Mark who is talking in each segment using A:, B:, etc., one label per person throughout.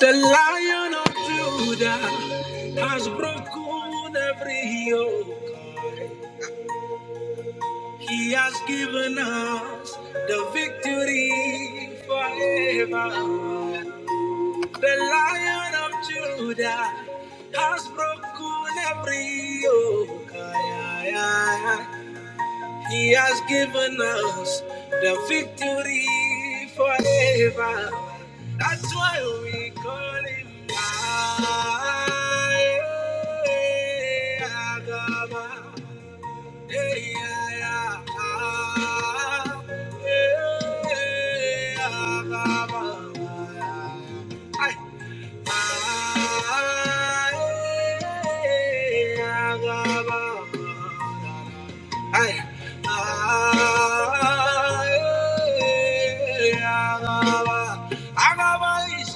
A: The lion of Judah has broken every yoke. He has given us the victory forever. The lion of Judah has broken every yoke. He has given us the victory forever. That's why we call him Agaba. Hey, yeah, yeah. Hey, Agaba. Hey. Agaba is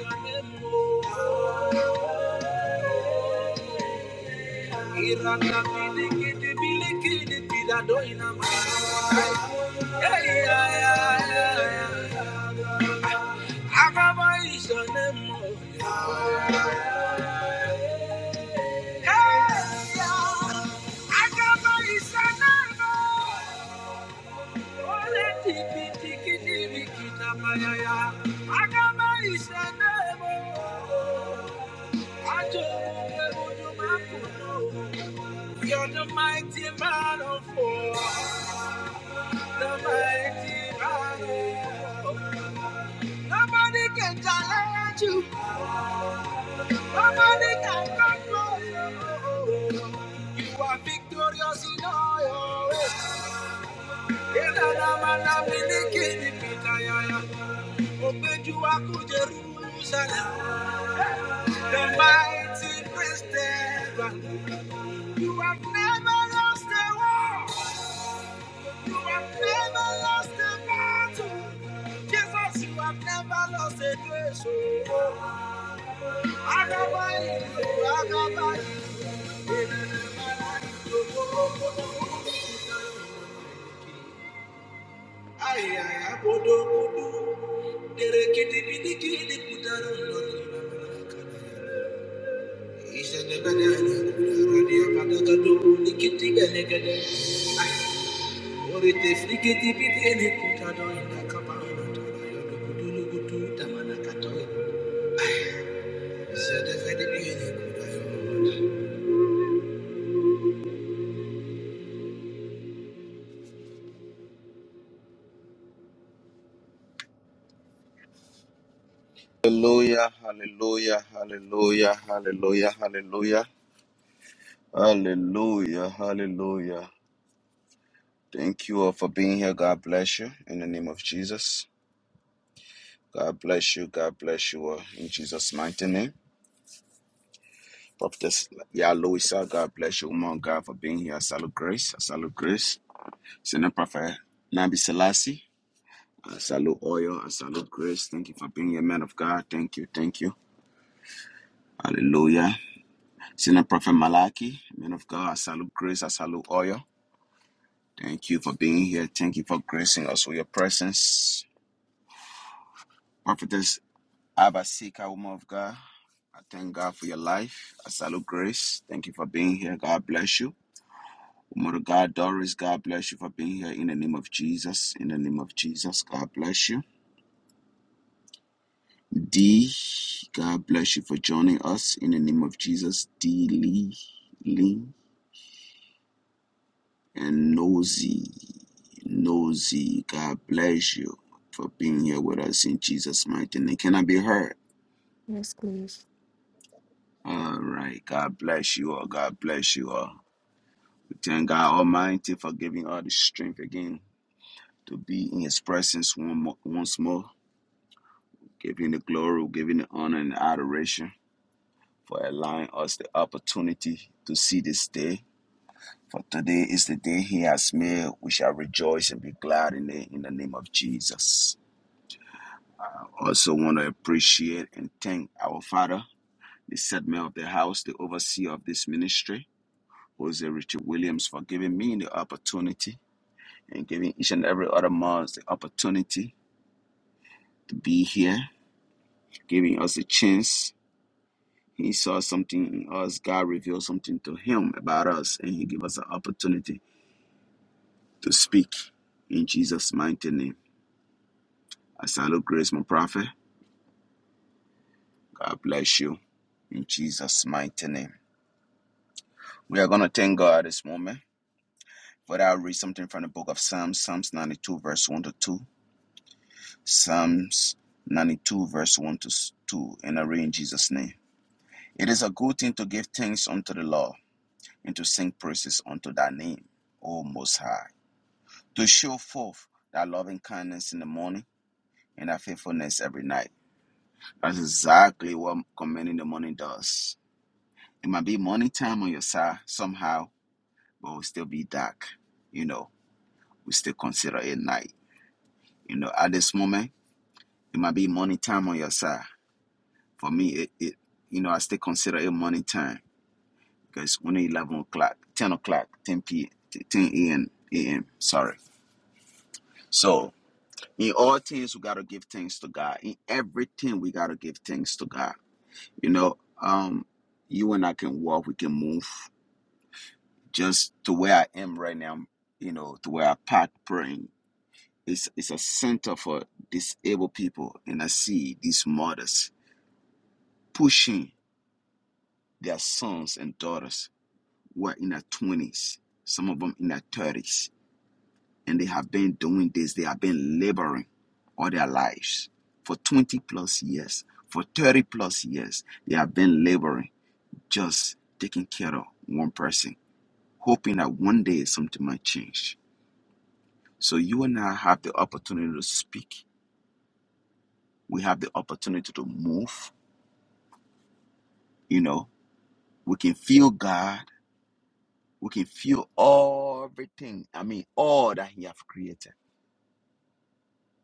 A: your name. Iranda bilikidi bilikidi pirado ina mai. Hey yeah yeah yeah. Agaba isanemo. hey ya, tiki tiki kita maya ya. Agaba isanemo. Ajo Thank you. You're the mighty man of war, the mighty man of war. Nobody can challenge you, nobody can control you. You are victorious in all your ways. Yenana mana miliki ni pita yaya, obeju aku Jerusalem. The mighty Prince Stephen. You have never lost a war. You have never lost a battle. Jesus, you have never lost a grace. Oh, Agabai, Agabai, Ay, ay, abodo, abodo. Derekidi, bidiki, dikudaro, lodi, babalaka. Ishenebene, kudaradi, abadagado, nikiti, belegede. Hallelujah, hallelujah, hallelujah, hallelujah, hallelujah, hallelujah, hallelujah. Thank you all for being here. God bless you in the name of Jesus. God bless you. God bless you all in Jesus' mighty name. Prophetess Yaloisa, God bless you, woman God, for being here. I salute grace. I salute grace. Senior Prophet Nabi Selassie. I salute oil. I salute grace. Thank you for being a man of God. Thank you. Thank you. Hallelujah. Senior Prophet Malachi, man of God, I salute grace. I salute oil. Thank you for being here. Thank you for gracing us with your presence. Prophetess Abasika, woman of God, I thank God for your life. I salute grace. Thank you for being here. God bless you. Woman of God, Doris, God bless you for being here in the name of Jesus. In the name of Jesus, God bless you. D, God bless you for joining us in the name of Jesus. D Lee, Lee, and Nosy, Nosy, God bless you for being here with us in Jesus' mighty name. Can I be heard?
B: Yes, please.
A: All right. God bless you all. God bless you all. We thank God Almighty for giving us the strength again to be in His presence one more, once more, giving the glory, giving the honor and adoration for allowing us the opportunity to see this day For today is the day he has made. We shall rejoice and be glad in it in the name of Jesus. I also want to appreciate and thank our Father, the segment of the house, the overseer of this ministry, Jose Richard Williams, for giving me the opportunity and giving each and every other month the opportunity to be here, giving us a chance. He saw something in us, God revealed something to him about us, and he gave us an opportunity to speak in Jesus' mighty name. I salute Grace, my prophet. God bless you in Jesus' mighty name. We are going to thank God at this moment. But I'll read something from the book of Psalms, Psalms 92, verse 1 to 2. Psalms 92, verse 1 to 2. And I read in Jesus' name. It is a good thing to give thanks unto the Lord and to sing praises unto thy name, O Most High. To show forth thy loving kindness in the morning and thy faithfulness every night. That's exactly what commanding the morning does. It might be morning time on your side somehow, but will still be dark. You know, we still consider it night. You know, at this moment, it might be morning time on your side. For me, it, it you know, I still consider it morning time because when it's 11 o'clock, 10 o'clock, 10 p, 10 a.m., a.m., sorry. So, in all things, we got to give thanks to God. In everything, we got to give thanks to God. You know, um, you and I can walk, we can move. Just to where I am right now, you know, to where I park praying. It's, it's a center for disabled people. And I see these mothers pushing their sons and daughters who are in their 20s, some of them in their 30s. And they have been doing this, they have been laboring all their lives for 20 plus years, for 30 plus years. They have been laboring, just taking care of one person, hoping that one day something might change. So you and I have the opportunity to speak. We have the opportunity to move, you know, We can feel God. We can feel everything. I mean, all that He have created.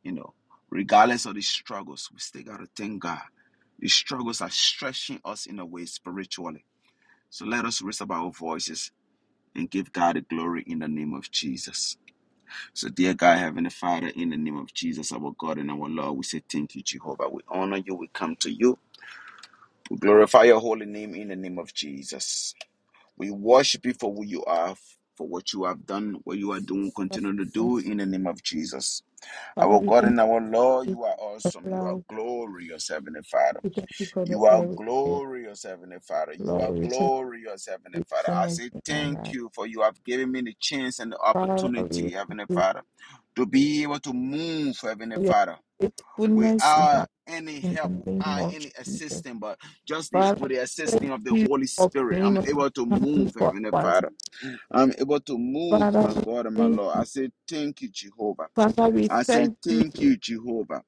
A: You know, regardless of the struggles, we still gotta thank God. The struggles are stretching us in a way spiritually. So let us raise up our voices and give God the glory in the name of Jesus. So, dear God, Heavenly Father, in the name of Jesus, our God and our Lord, we say thank you, Jehovah. We honor you. We come to you. We glorify your holy name in the name of Jesus. We worship you for who you are, for what you have done, what you are doing, continue to do in the name of Jesus.
B: Father,
A: Our
B: we
A: God
B: thank
A: and our Lord,
B: you
A: you are
B: for
A: awesome.
B: the
A: You are
B: life.
A: glorious, Heavenly Father.
B: We thank you for the
A: You are
B: air we breathe.
A: glorious, Heavenly Father. You
B: Lord,
A: are
B: we thank
A: glorious, Heavenly
B: you
A: Father.
B: for the
A: I
B: goodness
A: say
B: in our
A: thank
B: life.
A: you for you have given me the chance and the
B: Father, we are
A: opportunity,
B: grateful
A: Heavenly
B: for
A: Father, to be able to move, Heavenly
B: your
A: Father
B: faithfulness in,
A: without
B: our,
A: any
B: in
A: help,
B: the name
A: without
B: of
A: any
B: Jesus.
A: assistance, but just the,
B: Father,
A: with the
B: we
A: assisting
B: thank
A: of the
B: you
A: Holy
B: for
A: Spirit,
B: being
A: I'm
B: on
A: able to
B: time
A: move,
B: for
A: Heavenly
B: us.
A: Father. I'm able to move,
B: Father,
A: my
B: we
A: God and my
B: thank
A: Lord. I say, Thank you, Jehovah.
B: Father, we
A: I say,
B: thank you.
A: Thank you, Jehovah.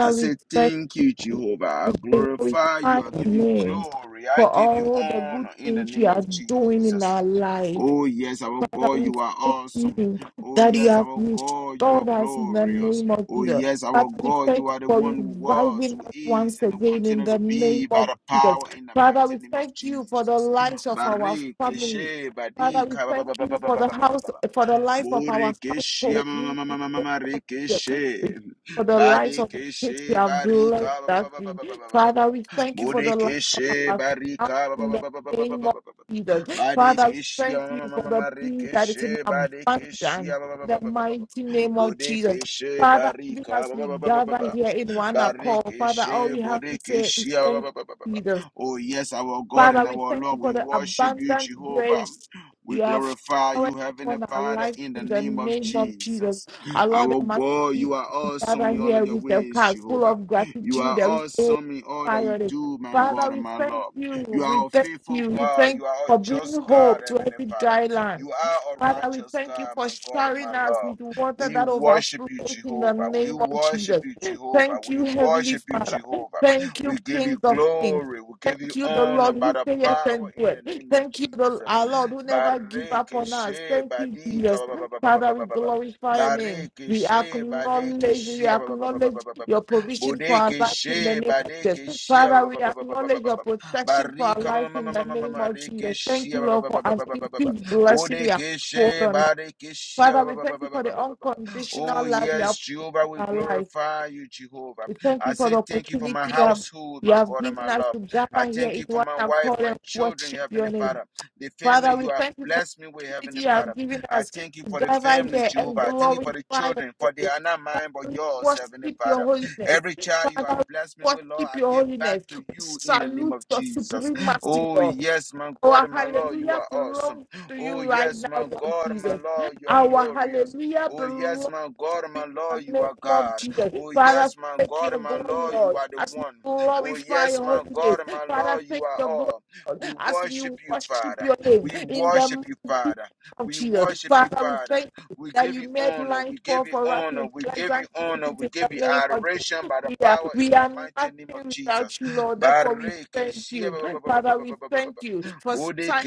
A: I
B: we
A: say,
B: thank
A: Thank you,
B: you.
A: Jehovah. I
B: We
A: glorify
B: glorify
A: you. I
B: your
A: give you
B: name
A: glory. I
B: for
A: give you
B: all the good
A: honor in the
B: things you
A: name
B: are
A: of
B: doing in
A: Jesus.
B: our life.
A: Oh, yes, our
B: Father,
A: God,
B: we
A: you are
B: thank
A: awesome.
B: you
A: Oh,
B: that you
A: yes,
B: have
A: our God, you are
B: restored us in the
A: glorious.
B: name of
A: Oh,
B: Jesus.
A: yes, our
B: Father, we
A: God,
B: thank
A: you
B: you
A: are the
B: for
A: one who was,
B: reviving
A: who
B: us
A: is,
B: once
A: and will
B: again in
A: continue
B: the
A: to
B: name
A: be by
B: of
A: the
B: Jesus.
A: power in the
B: Father,
A: mighty
B: we
A: name of
B: thank you for the
A: Jesus.
B: lives of our family.
A: Barikeshe,
B: Father, we
A: badika, ba-
B: thank
A: ba- ba- ba- ba-
B: you
A: ba-
B: for
A: ba-
B: the
A: ba- ba- ba- ba-
B: house,
A: ba.
B: for the life of our
A: Murikishi
B: household in the name of Jesus. We
A: Marikishi
B: thank you For the lives of the
A: Badikishi
B: kids you have
A: Barika
B: blessed us with. Father, we thank you for the life
A: Murikishi
B: of our spouse
A: Barika
B: in the name of Jesus. Father, we
A: Badikishi
B: thank you for the peace that is
A: Marikishi
B: in abundance.
A: Badikishi
B: In the mighty name of Jesus.
A: Murikishi
B: Father, even
A: Barika
B: as we gather here in one accord, Father, all
A: Barikishe,
B: we have to say is
A: Borikishe, ah, bah,
B: thank you, Jesus.
A: Oh, yes, our God
B: Father,
A: and
B: we
A: our
B: thank you
A: Lord, we
B: for the
A: worship you,
B: abundant
A: Jehovah.
B: grace
A: We
B: you have
A: glorify
B: showered
A: you, Heavenly
B: upon our
A: Father,
B: life
A: in the
B: in the
A: name of
B: name of Jesus.
A: Jesus.
B: Our Lord
A: Our
B: and Master
A: God, you
B: Jesus,
A: are
B: we
A: awesome
B: gather
A: in all of
B: here
A: your
B: with a
A: ways,
B: heart full
A: Jehovah.
B: of
A: You are
B: gratitude and we say,
A: awesome in all that you
B: Father,
A: do, my God
B: Father,
A: and
B: we
A: my
B: thank
A: Lord.
B: you.
A: You
B: We
A: are a
B: thank
A: faithful
B: you. We
A: God.
B: thank you
A: You are a
B: for bringing
A: just God,
B: hope to
A: Heavenly
B: every
A: Father.
B: dry land.
A: You are a
B: Father, we
A: righteous
B: thank you
A: God,
B: for
A: my God and my
B: showering us
A: Lord.
B: with water
A: We
B: that
A: worship you,
B: overflows in the
A: Jehovah. We
B: name of
A: worship
B: Jesus.
A: you, Jehovah.
B: Thank
A: We
B: you, Heavenly
A: worship you,
B: Father.
A: Jehovah.
B: Thank
A: We
B: you,
A: give you
B: King of Kings.
A: glory. We give you
B: Thank you, the
A: honor
B: Lord
A: by
B: who
A: the
B: says yes
A: power
B: and do
A: in the
B: it.
A: name of
B: Thank you, the,
A: Jesus.
B: our Lord who never give up
A: Bareke
B: on us.
A: she
B: Thank you,
A: badika
B: Jesus.
A: ba- ba- ba- ba- ba-
B: Father,
A: ba-
B: we
A: ba- ba- ba.
B: glorify your name.
A: Bareke
B: We
A: she badeke
B: acknowledge, we
A: she ba- ba- ba- ba- ba- ba-
B: acknowledge
A: ba- ba- ba.
B: your provision for our
A: Bodeke
B: life in the
A: she
B: name of
A: badeke
B: Jesus.
A: she ba-
B: Father,
A: ba-
B: we
A: ba- ba- ba- ba- ba-
B: acknowledge
A: ba-
B: your
A: ba-
B: protection for our
A: Barika
B: life
A: ma-
B: in
A: ma-
B: the
A: ma- ma- ma- ma-
B: name
A: ma-
B: of
A: reke
B: Jesus. Thank
A: she
B: you,
A: ba- ba-
B: Lord,
A: ba-
B: for
A: ba- ba-
B: our
A: ba- ba- ba- ba.
B: increased blessing. We Hold
A: Bodekeshe,
B: on. us.
A: Badekeshe,
B: Father,
A: ba-
B: we
A: ba- ba-
B: thank you
A: ba- ba-
B: for
A: ba-
B: the
A: ba- ba- ba- ba. Oh,
B: unconditional love you
A: yes,
B: have
A: Jehovah,
B: put
A: we
B: in our life.
A: glorify you, Jehovah.
B: We thank
A: I
B: you for
A: say
B: the
A: thank you for
B: opportunity
A: my
B: you have,
A: household,
B: you
A: my
B: have
A: God and
B: given
A: my
B: us
A: love.
B: to
A: I
B: gather here
A: thank
B: in
A: you for
B: one
A: my wife,
B: accord
A: my
B: and
A: children,
B: worship
A: Heavenly
B: your name.
A: Father. The family
B: Father,
A: you
B: we
A: have
B: thank you for
A: blessed me with,
B: the opportunity
A: Heavenly
B: you
A: Father.
B: have given
A: I
B: us to
A: thank you for the
B: gather
A: family,
B: here
A: Jehovah.
B: and
A: I thank you for
B: glorify
A: the children,
B: your
A: for they
B: name.
A: are not
B: Father,
A: mine but
B: we
A: yours, Heavenly
B: worship your
A: Father.
B: holiness.
A: Every child you
B: Father,
A: have blessed me
B: we
A: with, Lord,
B: worship
A: I
B: your
A: give back
B: holiness.
A: to
B: We
A: you in the name
B: salute
A: of
B: your
A: Jesus.
B: supremacy,
A: Oh,
B: Lord.
A: yes, my God
B: Our
A: and my Lord, you
B: hallelujah
A: are awesome.
B: belongs to you
A: Oh,
B: right
A: yes,
B: now,
A: my
B: Lord
A: God, my
B: Jesus.
A: Lord, you are
B: Our
A: glorious.
B: hallelujah
A: Oh,
B: belongs
A: yes, my God,
B: you
A: my
B: in
A: Lord,
B: the
A: you
B: name
A: are
B: of
A: God.
B: Jesus.
A: Oh, yes,
B: Father,
A: my
B: take your
A: God, my
B: glory,
A: Lord, you
B: Lord,
A: are the
B: as we
A: one. Oh,
B: glorify
A: yes,
B: your
A: my
B: holy name.
A: God, my
B: Father,
A: Lord, you
B: take
A: are
B: your glory,
A: all.
B: Lord,
A: We
B: as we
A: worship you,
B: worship
A: Father.
B: your name
A: We
B: in the
A: worship you,
B: mighty name
A: Father.
B: of
A: We
B: Jesus.
A: worship you,
B: Father, we
A: Father.
B: thank you
A: We
B: that
A: give
B: you
A: you
B: made
A: honor.
B: life
A: We
B: fall
A: give you
B: for us
A: honor.
B: in
A: We give you
B: pleasant places
A: honor. We
B: in the
A: give you
B: name of
A: adoration
B: Jesus.
A: by the
B: We are,
A: power
B: we
A: in the
B: are
A: mighty name
B: nothing
A: of Jesus.
B: without you, Lord. Therefore, we
A: Bareke
B: thank you. Father, we
A: shia-
B: thank you for signing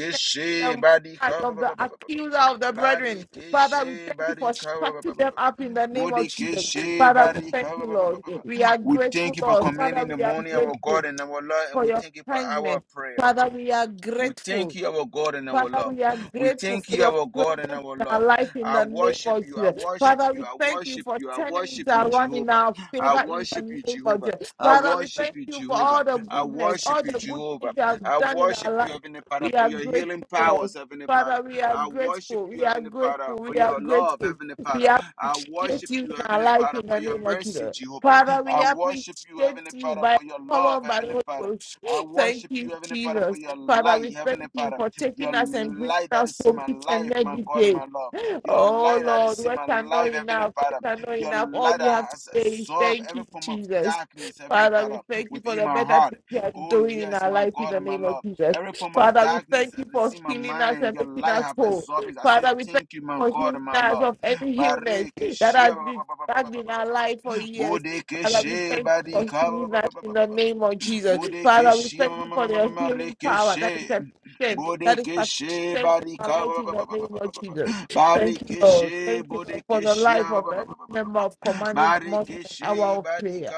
B: the mark
A: Badika ba-
B: of
A: ba-
B: the
A: ba- ba- ba- ba- ba.
B: accuser of the brethren Father, we
A: Badekeshe
B: thank you for
A: Badika ba- ba-
B: stretching
A: ba- ba-
B: them
A: ba-
B: up
A: ba.
B: in the name of Jesus.
A: Bodekeshe
B: Father, we thank
A: Badika ba-
B: you,
A: ba- ba- ba-
B: Lord.
A: ba-
B: We
A: ba.
B: are
A: We
B: grateful,
A: thank you for
B: Lord.
A: coming
B: Father,
A: in the
B: we are
A: morning, our
B: grateful
A: God and our Lord, and
B: for
A: we
B: your
A: thank you for our
B: kindness.
A: prayer.
B: Father, we are
A: We
B: grateful
A: thank you, our God and our
B: Father,
A: Lord.
B: we are
A: We
B: grateful
A: thank
B: for
A: you,
B: your
A: our God
B: presence
A: and our
B: in our
A: Lord.
B: life in
A: I
B: the name
A: worship
B: of
A: you. I
B: Jesus.
A: worship
B: Father,
A: you.
B: we
A: I
B: thank you
A: worship
B: for
A: you. I
B: turning it
A: worship you,
B: around in
A: Jehovah.
B: our
A: I
B: favor in the
A: worship you,
B: name of
A: Jehovah.
B: Jesus.
A: I
B: Father, we
A: worship
B: thank
A: you,
B: you for all
A: Jehovah.
B: the
A: I
B: goodness,
A: worship
B: all
A: you,
B: the good
A: Jehovah.
B: things you have
A: I
B: done in our
A: worship you,
B: life.
A: Heavenly Father,
B: We
A: for
B: are
A: your
B: grateful,
A: healing
B: Lord.
A: powers, Heavenly Father.
B: Father, we are
A: I worship
B: grateful.
A: you,
B: We are
A: Heavenly Father,
B: grateful. We
A: for
B: are
A: your love,
B: grateful.
A: Heavenly
B: We
A: Father. I
B: appreciate
A: worship
B: you
A: you,
B: in our
A: Heavenly
B: life
A: Father,
B: in
A: for
B: the
A: your
B: name of
A: mercy,
B: Jesus.
A: Jehovah.
B: Father, we
A: I worship you,
B: appreciate
A: Heavenly
B: you
A: Father,
B: by
A: for your
B: power
A: love,
B: and by the
A: Heavenly
B: Holy
A: Father.
B: Ghost.
A: I
B: Thank
A: worship
B: you,
A: you, Heavenly Father,
B: Jesus.
A: for your
B: Father,
A: light,
B: we
A: Heavenly
B: thank you
A: Father,
B: for
A: your
B: taking us and bringing
A: light that
B: us
A: is in
B: home
A: my
B: each and
A: life, my
B: every
A: God and my
B: day.
A: love, your
B: Oh
A: light that
B: Lord,
A: is in
B: words
A: my
B: are not
A: life, Heavenly
B: enough.
A: Father,
B: Words are not
A: your
B: enough. All
A: light
B: we
A: that
B: have to
A: has
B: say is
A: absorbed
B: thank
A: every
B: you,
A: form of
B: Jesus.
A: darkness, Heavenly
B: Father,
A: Father,
B: we thank you for
A: within
B: the
A: my
B: better
A: heart.
B: things you are
A: Oh,
B: doing in
A: yes,
B: our
A: my
B: life in
A: God
B: the
A: and my
B: name of
A: love,
B: Jesus.
A: every form of
B: Father, we
A: darkness
B: thank
A: that
B: you
A: is
B: for
A: in my
B: healing us
A: mind,
B: and
A: your
B: making
A: light
B: us
A: have
B: whole.
A: absorbed it. I say,
B: Father, we thank
A: Thank you,
B: you
A: my
B: for
A: God
B: healing
A: and my
B: us
A: love.
B: of any illness
A: Bareke
B: that
A: shia
B: has
A: ba- ba-
B: been
A: ba- ba- ba- ba-
B: stuck
A: ba-
B: in
A: ba-
B: our
A: ba-
B: life for
A: ba-
B: years.
A: Bodeke
B: Father, we
A: she
B: thank you for
A: barika ba- ba
B: healing
A: ba
B: us
A: ba
B: in
A: ba ba
B: the
A: ba
B: name of Jesus. Father, we
A: Bodekeshi
B: thank you for your healing power that is
A: Marekeshe
B: at strength. that is
A: Bodekeshi
B: sufficient in our
A: Barika
B: lives in the name of Jesus. Thank you, Lord.
A: Barekeshe
B: Thank you Lord, for the
A: Bodekeshi
B: life of every member of commanding the morning and
A: Barekeshe
B: hour of prayer.
A: Barika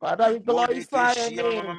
B: Father, we glorify your
A: Bodekeshi
B: name.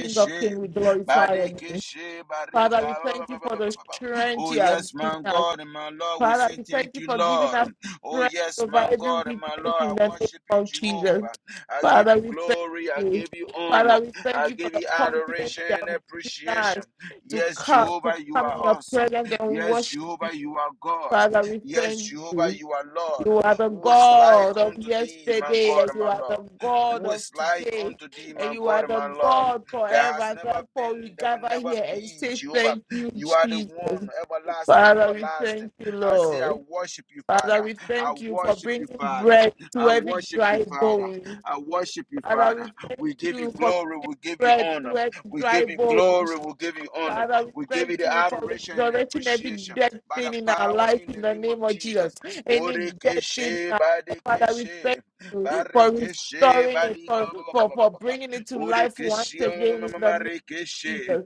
B: King of kings, we glorify your name.
A: Barekeshe
B: Father,
A: Barika
B: we thank you for the strength
A: Oh
B: you have
A: yes
B: given
A: my
B: us.
A: God and my Lord we
B: Father,
A: say
B: we thank
A: thank
B: you
A: you
B: for giving
A: Lord
B: us
A: Oh
B: strength
A: yes
B: over
A: my
B: every
A: God and my
B: weakness
A: Lord I
B: in the name
A: worship you
B: of Jesus.
A: Jehovah I give
B: Father,
A: you
B: we thank
A: glory. I
B: you.
A: give you honor.
B: Father, we thank
A: I
B: you for
A: give
B: the
A: you
B: confidence
A: adoration
B: you
A: and
B: have given
A: appreciation.
B: us to
A: Yes,
B: come, to
A: Jehovah, you
B: come
A: are
B: in your
A: awesome.
B: presence and
A: Yes,
B: worship you.
A: Jehovah, you are God.
B: Father, we
A: Yes,
B: thank
A: Jehovah,
B: you.
A: you are Lord.
B: You are the
A: Who is like
B: God of
A: unto thee, my
B: yesterday,
A: God,
B: and you
A: my
B: are the
A: Lord?
B: God
A: Who
B: of
A: is like
B: today,
A: unto thee,
B: and
A: my
B: you are
A: God,
B: the
A: my Lord?
B: God
A: There has
B: forever.
A: never
B: Therefore, we
A: been, there will
B: gather
A: never
B: here and
A: be,
B: say
A: Jehovah.
B: thank you,
A: You are the
B: Jesus.
A: one, everlasting,
B: Father, we
A: everlasting.
B: thank you,
A: I say, I
B: Lord.
A: worship you,
B: Father,
A: Father.
B: we
A: I
B: thank you for
A: worship you,
B: bringing
A: Father.
B: bread to
A: I
B: every
A: worship you,
B: dry
A: Father.
B: bone.
A: I worship you,
B: Father,
A: Father.
B: we thank
A: We give you
B: you for
A: glory. We
B: bringing
A: give you
B: bread
A: honor.
B: to every
A: We
B: dry
A: give you glory.
B: bones.
A: We give you honor.
B: Father, we
A: We give you
B: thank
A: the
B: you for
A: adoration and the
B: resurrecting every
A: appreciation
B: dead
A: by the
B: thing in our
A: power
B: life
A: in
B: in
A: the
B: the
A: name
B: name
A: of
B: of Jesus.
A: Jesus.
B: Any dead thing in
A: Bodekeshe,
B: our life, Father, we thank
A: badekeshe,
B: you for
A: barekeshe,
B: restoring it,
A: badika,
B: for,
A: ba- ba- ba-
B: for,
A: ba- ba-
B: for
A: ba-
B: bringing it to life once
A: Bodekeshe, ma-
B: again
A: ma-
B: in
A: ma-
B: the
A: ma- ma-
B: name of
A: rekeshe,
B: Jesus.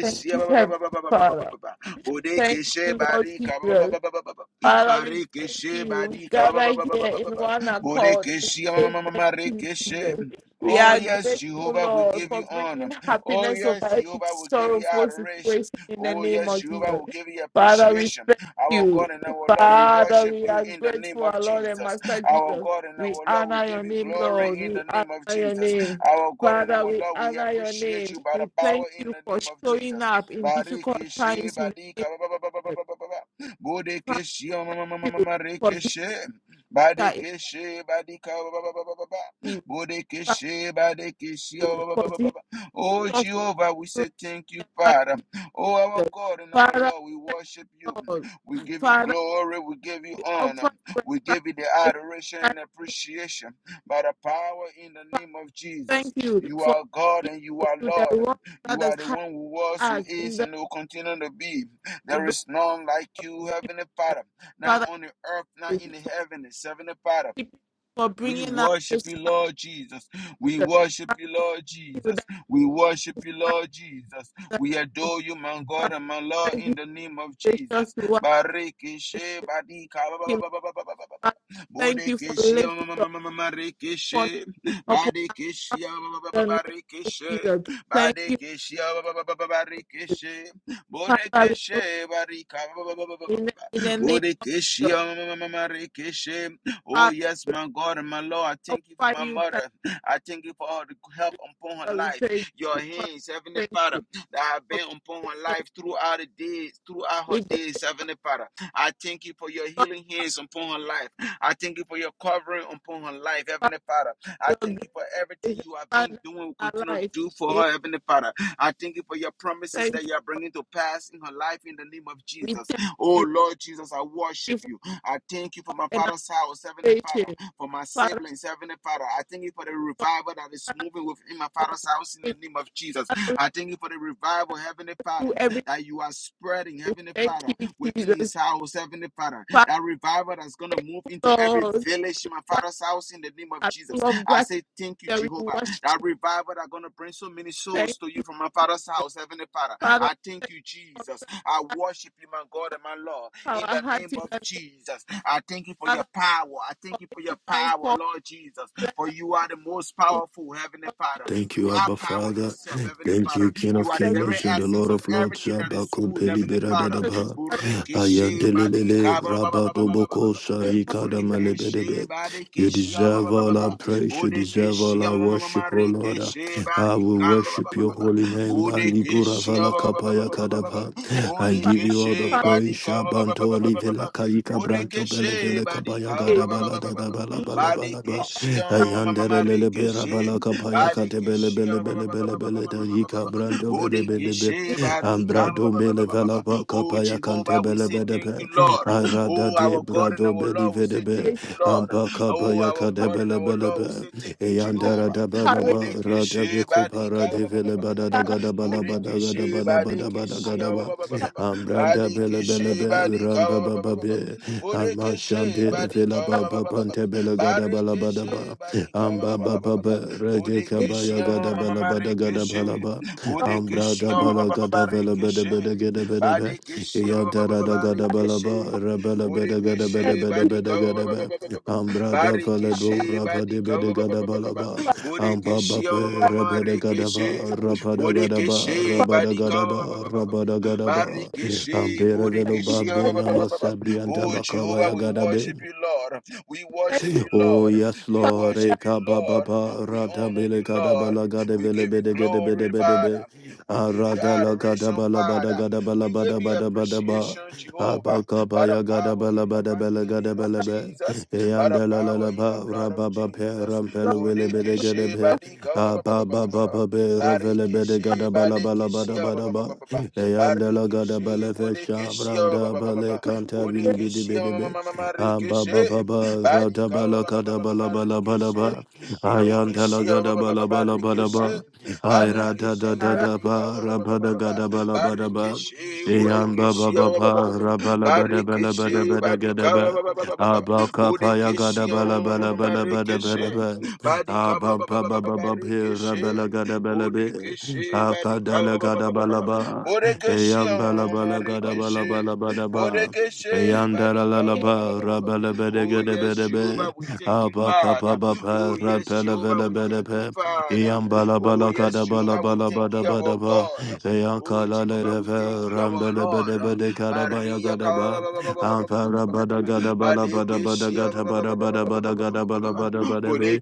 B: Thank you,
A: ba- ba- ba-
B: Heavenly
A: ba- ba- ba- ba- ba- ba-
B: Father.
A: ba- ba-
B: Thank
A: Bodekeshe,
B: you, Lord
A: barika, ba- ba-
B: Jesus.
A: ba- ba- ba- ba- ba- ba-
B: Father, we thank you. We
A: badika,
B: Gather here in one accord. and
A: Borekeshe,
B: say Thank you,
A: Amarekeshe.
B: Jesus. We
A: Oh,
B: are
A: yes,
B: grateful,
A: Jehovah, we
B: Lord,
A: give
B: for
A: you honor.
B: bringing
A: Oh,
B: happiness
A: yes,
B: over every
A: Jehovah, we give you
B: sorrowful
A: adoration.
B: situation in the
A: Oh,
B: name
A: yes,
B: of
A: Jehovah,
B: Jesus.
A: we give you
B: Father, we
A: appreciation.
B: thank
A: Our
B: you.
A: God and our Lord, we
B: Father,
A: worship
B: we
A: you
B: are
A: in the name
B: grateful,
A: of
B: our Lord and
A: Jesus.
B: Master
A: Our
B: Jesus.
A: God and our
B: We
A: Lord, we
B: honor your
A: give you
B: name, Lord.
A: glory in
B: We
A: the
B: honor
A: name of
B: your
A: Jesus.
B: name.
A: Our God and our
B: Father, we
A: Lord, we
B: honor your
A: appreciate
B: name.
A: you by the
B: We thank
A: power in
B: you
A: the
B: for
A: name of
B: showing
A: Jesus.
B: up in difficult
A: Barikeshe,
B: times in the name
A: badika, ba- ba- ba- ba- ba- ba-
B: of Jesus
A: ba- ba- ba- ba.
B: Father,
A: Bodekeshe, ma- ma- ma- ma-
B: thank
A: ma-
B: you
A: ma-
B: for
A: rekeshe.
B: that it
A: Badekeshe badika ba- ba- ba- ba- ba- ba- ba.
B: means
A: Bodekeshe badekeshe ba- ba- ba-
B: for
A: ba- ba- ba-
B: being
A: ba. Oh
B: such a
A: Jehovah, we say thank you, Father. Oh our God and our
B: Father,
A: Lord, we worship you.
B: thank you,
A: We
B: Lord.
A: give you
B: Father,
A: glory, we give you
B: we
A: honor,
B: offer you a
A: we give you the
B: sacrifice.
A: adoration
B: And
A: and appreciation by the power in the name of Jesus.
B: thank you
A: You
B: for
A: are God
B: leading
A: and you
B: us
A: are
B: to the
A: Lord.
B: world
A: You
B: that
A: are
B: has
A: the
B: had
A: one who was, who
B: us in
A: is,
B: the
A: and who continue to be.
B: you
A: There is none like you, Heavenly Father not
B: Father,
A: on the earth, not
B: thank
A: in
B: you
A: the
B: for
A: heaven. except in It's 75.
B: keeping for
A: We
B: bringing us
A: worship
B: this
A: you,
B: far.
A: Lord Jesus. We worship
B: Father,
A: you,
B: we
A: Lord
B: thank you
A: Jesus.
B: that
A: We worship
B: this
A: you,
B: time
A: Lord Jesus.
B: that
A: We
B: we-
A: adore you, my God
B: Father,
A: and my Lord,
B: thank you
A: in the name of
B: for gracious
A: Jesus.
B: to us.
A: Barikishe, badika, ba-
B: Thank
A: ba- ba- ba- ba- ba- ba- ba- ba- ba.
B: Father, thank you for
A: Bodekeshe, ma-
B: lifting
A: ma- ma-
B: your
A: ma- ma- ma-
B: upon
A: rekeshe. Badekeshe, ba- ba- ba- ba-
B: the name
A: ba-
B: of
A: rekeshe.
B: Jesus. Thank you.
A: Badekeshe, ba- ba- ba- ba- ba- ba- rekeshe.
B: Father, we go
A: Bodekeshe, barika, ba- ba- ba- ba- ba- ba- ba-
B: in, in
A: ba.
B: the name
A: Bodekeshe,
B: of
A: ma- ma- ma- ma- ma- rekeshe. Oh,
B: Father,
A: yes, my God and my Lord, I thank you for
B: offer
A: my
B: you thanks.
A: mother. I thank you for all the help upon her
B: Father, We
A: life.
B: thank
A: Your
B: you. Father,
A: hands,
B: we
A: Heavenly
B: thank
A: Father,
B: you.
A: that have been upon her
B: For
A: life throughout the days, throughout
B: because
A: her
B: we
A: days, Heavenly Father. I thank you for your
B: glorify
A: healing hands upon her life. I thank you for your covering upon her life, Heavenly Father. I
B: your grace
A: thank you for everything
B: and
A: you have
B: Father
A: been
B: in
A: doing, will
B: our
A: continue to
B: life.
A: do for
B: We
A: her, Heavenly Father. I thank you for your promises that
B: thank you.
A: you are bringing to pass in her life in the name of
B: We
A: Jesus.
B: thank
A: Oh,
B: you.
A: Lord Jesus, I
B: Thank you
A: worship
B: for
A: you.
B: us
A: I thank you for my
B: an
A: father's house, Heavenly Father,
B: salvation.
A: for my
B: Father,
A: siblings, Heavenly Father. I thank you for the
B: for
A: revival that is
B: Father,
A: moving within my
B: our
A: father's house in the
B: sin.
A: name of Jesus.
B: Father, we can
A: I thank you for the revival, Heavenly Father,
B: do everything.
A: that you are spreading, Heavenly
B: Thank
A: Father,
B: you,
A: within his
B: Jesus.
A: house, Heavenly Father.
B: Father,
A: That revival that's going to
B: thank
A: move
B: you,
A: into every
B: Lord.
A: village in my
B: That
A: father's house in the name of
B: are
A: Jesus.
B: full of
A: I say
B: gratitude.
A: thank you,
B: That we
A: Jehovah.
B: worship.
A: That revival that's going to bring so many
B: Thank
A: souls to you
B: you.
A: from my father's house, Heavenly Father.
B: Father,
A: I thank
B: thank
A: you, Jesus.
B: you
A: I worship you, my God and my Lord
B: for
A: in
B: our
A: the
B: hearts
A: name
B: in
A: of
B: the name,
A: Jesus. I thank you for your
B: Father,
A: power. I
B: for
A: thank you for your
B: making minds
A: power,
B: for
A: Lord Jesus,
B: let
A: for
B: us
A: you are
B: faith
A: the most
B: in the
A: powerful, Heavenly
B: Lord
A: Father.
C: Thank
A: You
C: you,
B: Jesus.
A: are
C: Abba
A: power
C: Father.
A: yourself,
B: We thank you,
A: Heavenly
C: Thank
A: Father.
C: you, King
A: You
C: of
A: are the
B: for
A: very
C: Kings
B: the
C: and the
A: essence
C: Lord
A: of
C: of Lords.
A: everything that
C: Abba
A: is good,
C: Kumpeli
A: Heavenly Father.
C: Biradadaba.
A: Burikishe
C: Ayantelele
A: badika ba- ba- ba-
C: Rabba
A: ba- ba- ba- ba- ba- ba-
C: Doboko
A: ba-
B: name of
C: Sarika
A: Burikishe
C: Damalebedebe. You
A: badikishe ba- ba-
C: deserve
A: ba- ba- ba-
C: all our
A: ba.
C: praise. You deserve
A: Budikishe
C: all our
A: ma- ma- ma- ma-
C: worship, O Lord.
A: rikishe
C: I will
A: barika ba- ba- ba-
C: worship
A: ba-
C: your
A: ba-
C: holy
A: ba.
C: name. Alibura
A: Budikishe ba-
C: Vala
A: ba- ba- ba- ba-
C: Kapaya
A: ba- ba- ba- ba- ba.
C: Kadaba. I
B: Father,
C: give you all the
A: Bodekeshe
B: come
C: praise.
A: Badika ba ba ba ba
C: Shabanto
A: ba ba ba ba.
C: Livela Kaika Branto
A: Bodekeshe
C: Belevele
A: Badika
C: Kabaya
A: ba ba
B: in.
A: ba ba
C: Gadabala
A: ba ba ba ba.
C: Dadabala Balabalaba.
A: Badekeshe
C: Ayandele lele bera
A: Marikeshe
C: balaka paya kate bele
A: Badekeshe
C: bele
A: ba ba
C: bele
A: ba ba
C: bele
A: ba ba ba ba
C: bele da
A: ba ba
C: yika
A: ba ba.
C: brando bele bele be
A: Bodekeshe Barika ba
C: ambrado
A: ba ba ba
C: bele
A: ba ba ba
C: vela
A: ba.
C: baka
A: Oh
C: paya kante
A: Jehovah, we
C: bele
A: say
C: bele
A: thank you,
C: be
A: Lord.
C: arada
A: Oh
C: de
A: our God and
C: brado
A: our
C: bele
A: Lord, we
C: vede
A: say
C: be
A: thank you, Lord.
C: ampaka
A: Oh
C: paya
A: our
C: kate
A: God and
C: bele
A: our
C: bele
A: Lord,
C: be
A: we say thank you,
B: Father,
C: eyandara
A: Jehovah.
C: da bala
B: courage,
C: ba rada
A: Bodekeshe
C: be
A: Badika
C: kupara de
B: Lord.
A: ba ba ba
C: vele
A: ba ba ba
C: bada
A: ba
C: da
A: ba.
B: Father,
C: gada bala
B: thank
C: bada gada
A: Burikishi
C: bala bada bada
A: Badikishi
C: gada ba
B: you, Father, thank
C: ambranda bele bele
A: Badikishi
C: be ramba
A: Badika
C: baba be Ama
A: Burikishi
C: shante de vela
A: Badika
C: Baba,
B: Father,
C: ba pante bela gada bala bada
A: Barikishi
C: ba.
A: Badika
C: Amba ba ba ba rede
B: we
A: Budikishi
C: gada bala bada gada bala
A: Marikishi
C: ba.
B: love
C: Ambra
A: Budikishi
C: da
B: you,
C: bala gada vela bede
A: Barikishi
C: bede gede bede be.
A: Badikishi
C: Yantara da gada bala
A: Barikishi
C: ba rebela bede gada bede
A: Budikishi
C: bede
A: Badika
C: bede gada be. Ambra da vela bo
A: Barikishi
C: rapa de bede gada bala
A: Badika
C: ba.
A: Burikishi
C: Ambabapa rabada
A: Marikishi
C: rabada rabada gadaba,
B: thank you, Father,
A: Bodekeshe
B: for
C: Rabada
A: Badika ba- ba-
C: gadaba, Rabada gadaba, Ambabape rabadagadaba rabadagadaba rabadagadaba rabadagadaba
A: Barikeshe Bodekeshe
C: Amberevelobambe namasabri
A: Oh Jehovah, we
C: antabakaba
A: worship you, Lord. We worship you,
C: Oh
A: Lord.
C: yes,
A: We
B: so
C: Lord.
A: worship you,
C: Eka ba ba
A: Lord.
C: ba
A: We
C: rada
A: honor
C: bele
A: you,
C: gada
A: Lord.
C: bala gada
A: We
C: bele
A: give you
C: bede gede bede
A: glory,
C: bede be.
A: Father. We give you
C: Arada la gada
A: adoration,
C: bala bada
A: Father.
C: gada bala
A: We give
C: bada
A: you
C: bada bada ba.
A: appreciation, Jehovah,
C: Abaka ba
A: by the
C: ya gada
A: power
C: bala
A: in the
C: bada bele
A: mighty
C: gada
A: name of
C: bele be.
A: Jesus, by the
C: Eyanda la la
A: power
C: la
A: in the
C: ba
A: blood of
C: raba ba pe
A: Jesus.
B: long,
C: rampele bele bede gede
A: Bodekeshe
C: be. Aba ba ba
A: Badika
C: ba be revele bede
A: Barikishi,
C: gada bala bala
A: Badikishi,
C: bada
A: ba-
C: bada
A: ba- ba- ba-
C: ba.
A: ba- ba- ba.
C: Eyanda la gada
A: Barikishi,
C: bele fe
A: Budikishi, ba-
C: shabranda
A: ba- ba- ba- ba-
C: bale
A: ba.
C: kanta bili bede
A: Budikishi, oh,
C: bede
A: ma- ma-
C: be.
A: ma- ma- ma-
C: Amba
A: Rikishi,
C: ba ba ba ra da
A: Badika,
C: ba
A: oh,
C: la
A: ba-
C: ka
A: ba- ba- ba-
C: da
A: ba-
C: ba
A: ba-
C: la
A: ba-
C: ba la ba la
A: Rikishi,
C: ba. Ayan da la
A: Budikishi,
C: ga
A: ba- ba-
C: da ba
A: ba- ba- ba-
C: la ba
A: ba-
C: la ba la
A: Rikishi,
C: ba. Ay ra da da
A: Badikishi,
C: da
B: our life.
C: da
A: Badika, oh,
C: ba
A: ba- ba-
C: ra
A: ba- ba-
C: ba
A: ba-
C: da
A: ba-
C: ga da
A: ba.
C: ba la ba da ba.
A: Barikishi,
C: Ayan ba ba
A: Budikishi,
C: ba
A: oh, ba-
C: ba
A: ba- ba- ba- ba-
C: ra
A: ba-
C: ba la ba da ba la ba da
A: Barikishi,
C: ba da ga da
A: Badika,
C: ba.
A: oh, ba- ba- ba- ba- ba- ba- ba.
C: Aba ka pa ya ga da
A: Budikishi,
C: ba la
A: ma- ma- ma-
C: ba
A: ma-
C: la
A: ma-
C: ba
A: ma-
C: la ba da ba da ba.
A: Badi kaba
C: Aba
A: ba ba
C: ba
A: ba
C: ba
A: ba ba
C: ba
A: ba
C: ba be ra ba
A: rikishi.
C: la ga da ba la be.
A: Bodekeshe
C: Aka
A: barika
C: da la
A: ba- ba-
C: ga
A: ba-
C: da
A: ba-
C: ba la ba. Ayan ba la ba la ga
B: Oh,
C: da ba la ba la ba da ba bede bede
A: barika
B: we
C: bede bede
A: Oh
C: gede
A: yes,
C: bede
A: Jehovah,
C: be.
A: we thank you,
C: Aba ba ba ba
A: Father.
C: ba ba pa,
A: Oh
C: la
A: yes, Jehovah,
C: la
A: we
C: ve
A: thank you,
C: pe.
A: Father.
C: iyan bala
A: Oh
C: bala
A: yes,
C: kada bala
A: Jehovah, we
C: bala
A: thank
C: bada
A: you, our
C: bada ba
A: God.
C: iyan
A: Oh
C: kala
A: Jehovah,
C: le
A: we thank
C: ve
A: you, our
C: rambele
A: Lord.
C: bede bede kada ba ya
A: Barika ba- ba-
C: Yandaralaba rabelebedegedebedebe abakababa rampelevelebedebe iambalabalagadabalabalabadabadaba eyankalaleleve rambelebedebedekadabayagadaba amparabadagadabalabadabadagatabarabadabadagadabalabalabadabe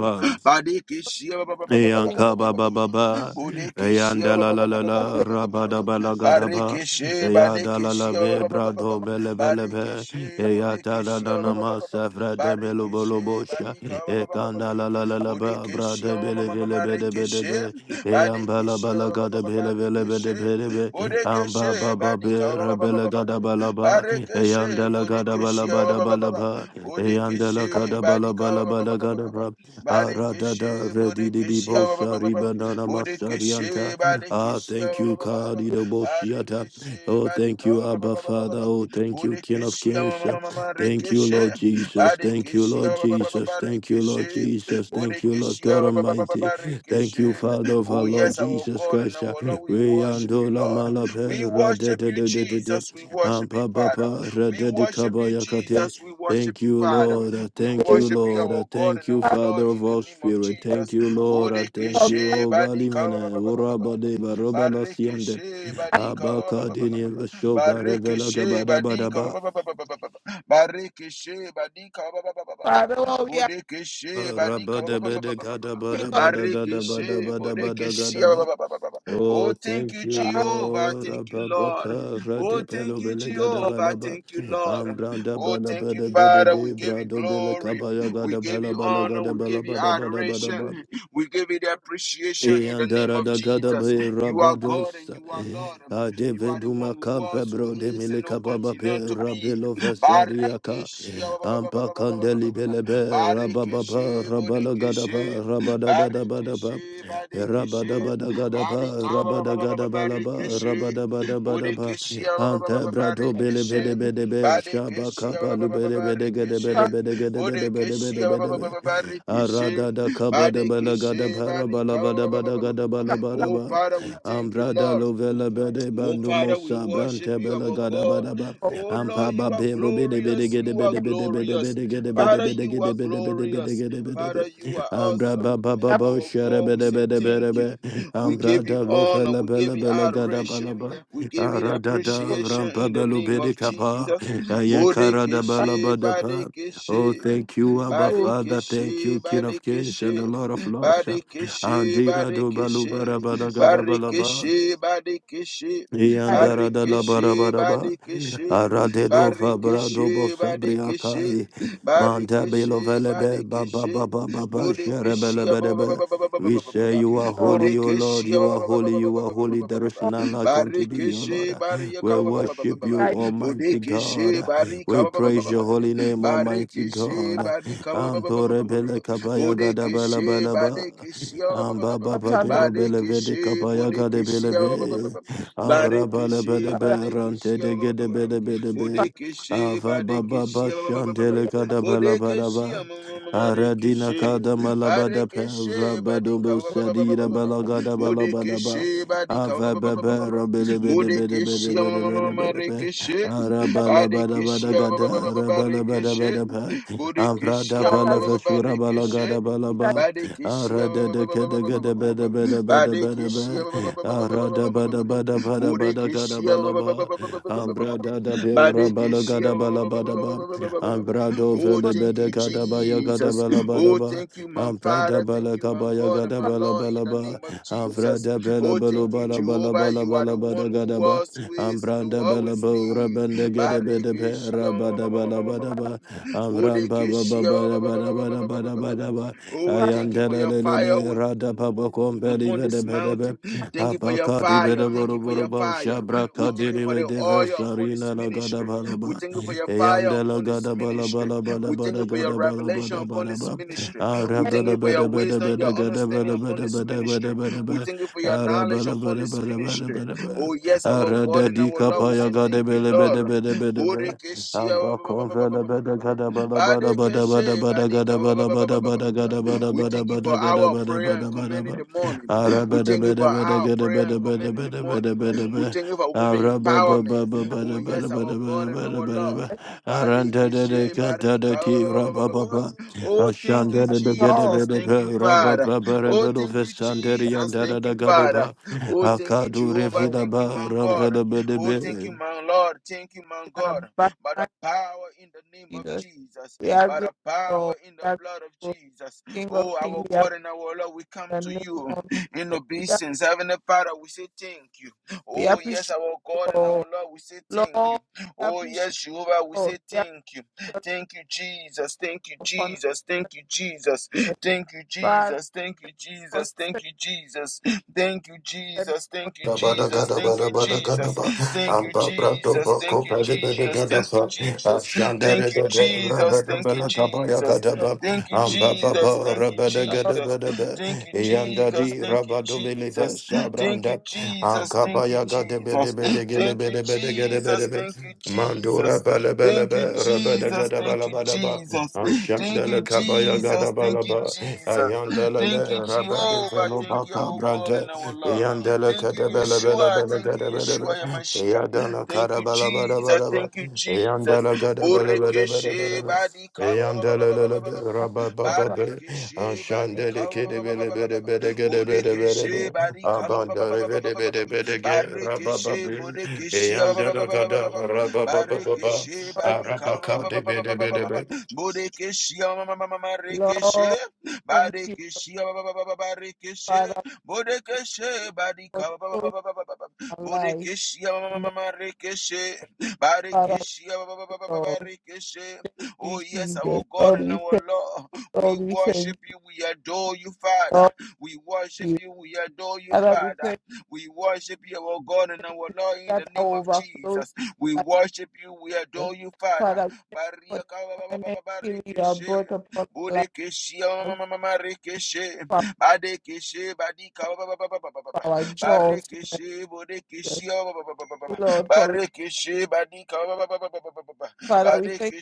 C: ba
A: Badekeshia ba- ba- ba- ba- ba- ba-
B: thank
A: ba- ba-
B: you,
C: Yanka
A: ba-
C: ba
A: ba-
C: ba
A: ba-
C: ba
A: ba-
C: ba,
A: Bodekeshia
C: yanda
A: ba-
C: la
A: ba-
C: la
A: ba- ba-
C: la
A: ba- ba- ba- ba-
C: la,
A: ba- ba- ba- ba-
C: rabada ba
A: ba-
C: la gada ba,
A: Barekeshe
C: yada la la
A: Badekeshia ba-
C: ve
A: ba- ba- ba- ba- ba-
C: brado
A: ba-
C: bele bele be,
A: Barekeshe
C: yata la
A: Bodekeshia
C: na
A: ba- ba-
C: na
A: ba-
C: ma
A: ba- ba- ba-
C: safra de melo bolo
A: Barekeshe
C: bosha,
A: Badika ba- ba- ba- ba- ba-
C: ekanda
A: ba-
C: la la
A: ba-
C: la la ba
A: Bodekeshia
C: brade
A: ma- ma-
C: bele
A: ma- ma-
C: bele
A: ma-
C: bele bele
A: Rekeshe
C: be, yamba la ba
A: Badekeshia
C: la
A: ba- ba- ba-
C: gada
A: ba- ba-
C: bele bele bele
A: Rekeshe
C: bele be,
A: Bodekeshe
C: amba ba ba be
A: Badika ba- ba- ba- ba-
C: rabele
A: ba- ba- ba-
C: gada ba la
A: ba-
C: ba,
A: Barekeshe
C: yanda la gada ba la
A: Bodekeshia
C: ba
A: ba-
C: da
A: ba-
C: ba
A: ba-
C: la
A: ba- ba-
C: ba,
A: ba-
C: yanda la
A: Bodekeshe
C: gada ba la
A: Badika
C: ba la ba la gada Aradada
A: Barikishi,
C: redidi
A: Burikishi,
C: bosa ribanana masarianta.
A: Burikishi,
C: Ah,
A: Barikishi,
C: thank you, Kadi the Boshiata.
A: Barikishi,
C: Oh, thank
A: Barika,
C: you, Abba Father. Oh, thank you, King of
A: Burikishi,
C: Kings. Thank you,
A: Marikishi,
C: Lord Jesus. Thank you,
A: Barikishi,
C: Lord Jesus. Thank you, Lord
A: Barikishi,
C: Jesus. Thank you, Lord
A: Burikishi,
C: God Almighty. Thank you,
A: Barikishi.
C: Father of our
A: Oh,
C: Lord
A: yes, our
C: Jesus
A: God and
C: Christ.
A: our Lord, we
C: We
A: worship you,
C: andola
A: Lord. We
C: malape
A: worship
C: radede
A: you,
C: de de de de.
A: Jesus. We worship you,
C: Ampa
A: Father.
C: papa
A: We
C: radedi
A: worship you,
C: kabayakate.
A: Jesus. We worship
C: Thank
A: you,
C: you,
A: Father.
C: Lord. I
A: We
C: Thank you,
A: worship you,
C: Lord. I
A: our God
C: Thank
A: and our
C: you,
B: Father,
C: Father
A: Lord,
C: of
A: in the
C: all
A: name of
C: spirit. Thank
A: Jesus.
C: you, Lord. I Thank you,
A: Bodekeshe
C: O
A: badika ba-
C: Balimene, Urabade, Barobala Siande,
A: Barekeshe badika ba-
C: Abakadini, Veshova, Revela
A: Barekeshe badika ba-
C: Gabadabadaba,
A: Barekeshe badika ba-
B: Father, oh, we are
A: Bodekeshe badika
B: we
C: Rabadabede,
B: think of
C: Gadabadabada,
A: Barekeshe
C: Gadabadabada,
A: bodekeshe
C: Gadaba. Oh,
A: Oh, thank
C: thank
A: you,
C: you,
B: your heart
A: Jehovah.
C: Lord.
A: Thank you, Lord.
C: Ababaka,
A: Oh, thank
C: Radepelo,
A: you,
C: Bele,
A: Jehovah.
C: Gadabalaba,
A: Thank you, Lord.
C: Ambranda,
A: Oh, thank you,
C: Balabede,
A: Father.
C: Bede,
A: We give you
C: Brado, Bele,
A: glory.
C: Kabaya,
A: We give
C: Gadabala,
A: you
C: Bala,
A: honor. We
C: Gadabala,
A: give you
C: Badabada, Badabada,
A: adoration. We give you the appreciation in the name of
C: Yandarada
A: Jesus.
C: gadabe
A: You are God and
C: rabadosa
A: you are Lord. You are the
C: adeveduma
A: one who
C: campe
A: was, who
C: brode
A: is, and who
C: mileka baba pe
A: continue to be.
C: rabelo vesariaka
A: Barikeshi, ah, ba, ba, ba,
C: ampa
A: ba, ba, ba, ba, ba, ba,
C: kandeli
A: ba, ba.
C: belebe rababa
A: Barikeshi,
C: rabala gada ba
A: bodekeshi.
C: rabada bada
A: Barikeshi,
C: Rabada
A: badekeshi.
C: Badagadaba,
A: Barika,
C: rabada Rabadabadagadaba,
A: barikeshi.
C: Rabadagadabalaba,
A: Bodekeshi, ah,
C: Rabadabadabadaba, Ante Brado
B: and you,
A: barikeshi.
C: Belebedebedebe,
A: Badekeshi
C: Shabakapa
A: Bababababarekeshi
B: Father,
A: Bodekeshi
C: Lubelebedegedebedebedebedebedebedebe,
A: Bababababarekeshi
C: Aradada
A: Badekeshi Barika Oh
C: Kabadabalagadabarabalagadabadabadabadaba,
A: Father, we thank you,
C: Ambrada
A: Lord.
C: Lovela Bedeba
A: Oh, Father, we
C: Numosa
A: worship
C: Brante
A: you, our God.
C: Belagadabadaba,
B: oh,
A: Oh, Lord,
C: Ampaba
A: you are glorious. You are
B: we are
A: glorious.
B: we
A: Father, you are glorious.
C: Berobedebedegedebedebedebedebedebedebedebedebedebe.
A: Father, you are
C: Ambra
A: awesome.
C: ba ba ba
B: we are
C: ba
A: Our
C: shere
A: God,
C: be
A: we
C: de
A: say
C: be de be
A: thank
C: de be.
A: you. We
C: Ambra
A: give you
C: da lo fe
A: honor.
C: le
A: We
C: be
A: give
C: le
A: you
C: be le ga da ba
A: adoration.
C: la ba.
A: We give you the
C: Ara da da ram
A: appreciation
C: pa
A: in
C: be
A: the
C: lu be
A: name
C: di
A: of
C: ka
A: Jesus.
C: Ayen ka da ba la
A: Bodekeshe,
C: ba da pa. Oh,
A: Badekeshe.
C: thank you, Abba
B: to
C: Father. Thank
A: Barikishi,
C: you, King of Kings and the
A: Barikishi,
C: Lord of Lords.
A: Barikishi,
C: Andira do balu
A: Barikishi,
C: bara ba da ga da ba la ba.
A: Barikishi, Barikishi,
B: thy
C: Yandara da la
A: Barikishi,
C: barabaraba,
A: Barikishi,
C: Aradelo Fabrado
A: Barikishi, Barikishi,
C: Bosabriakai, Manta
A: Barikishi,
C: Belovelebe, Baba
A: Barikishi,
C: Baba Baba,
A: Budikishi,
C: Sherebelebelebe. We say you are
B: Lord,
C: holy, O Lord,
A: Budikishi,
C: you are holy, you are holy. There is none like unto thee, O Lord.
A: Barikishi,
C: We
B: for
C: worship
A: Barikishi,
C: you,
B: thy
C: Almighty
A: Barikishi,
C: God. We praise your
A: Barikishi,
C: holy name, Almighty
A: Barekeshe
C: God.
A: badika ba- ba- ba- ba- ba- ba-
C: Antore
A: ba- ba- ba.
C: bele kapaya gada bala
A: Bodekeshe
C: bala ba.
A: badekeshe ba- ba- ba- ba- ba-
C: Amba
A: ba.
C: baba
B: daughter, not
A: Badekeshe
C: kapaya gade
A: bodekeshe
C: bele
A: ba- ba- ba- ba- ba- ba. Barekeshe
B: Father.
C: Arabalebedebe
A: badekeshe ba- ba- ba- ba- ba- ba.
C: rantedegedebedebedebe.
B: Father,
A: Bodekeshe badekeshe
C: Avababa
A: ba- ba- ba- ba- ba- ba. Bodekeshe
C: shantelekadabalabalaba. Aradina
A: marekeshe.
B: yes,
C: kadamalabada
A: Barekeshe badika
C: pevrabadobo sadira balagada
B: Lord,
C: balabadaba.
A: Bodekeshe badika
C: Avababa
A: Bodekeshe
C: rabelebedebedebedebedebedebe.
A: marekeshe.
B: I,
A: Barikishia
C: Arabalabadabadagada
A: Barikishe
C: arabalabadabadaba. Amprada
A: Burikishia
B: Father, we
C: palafashura
A: Barikishe
C: balagada
B: thank
C: balaba.
A: Barikishia
C: Arada da kada gada bada bada bada bada
A: Barikishia
C: ba. Arada bada bada bada bada gada
A: Burikishia
C: bala ba. Abrada da pera bala
A: Barikishia
C: gada bala bada ba. Abrado
B: you
A: Oh,
B: for
C: vele
A: thank
C: bede
A: you,
C: gada baya gada
A: Jesus.
C: bala bada
A: Oh,
C: ba.
A: thank you, my
C: Amprada
A: Father. Thank
C: bala
A: you, my
C: kabaya
A: God and
C: gada
A: my
C: bala
A: Lord, in
C: bala
A: the
C: ba.
A: name of Jesus.
C: Amprada bala
A: Oh,
C: bala
A: thank you,
C: bala bala
A: Jehovah.
C: bala
A: You are
C: bala
A: the one
C: bala
A: who
C: gada ba.
A: was, who is, and who
C: Amprada bala
A: always
C: ba
A: be.
C: urabanda gede bede be
A: Barikishia
C: rabada bala bada ba. Amram ba baba
A: Bodekishia
C: baba baba baba baba da ba da ba da ba
A: Oh,
B: the Father,
A: thank you for
C: Ayandela
A: your
C: le
A: fire. We
C: rada ba ba di
A: upon
C: bede
A: this
C: bede be.
A: mountain. Thank you for your
C: bede
A: fire. Thank
C: boro
A: you for
C: boro
A: your
C: ba.
A: fire.
C: Shabra
A: We
C: ka di
A: thank you
C: di
A: for the oil upon this
C: sarina la
A: ministry.
C: bala
A: We
C: ba.
A: thank you for your fire
C: Eyande la
A: upon this
C: gada bala
A: ministry.
C: bala bala
A: We thank
C: bada
A: you for your
C: gada bala
A: revelation
C: bada
A: upon
C: bada
A: this
C: ba.
A: ministry. We
B: Life,
A: thank
C: Arabala
A: you for
C: bede
A: your
C: bede
A: wisdom, your
C: bede gada
A: understanding
C: bala
A: upon
C: bede
A: this
C: bede bede
A: ministry.
C: bede be.
A: We thank you for your knowledge
C: Arabala
A: upon
C: bede
A: this
C: bede bede
A: ministry.
C: bede be.
A: Oh, yes, our God
C: Arada
A: and our
C: di
A: Lord, we
C: kapaya
A: say
C: gada
A: thank you,
C: bele
A: Lord.
C: bede bede bede be.
A: Bodekeshia-
C: Amba konvela bada gada bada bada bada bada
A: Badekeshe-
C: bada gada bada bada bada
A: Badika-
C: gada bada
A: we
C: bada
A: thank you
C: bada
A: for
C: gada
A: our
C: bada
A: prayer
C: bada
A: and
C: bada
A: command in
C: bada
A: the morning. We thank you for our prayer and command in the morning. We thank you for women empowerment. Oh, yes, our God and our Lord.
B: yes,
A: Bade keshe barika ba- ba- ba- ba- ba- ba- ba. Oh, thank you,
B: Lord,
A: Jesus. Thank you, Father. Oh, thank you, Jesus. Thank you, Father. Oh, thank you,
C: Akadu
A: Jehovah.
B: Lord,
C: refila
A: Thank
C: ba
A: you, my God.
C: rampele
A: Oh, thank
C: bedebe
A: you, my Lord. Thank you, my
B: in
A: God. By the
B: abundance,
A: power in the name of
B: Jesus.
A: Jesus.
B: We are
A: By the
B: grateful,
A: power
B: Lord.
A: in the
B: we are
A: blood of
B: grateful,
A: Jesus.
B: King of
A: Oh, our
B: Kings, we have
A: God and our Lord, we come
B: the
A: to
B: name
A: you
B: of
A: in
B: Jesus. We, are,
A: obeisance. Heavenly Father, we say thank you.
B: we
A: Oh, yes,
B: appreciate
A: our
B: you,
A: God and
B: Lord.
A: our Lord, we say thank you.
B: Lord, we
A: Oh,
B: appreciate
A: yes, Jehovah, we
B: you, Lord.
A: say
B: We have
A: thank you.
B: your
A: Thank you, Jesus. Thank you,
B: love upon us,
A: Jesus. Thank you, Jesus. Thank you,
B: Father,
A: Jesus. Thank you,
B: for
A: Jesus. Thank
B: such
A: you, Jesus. Thank you,
B: a name
A: Jesus.
B: of
A: Thank you,
C: Gada
A: Jesus.
C: gada
A: Thank
C: gada
A: you,
C: gada
A: Jesus.
C: ba.
A: Thank you,
C: Amba brato
A: Jesus.
C: ba
A: Thank
C: ko
A: you,
C: pade bada
A: Jesus.
C: gada
A: Thank you,
C: ba.
A: Jesus.
C: Ashandere
A: Thank you,
C: bada
A: Jesus. Thank you,
C: bada bada ba.
A: Jesus.
C: ba ba
A: Thank you,
C: Amba ba
A: Jesus.
C: ba
A: Thank you,
C: rabada gada
A: Jesus.
C: bada ba ko
A: Thank you, Jesus.
C: Yandadi
A: Thank you,
C: Rabado
A: Jesus.
C: Belivers,
A: Thank you,
C: Abranda,
A: Jesus. Thank you,
C: Ankabaya
A: Jesus. Thank you, Jesus.
C: Gadebedebedegedebedebedegedebedebe.
A: Thank you,
C: Mandora
A: Jesus.
C: bala bala
A: Thank you,
C: ba rabada
A: Jesus.
C: gada
A: Thank
C: bala
A: you,
C: bala ba
A: Jesus. Thank
C: ashanda la
A: you,
C: kabaya gada
A: Jesus.
C: bala
A: Thank you,
C: ba
A: Jesus.
C: ayanda la la
A: Thank you,
C: rabada
A: Jehovah.
C: velo
A: Thank you,
C: baka
A: our God
C: brande
A: and our Lord.
C: ayanda la
A: Thank
C: kada
A: you,
C: bala bala
A: Yeshua.
C: bala
A: Thank
C: gada
A: you,
C: bala bala
A: Yeshua Yamashiach.
C: ayanda la
A: Thank
C: kada
A: you,
C: bala bala
A: Jesus.
C: bala ba
A: Thank you,
C: ayanda
A: Jesus.
C: la gada bala bala bala bala
A: Burikishi
C: ba
A: Badika
C: Yandelelele rababababere
A: Barikishi
C: anshandele
A: Badika
C: kedebele bere bere gede bere bere
A: Burikishi
C: bere
A: Badika
C: abandere bere bere bere ge
A: Barikishi
C: rabababere
A: Burikishi
C: Yandele gada rababababa
A: Barikishi
B: Lord.
A: Badika
C: arabaka de bere bere
A: Burikishi Marikishi
B: Lord, thank you,
A: Barikishi Barikishi
B: Father.
A: Burikishi
B: for
A: Badika
B: showing my lives,
A: Burikishi
B: in the
A: Marikishi
B: Father,
A: Barikishe,
B: Lord.
A: barikishe.
B: You,
A: Oh, yes, our
B: Jesus.
A: God
B: Lord,
A: and
B: we
A: our
B: thank
A: Lord.
B: you.
A: We
B: Lord, we thank
A: worship
B: you.
A: you. We adore you, Father.
B: Lord,
A: We worship
B: you.
A: you. We adore you,
B: Father, we
A: Father.
B: thank you
A: We worship you, our God and our Lord, in the
B: that I
A: name of
B: overflow in
A: Jesus. We worship you. We adore you, Father.
B: Father, we thank you for
A: Barika,
B: the permanent healing you have
A: barikishe.
B: brought upon our
A: Bodekeshe,
B: life,
A: marikishe.
B: for our
A: Badekeshe, badika,
B: for our jaws. in
A: barikishe,
B: the church.
A: bodekeshe.
B: Lord, for it.
A: Barikishe Badika ba- ba- ba- ba- ba- ba- ba-
B: Father, we thank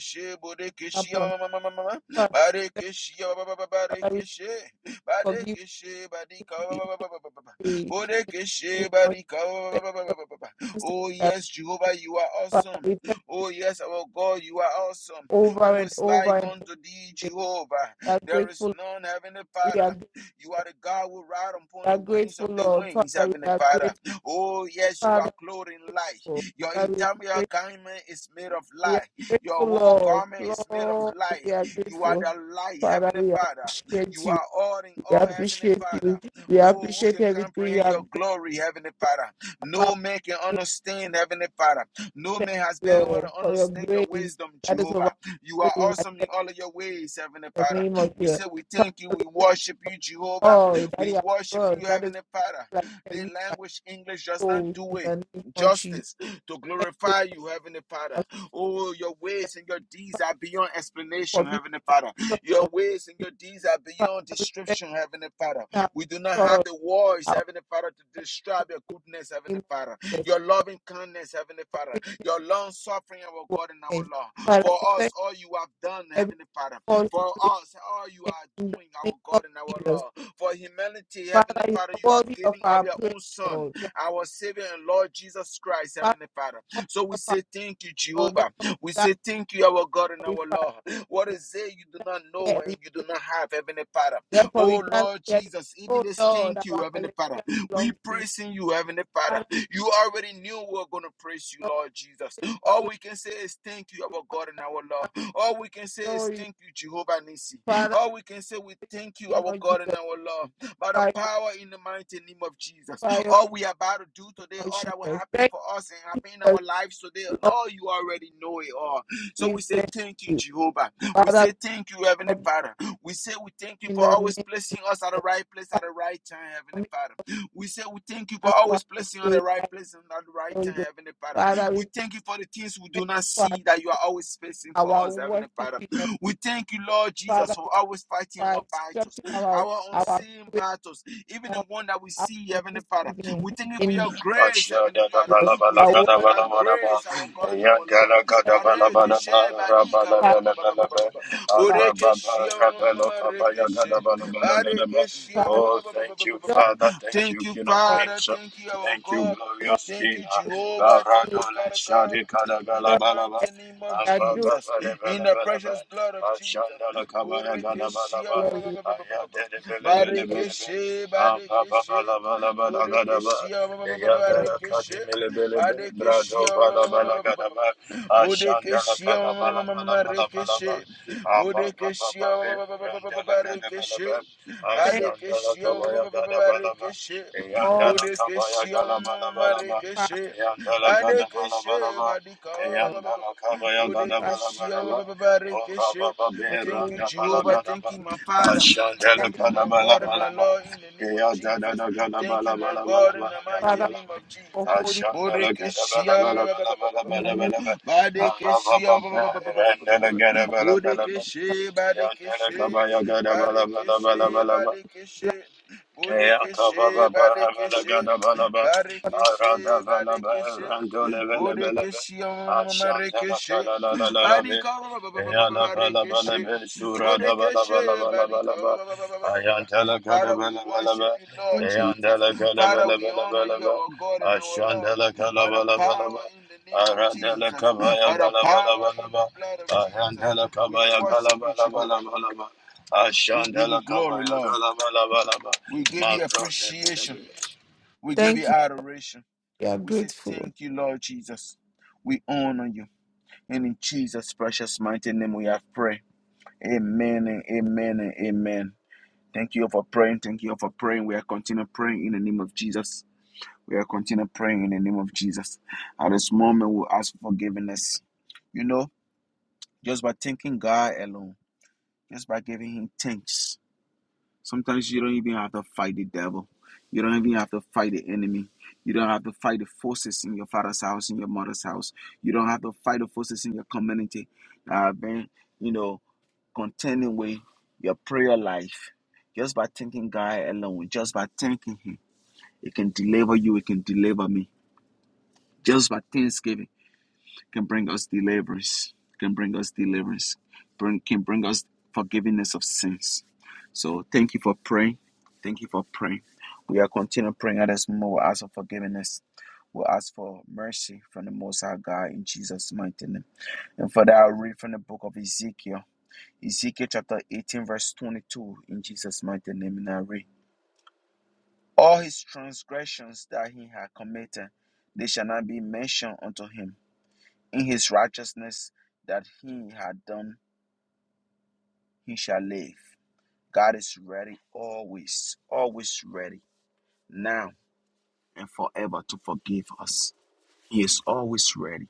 B: you upon
A: ma- ma- ma- ma- ma- ma.
B: Father, we thank
A: Barikishe ba- ba- ba- ba-
B: you, Father, we
A: Barikishe
B: forgive
A: Badika
B: me. We we thank you for the mercy
A: Oh
B: that we have.
A: yes, Jehovah, you are
B: Father,
A: awesome.
B: we thank
A: Oh yes, our God, you are awesome.
B: you over
A: Who
B: and
A: is like
B: over and over again.
A: unto thee,
B: We
A: Jehovah?
B: are
A: There is
B: grateful
A: none, Heavenly
B: We are,
A: Father.
B: we
A: You are the God who ride upon
B: are
A: the wings
B: grateful,
A: of the
B: Lord.
A: wings,
B: Father, we
A: Heavenly
B: are
A: Father.
B: grateful.
A: Oh, yes, you are
B: Father,
A: clothed in light.
B: oh,
A: Your
B: Father, we are
A: entire
B: grateful.
A: garment is made of
B: We are
A: light. Your
B: grateful,
A: whole
B: Lord.
A: garment is made of
B: Lord,
A: light.
B: we are
A: You are
B: grateful.
A: the light,
B: Father,
A: Heavenly
B: we
A: Father.
B: appreciate
A: You
B: you.
A: are all in
B: We
A: all, Heavenly
B: appreciate you.
A: Father.
B: We
A: Oh, who
B: appreciate
A: can
B: everything you
A: comprehend
B: have
A: your
B: done
A: glory, Heavenly Father? No
B: about
A: man can
B: you.
A: understand, Heavenly Father. No
B: Thank
A: man has
B: you,
A: been able
B: Lord,
A: to
B: for your
A: understand your
B: grace
A: wisdom,
B: that is
A: Jehovah. You are
B: overflowing like
A: awesome in
B: in
A: all of your ways, Heavenly
B: the
A: Father.
B: name of
A: We
B: your
A: say we thank you,
B: Father,
A: we worship you, Jehovah.
B: Lord, that you
A: We
B: have
A: worship
B: done.
A: you,
B: That is
A: Heavenly Father.
B: like a
A: The
B: river
A: language English does not
B: flows
A: do
B: in
A: it.
B: the name of Jesus.
A: Justice to
B: Thank you
A: glorify
B: for,
A: you, Heavenly Father.
B: our
A: Oh, your ways
B: strength.
A: and your deeds
B: Father,
A: are beyond
B: for
A: explanation,
B: being
A: Heavenly Father.
B: our
A: Your
B: strength.
A: ways and your deeds are
B: Father,
A: beyond
B: we thank
A: description,
B: you
A: Heavenly Father.
B: now
A: We do not have
B: for
A: the words,
B: our
A: Heavenly Father, to describe your goodness, Heavenly
B: name of
A: Father.
B: Jesus.
A: Your loving kindness, Heavenly
B: For
A: Father.
B: bringing
A: Your long suffering, our
B: everyone
A: God and our
B: in.
A: Lord.
B: Father,
A: For
B: we
A: us,
B: thank
A: all you have done,
B: you every
A: Heavenly Father.
B: false
A: For
B: situation
A: us, all you are
B: in the
A: doing, our
B: name of
A: God and our
B: Jesus.
A: Lord. For humanity, Heavenly
B: Father, you
A: Father,
B: are
A: you have
B: worthy of
A: given up
B: our
A: your
B: praise,
A: own Son
B: Lord. You
A: our Savior and Lord Jesus Christ,
B: are Father,
A: Heavenly Father.
B: worthy
A: So we
B: of our
A: say thank you,
B: Lord.
A: Jehovah.
B: Therefore,
A: We say thank you, our God and
B: we gather
A: our
B: glorified.
A: Lord. What is it you do not know
B: Therefore,
A: and
B: we
A: you do not have, Heavenly Father?
B: therefore we
A: Oh
B: gather
A: Lord
B: here.
A: Jesus, even
B: Oh
A: this
B: Lord,
A: thank you,
B: our
A: Heavenly
B: hallelujah
A: Father. We
B: belongs to you.
A: praising you, Heavenly Father.
B: Father,
A: You already knew we were gonna praise you,
B: Lord,
A: Lord Jesus.
B: take the
A: All
B: glory
A: we can say is thank you, our God and our
B: and
A: Lord. All we can say is
B: glory.
A: thank you, Jehovah Nisi.
B: Father,
A: All we can say we thank you,
B: in the name
A: our
B: of
A: God and our
B: Jesus,
A: Lord. By the
B: fire,
A: power in the mighty name of Jesus
B: fire,
A: all we are about to do today,
B: of
A: all that will
B: Jesus.
A: happen
B: Thank
A: for us and happen in
B: you,
A: our lives today.
B: Lord.
A: Lord, you already know it all. So
B: We
A: we say
B: thank
A: thank you,
B: you.
A: Jehovah. We
B: Father,
A: say
B: we
A: thank you, Heavenly
B: come
A: Father. We say we thank you
B: in
A: for
B: the
A: always
B: name
A: placing us at the
B: of
A: right place at
B: Father,
A: the right time, Heavenly
B: make
A: Father. We say we thank you for
B: us one
A: always placing on the
B: today
A: right
B: by
A: place and at the
B: the
A: right
B: Holy
A: time,
B: Ghost.
A: Heavenly Father.
B: Father, we
A: We
B: thank
A: thank you for the things we
B: you
A: do not
B: for
A: see that you are always facing for
B: our
A: us, Heavenly
B: worship in
A: Father.
B: the
A: We thank you, Lord Jesus,
B: Father,
A: for
B: we
A: always fighting
B: are
A: our battles,
B: instructing our
A: our
B: our
A: unseen
B: prayer
A: battles, even the
B: on
A: one that we see,
B: afternoon
A: Heavenly
B: this
A: Father.
B: evening
A: We thank you for
B: in
A: your
C: Oh,
A: grace,
C: thank
A: Heavenly Father.
B: the
A: We
B: our
A: thank
B: word
A: you
B: of
A: for that grace, our
B: God.
A: God and our Lord. Bareke badika ba-
B: Father,
A: ba- ba-
B: Father, Father,
C: you,
B: Lord,
C: Father. Thank
A: Thank
C: you,
A: you,
C: King of
B: Lord,
A: Father.
C: Kings.
A: Thank you, our
C: Thank you,
A: God.
B: Lord,
C: glorious
A: Thank
C: King.
A: you, Jehovah. Thank
B: Lord,
A: you,
C: Baradole
A: Father God.
C: shadi kada
A: In
C: bala
A: the
B: Lord,
C: ba.
A: mighty name of
B: I
C: Amba ba
B: do,
A: Jesus.
C: ba de
A: In
C: bala
A: the
C: ba.
A: precious blood of Jesus.
C: Ashanda la kabaya
A: Boreke she
C: bala ba.
A: ba-
B: Lord, Lord,
C: Aya de de bele
B: Lord,
C: bele bele bala bala bala kada ba.
A: Bodekeshia
B: Lord.
C: Yandala
A: Barikeshe
C: kadimele bele be brado
A: Badekeshia
C: bala bala gadaba ashandala
A: Bodekeshia
C: kada bala bala bala bala ba
A: Marikeshe
C: aba ba ba ba
A: Bodekeshia
C: be randala gada bala
A: Barikeshe
C: ba
B: Thank
C: ashandala
A: Badekeshia
C: kabaya gada bala ba
A: Barikeshe
B: all
C: yandala kabaya
A: Bodekeshia
C: gala bala bala ba
B: Father,
A: Marikeshe
C: yandala gada bala bala
A: Badekeshe
C: ba
A: Badika
C: yandala kabaya gada
B: Father,
C: bala bala ba
A: Bodekeshia
C: Oh,
A: Barikeshe
C: Rabba,
B: for
C: Rabba,
A: Thank you,
B: doing
C: Rabba,
B: for us.
A: Jehovah.
C: Rabba,
A: Thank
C: Rabba,
A: you, my Father.
C: Ashandela,
B: Father,
A: Thank you,
B: we
C: bala
A: my God
C: Rabba,
A: and my
C: Rabba.
A: Lord, in the name of Jesus.
C: Ashanda
A: Thank you, my God, in the mighty
B: Father,
A: name of
B: for
A: Jesus.
B: holding
A: Bodekeshia
B: in the name of Jesus.
A: Badekeshia Bodekeshe Badekeshe Barekeshe
B: Father,
A: Badekeshe
C: Ashandela kabaya
A: Bodekeshe Badekeshe Barekeshe Badekeshe Bodekeshia Marekeshe Badika Barekeshe Bodekeshe Badika Father, we worship you, Lord
B: Thank you.
A: Jesus. Father, we honor you, our God and our love, by the power in the name of Jesus, by the power in the blood of Jesus. We
C: gala
A: worship you, Jehovah. We give you glory, Lord.
C: bala bala bala.
A: We give
C: My
A: you
C: God, that- that-
A: appreciation. We give you
B: Thank you.
A: adoration.
B: We are
A: We say
B: grateful.
A: thank you, Lord Jesus. We honor you. And in Jesus' precious mighty name we have prayed. Amen and amen and amen. Thank you for praying. Thank you for praying. We are continuing praying in the name of Jesus. We will continue praying in the name of Jesus. At this moment, we'll ask for forgiveness. You know, just by thanking God alone, just by giving Him thanks, sometimes you don't even have to fight the devil. You don't even have to fight the enemy. You don't have to fight the forces in your father's house, in your mother's house. You don't have to fight the forces in your community that have been, you know, contending with your prayer life. Just by thanking God alone, just by thanking Him, it can deliver you, it can deliver me. Just by thanksgiving. can bring us deliverance, can bring us deliverance, bring, can bring us forgiveness of sins. So thank you for praying. Thank you for praying. We are continuing praying at this moment. We'll ask for forgiveness. We'll ask for mercy from the Most High God in Jesus' mighty name. And for that, I'll read from the book of Ezekiel. Ezekiel chapter 18, verse 22, in Jesus' mighty name. And I read, All his transgressions that he had committed, they shall not be mentioned unto him in his righteousness that he had done, he shall live. God is ready always, always ready, now and forever to forgive us. He is always ready.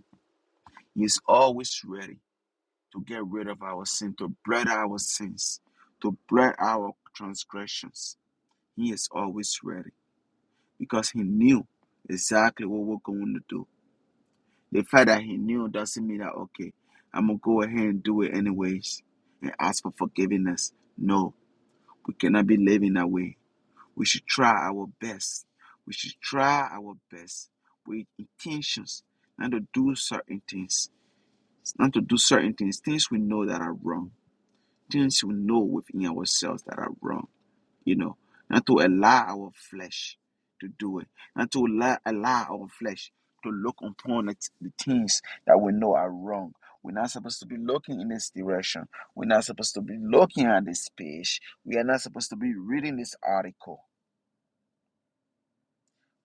A: He is always ready to get rid of our sin, to blot our sins, to blot our transgressions. He is always ready because he knew exactly what we're going to do. The fact that he knew doesn't mean that, okay, I'm going to go ahead and do it anyways and ask for forgiveness. No, we cannot be living that way. We should try our best. We should try our best with intentions not to do certain things, not to do certain things, things we know that are wrong, things we know within ourselves that are wrong you know, not to allow our flesh to do it, not to allow, allow our flesh to look upon the, the things that we know are wrong. We're not supposed to be looking in this direction. We're not supposed to be looking at this page. We are not supposed to be reading this article.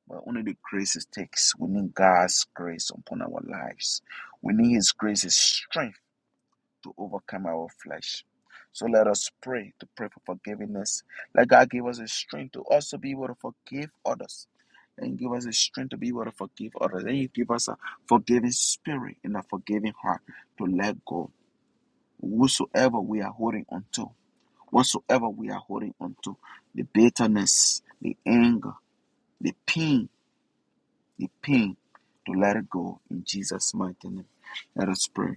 A: But only the grace it takes. We need God's grace upon our lives. We need His grace, His strength to overcome our flesh. So let us pray to pray for forgiveness. Let God give us a strength to also be able to forgive others. And give us a strength to be able to forgive others. And you give us a forgiving spirit and a forgiving heart to let go. Whatsoever we are holding on to, whatsoever we are holding on to, the bitterness, the anger, the pain, the pain to let it go in Jesus' mighty name. Let us pray.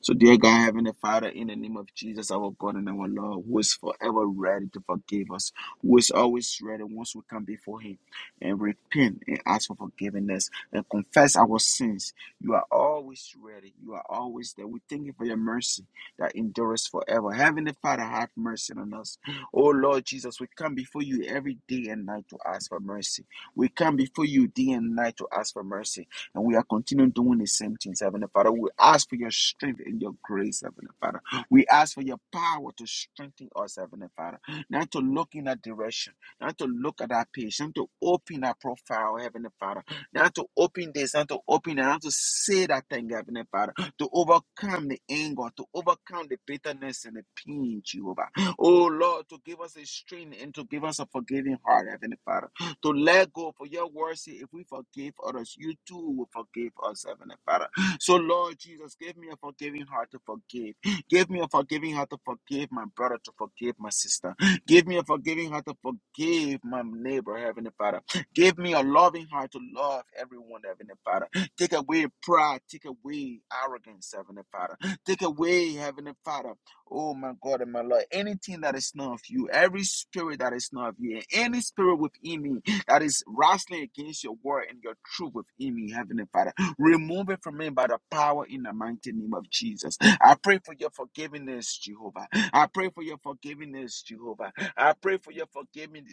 A: So, dear God, Heavenly Father, in the name of Jesus, our God and our Lord, who is forever ready to forgive us, who is always ready once we come before Him and repent and ask for forgiveness and confess our sins. You are always ready. You are always there. We thank you for your mercy that endures forever. Heavenly Father, have mercy on us. Oh Lord Jesus, we come before you every day and night to ask for mercy. We come before you day and night to ask for mercy, and we are continuing doing the same things, Heavenly Father. We ask for your strength and your grace, Heavenly Father. We ask for your power to strengthen us, Heavenly Father, not to look in that direction, not to look at our page, not to open our profile, Heavenly Father, not to open this, not to open that, not to say that thing, Heavenly Father, to overcome the anger, to overcome the bitterness and the pain, Jehovah. Oh Lord, to give us a strength and to give us a forgiving heart, Heavenly Father to let go. For your word say, if we forgive others, you too will forgive us, Heavenly Father. So, Lord Jesus, give me a forgiving heart to forgive. Give me a forgiving heart to forgive my brother, to forgive my sister. Give me a forgiving heart to forgive my neighbor, Heavenly Father. Give me a loving heart to love everyone, Heavenly Father. Take away pride, take away arrogance, Heavenly Father. Take away, Heavenly Father, Oh my God and my Lord, anything that is not of you, every spirit that is not of you, and any spirit within me that is wrestling against your word and your truth within me, Heavenly Father. Remove it from me by the power in the mighty name of Jesus. I pray for your forgiveness, Jehovah. I pray for your forgiveness, Jehovah. I pray for your forgiving,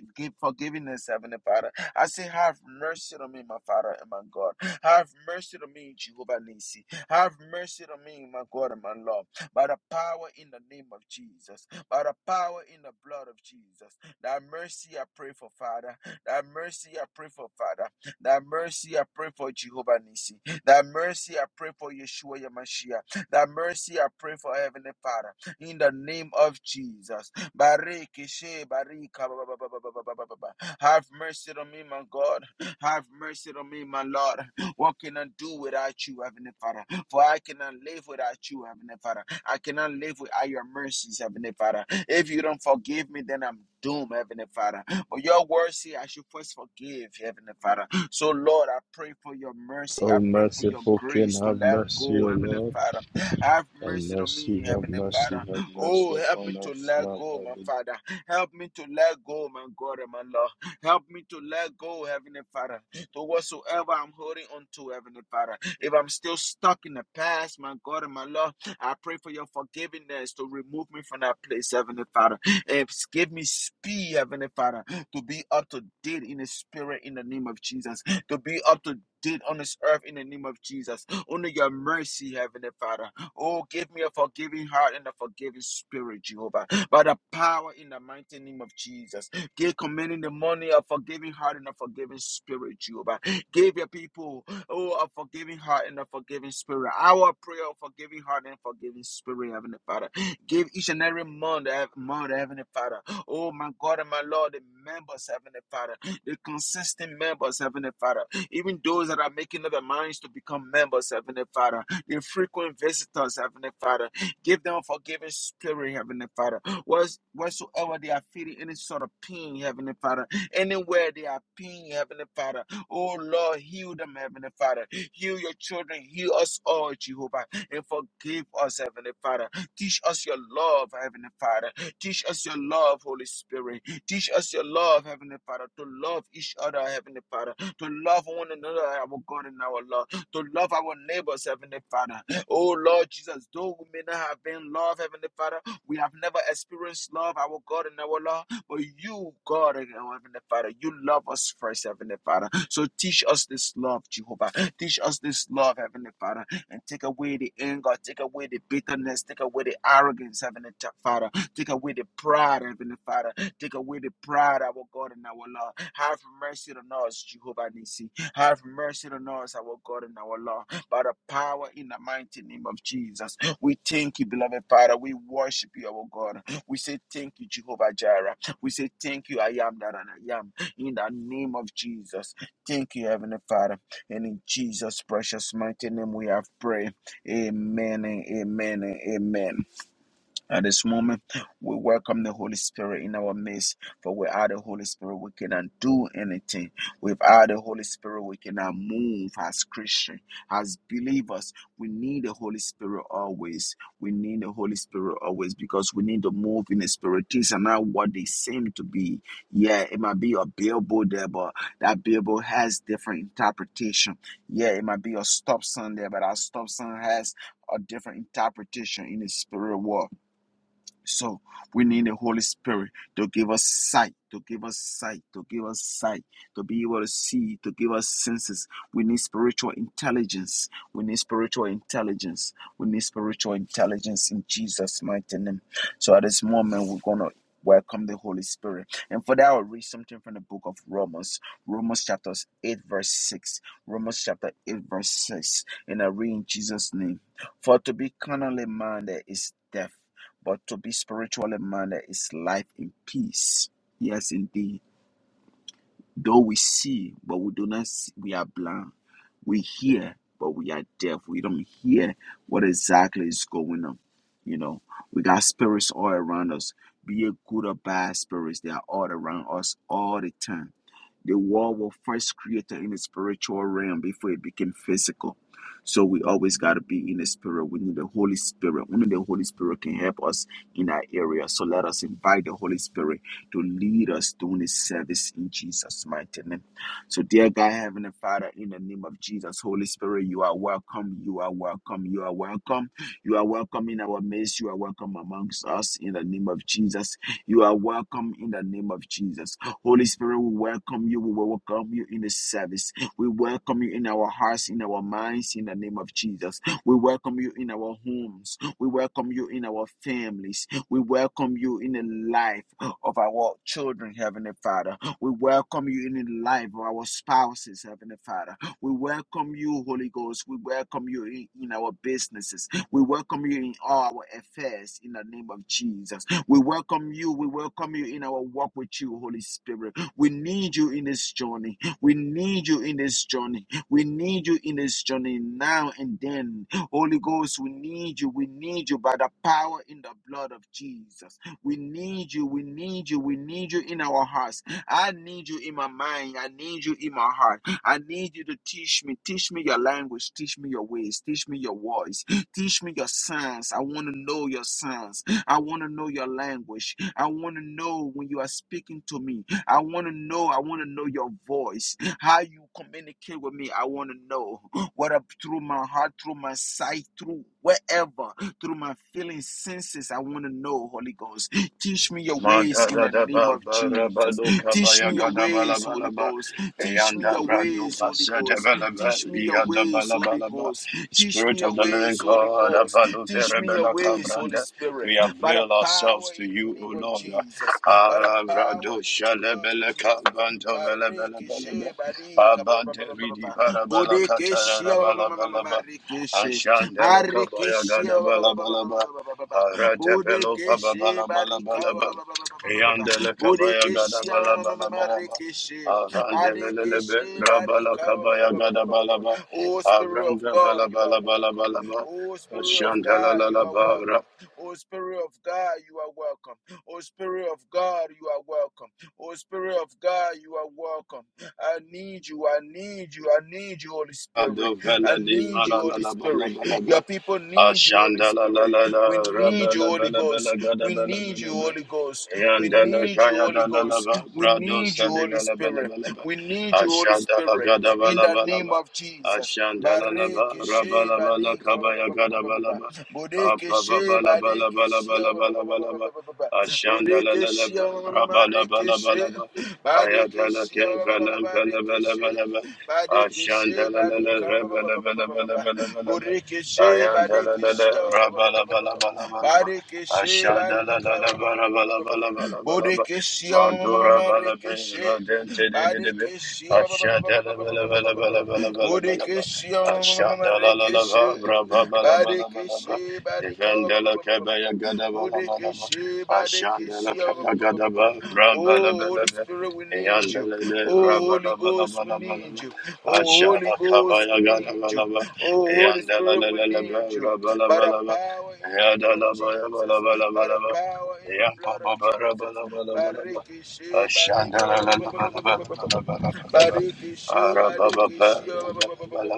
A: forgiveness, Heavenly Father. I say, have mercy on me, my Father and my God. Have mercy on me, Jehovah Nisi. Have mercy on me, my God and my Lord. By the power in the name of Jesus. By the power in the blood of Jesus. Thy mercy I pray for, Father. That mercy I pray for, Father. That mercy I pray for Jehovah Nisi. That mercy I pray for Yeshua Yamashiach. That mercy I pray for Heavenly Father. In the name of Jesus. Bariki she barika ba ba ba ba ba ba ba ba ba ba. Have mercy on me, my God. Have mercy on me, my Lord. What can I do without you, Heavenly Father? For I cannot live without you, Heavenly Father. I cannot live without your mercies, Heavenly Father. If you don't forgive me, then I'm doomed, Heavenly Father. But your word say I should first forgive, Heavenly Father. So, Lord, I pray for your mercy. I
C: O
A: pray for your
C: merciful King,
A: grace to
C: have
A: let
C: mercy,
A: go,
C: O
A: Heavenly
C: Lord.
A: Father. Have
C: Have
A: mercy on
C: mercy,
A: me,
C: have
A: Heavenly
C: mercy,
A: Father.
C: have
A: Oh,
C: mercy
A: help me
C: upon
A: to
C: us
A: let
C: now,
A: go, my Father. Help me to let go, my God and my Lord. Help me to let go, Heavenly Father, to whatsoever I'm holding on to, Heavenly Father. If I'm still stuck in the past, my God and my Lord, I pray for your forgiveness to remove me from that place, Heavenly Father. And give me speed, Heavenly Father to be up to date in the spirit in the name of Jesus, to be up to date on this earth in the name of Jesus. Only your mercy, Heavenly Father. Oh, give me a forgiving heart and a forgiving spirit, Jehovah. By the power in the mighty name of Jesus. Give commanding the money a forgiving heart and a forgiving spirit, Jehovah. Give your people, oh, a forgiving heart and a forgiving spirit. Our prayer a forgiving heart and forgiving spirit, Heavenly Father. Give each and every month, Heavenly Father. Oh, my God and my Lord, the members, Heavenly Father, the consistent members, Heavenly Father, even those that are making up their minds to become members, Heavenly Father, the frequent visitors, Heavenly Father, give them a forgiving spirit, Heavenly Father. Whats- Whatsoever they are feeling any sort of pain, Heavenly Father, anywhere they are pain, Heavenly Father, oh Lord, heal them, Heavenly Father. Heal your children, heal us all, Jehovah, and forgive us, Heavenly Father. Teach us your love, Heavenly Father. Teach us your love, Holy Spirit. Teach us your love, Heavenly Father, to love each other, Heavenly Father, to love one another, our God and our Lord, to love our neighbors, Heavenly Father. Oh Lord Jesus, though we may not have been loved, Heavenly Father, we have never experienced love, our God and our Lord, but you, God and our Heavenly Father, you love us first, Heavenly Father. So teach us this love, Jehovah. Teach us this love, Heavenly Father, and take away the anger, take away the bitterness, take away the arrogance, Heavenly Father. Take away the pride, Heavenly Father. Take away the pride, our God and our Lord. Have mercy on us, Jehovah Nissi. Have mercy on us, our God and our Lord. By the power in the mighty name of Jesus. We thank you, beloved Father. We worship you, our God. We say thank you, Jehovah Jireh. We say thank you, I am that and I am. In the name of Jesus. Thank you, Heavenly Father. And in Jesus' precious mighty name we have prayed. Amen and amen and amen. At this moment, we welcome the Holy Spirit in our midst, for without the Holy Spirit, we cannot do anything. Without the Holy Spirit, we cannot move as Christians, as believers. We need the Holy Spirit always. We need the Holy Spirit always because we need to move in the Spirit. Things are not what they seem to be. Yeah, it might be a billboard there, but that billboard has different interpretation. Yeah, it might be a stop sign there, but that stop sign has a different interpretation in the spirit world. So we need the Holy Spirit to give us sight, to give us sight, to give us sight, to be able to see, to give us senses. We need spiritual intelligence. We need spiritual intelligence. We need spiritual intelligence in Jesus' mighty name. So at this moment, we're going to welcome the Holy Spirit. And for that, I'll read something from the book of Romans, Romans chapter 8, verse 6. Romans chapter 8, verse 6. And I read in Jesus' name For to be carnally minded is death but to be spiritually minded is life in peace. Yes, indeed. Though we see, but we do not see, we are blind. We hear, but we are deaf. We don't hear what exactly is going on. You know, we got spirits all around us. Be it good or bad spirits, they are all around us all the time. The world was first created in the spiritual realm before it became physical. So we always got to be in the spirit. We need the Holy Spirit. Only the Holy Spirit can help us in that area. So let us invite the Holy Spirit to lead us during this service in Jesus' mighty name. So, dear God, Heavenly Father, in the name of Jesus, Holy Spirit, you are welcome. You are welcome. You are welcome. You are welcome in our midst. You are welcome amongst us in the name of Jesus. You are welcome in the name of Jesus. Holy Spirit, we welcome you. We welcome you in the service. We welcome you in our hearts, in our minds, in the name of Jesus. We welcome you in our homes. We welcome you in our families. We welcome you in the life of our children, Heavenly Father. We welcome you in the life of our spouses, Heavenly Father. We welcome you, Holy Ghost. We welcome you in, in our businesses. We welcome you in all our affairs in the name of Jesus. We welcome you. We welcome you in our walk with you, Holy Spirit. We need you in this journey. We need you in this journey. We need you in this journey now and then. Holy Ghost, we need you. We need you by the power in the blood of Jesus. We need you. We need you. We need you in our hearts. I need you in my mind. I need you in my heart. I need you to teach me. Teach me your language. Teach me your ways. Teach me your voice. Teach me your signs. I want to know your signs. I want to know your language. I want to know when you are speaking to me. I want to know. I want to know your voice. How you communicate with me. I want to know whether through my heart, through my sight, through wherever, through my feeling senses. I want to know, Holy Ghost. Teach me your ways in
C: Mantara
A: the
C: da
A: name
C: ba
A: of
C: ba ra ba
A: Jesus.
C: do ka ba,
A: Teach
C: ya
A: me
C: ga
A: your
C: da ba, la
A: ways,
C: ba. la
A: Holy
C: ba
A: Ghost. Teach me
C: yanda
A: your
C: bra do
A: ways,
C: ba
A: Holy
C: sa da
A: Ghost.
C: ba la ba
A: Teach me
C: e
A: your
C: ya da ba
A: ways,
C: la ba
A: Holy
C: la ba.
A: Ghost. Teach me
C: Spirit of
A: your
C: the living
A: ways, Holy
C: God,
A: Ghost.
C: Abalu
A: Teach me your
C: Verebela
A: ways, Holy
C: Cabranda,
A: Spirit.
C: we
A: By the
C: avail ourselves
A: power
C: to
A: in the
C: you, O
A: name of
C: Lord.
A: Jesus. By the power
C: Arado
A: in the blood of
C: Shalebele
A: Jesus.
C: Cabanto Velebele Belebe,
A: Barikishe, barika, ba- ba- ba-
C: Abante
A: ba- ba- ba-
C: Ridi
A: ba.
C: Parabala Catara
A: Bodekeshe, ba- ba- ba- ba- ba- ba- ba-
C: Balabalaba, Ashandela Cabaya
A: Barikeshe,
C: Gada
A: ba-
C: bala
A: ba- ba- ba-
C: bala
A: ba-
C: ba,
A: ba- ba- ba- ba- ba- ba.
C: Balabalaba, Arate Pelo
A: Bodekeshi
C: bala
A: barika
C: Bala
A: ba-
C: ba. Yandele kabaya gada
A: Bodekeshi ma-
C: bala
A: ma- ma- ma-
C: bala
A: ma-
C: bala ba.
A: rekeshi.
C: Avrandele lele be
A: Badekeshi
C: rabala
A: barika
C: kabaya gada bala ba.
A: Oh Spirit of
C: Avrandra
A: God,
C: bala
A: you are
C: bala bala
A: welcome.
C: bala ba.
A: Oh Spirit of
C: Ashandela
A: God,
C: la la
A: you are
C: ba ra.
A: welcome. Oh Spirit of God, you are welcome. Oh Spirit of God, you are welcome. Oh Spirit of God, you are welcome. I need you. I need you. I need you, Holy Spirit.
C: Ado
A: I
C: vela di
A: need you,
C: mala la
A: Holy
C: la bala
A: Spirit.
C: bala ba.
A: Your people need you, Holy
C: Ashandela la
A: Spirit.
C: la
A: We
C: la
A: need you,
C: rabala
A: Holy
C: bala bala
A: Ghost.
C: gada
A: We
C: bala
A: need you,
C: bala ba.
A: Holy Ghost. We
C: Yandala
A: need you,
C: Kaya
A: Holy Ghost.
C: Dalalaba,
A: We
C: Brado
A: need you,
C: Salina
A: Holy Spirit.
C: Labalabalaba,
A: We need you, Holy
C: Ashandala
A: Spirit. In the name
C: Gadabalabalaba,
A: of Jesus.
C: Ashandalaba,
A: Bareke she
C: Rabalabala
A: badika ba- ba-
C: Kabaya
A: ba- ba- ba- ba- ba- ba.
C: Gadabalaba,
A: Bodeke she badeke she ba- ba- ba- ba- ba- ba-
C: Apababalabalabalabalabalaba,
A: ba- ba- ba- ba. Bodeke she
C: Ashandalaba,
A: ma- ma- ma- ma- reke she.
C: Rabalabalabalaba,
A: Badeke
C: Ayadala
A: she ba- ba- ba- ba-
C: Kevalam
A: ba- reke she.
C: Pelabalabalaba,
A: Badeke she
C: Ashandala
A: badika ba- ba- ba- ba- ba- ba- ba- ba- ba.
C: Rebelabalabalabalabalaba. Ashandala
A: Borekeshe, Badekeshe, Badekeshe, Barika, Borekeshe, Marekeshe, Badekeshe, Borekeshe, Marekeshe, Badekeshe, Barika, Borekeshe, Badekeshe, Oh, Holy Spirit, we need you. Oh, Holy Ghost, we need you. Oh, Holy
C: Aşağıda
A: Ghost,
C: kavaya
A: we
C: gala
A: need you.
C: gala ba.
A: Oh, Holy
C: Yandala la
A: Spirit, we
C: la la ba.
A: need you.
C: Raba la
A: By
C: ba
A: the
C: la ba.
A: power in the name
C: Yadala
A: of
C: ba ya ba la
A: Jesus,
C: ba la ba
A: by
C: la
A: the
C: ba.
A: power in the
C: Yampa
A: blood
C: ba
A: of
C: ba ra ba
A: Jesus.
C: la ba la ba la ba.
A: Barikishe,
C: Aşağıda
A: barika,
C: la
A: ba- ba- ba- ba- ba- ba- ba- ba- ba- ba- ba- barikishe, barikishe, ba- ba- ba- ba- ba- ba-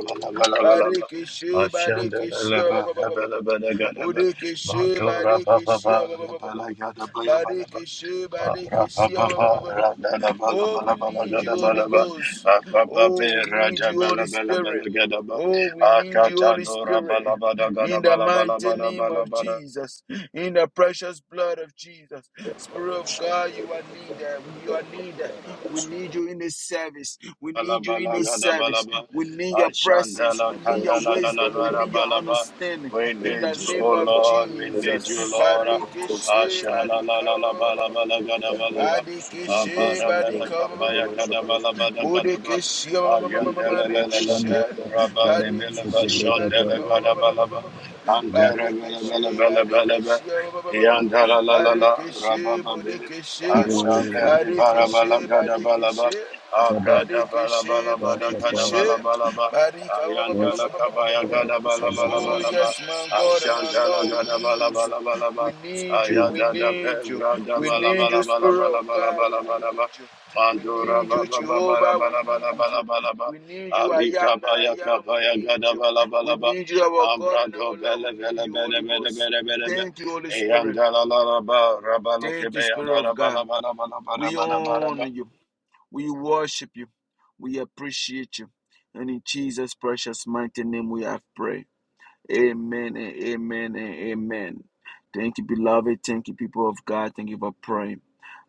A: barikishe, barikishe, ba- ba-
C: Matura ba ba
A: barikishe, ba-
C: Akatadora
A: Oh, we need you, Holy Ghost. Oh, we need you, Holy Spirit. Oh, we need you, Holy Spirit,
C: balabada gada
A: in the
C: balabala
A: mighty name of
C: balabala
A: Jesus, in the precious blood of Jesus. Spirit of God, you are needed. We are needed. We need you in this service. We need you in this service.
C: Balabalagadaba,
A: We need your presence.
C: Ashandala
A: We need your
C: Kadala la la
A: wisdom.
C: la
A: We
C: la
A: need your
C: balaba.
A: understanding.
C: We
A: In the
C: need you,
A: name
C: O
A: of
C: Lord. We need
A: Jesus.
C: you, Lord.
A: Barikeshe,
C: Ashala la la la
A: barika.
C: balabala gadabalaba.
A: Badikeshe,
C: Abarabela
A: badika,
C: kapaya gadabalaba da gadaba.
A: bodekeshe,
C: Ayandela la la la
A: marekeshe,
C: be rabba de belava
A: badikeshe,
C: shandela
A: badika,
C: gadabalaba. Antera bela
A: barekeshe,
C: bela bela bela
A: badekeshe,
C: be. Yandala la la la
A: barekeshe,
C: rabba be.
A: bodekeshe,
C: Ashadeli barabala
A: barekeshe,
C: gadabalaba
A: badekeshe,
C: da ba
A: badekeshe,
C: ba
A: bodekeshe,
C: ba
A: barika.
C: Ayandala kabaya gada bala bala
A: Oh
C: bala ba
A: yes, my God and my
C: Ashandala
A: Lord,
C: gada
A: we
C: bala
A: need you.
C: bala bala ba
A: We need you. We
C: Ayada da
A: need you.
C: brada
A: We
C: bala
A: need
C: bala
A: you,
C: bala
A: Spirit
C: bala
A: of
C: bala
A: God. We
C: bala bala ba
A: need you. We
C: Mandura
A: need you,
C: baba bala bala
A: Jehovah. We
C: bala
A: need
C: bala
A: you.
C: bala ba
A: We need
C: la
A: you, I
C: la
A: am that
C: kabaya
A: I am. We need
C: ayada
A: you.
C: mandura
A: We need you, our God and our Lord.
C: bele
A: We
C: bele
A: need you,
C: bele
A: Holy
C: bele
A: Ghost.
C: bele bele be
A: Thank you, Holy Spirit.
C: Ayandala la la ba rabaluke Abradabalabalabadakadabalabalaba. Ayantalakabayagadabalabalabalaba.
A: Thank you,
C: Ashantalagadabalabalabalaba.
A: Spirit of God.
C: Ayadadabebradabalabalabalabalabalabalaba.
A: We
C: Mandurabababalabalabalabalaba. Alikabayakabayagadabalaba. Ambradobelebelebelebelebelebe. ba
A: honor you. We worship you. We appreciate you. And in Jesus' precious mighty name, we have prayed. Amen and amen and amen. Thank you, beloved. Thank you, people of God. Thank you for praying.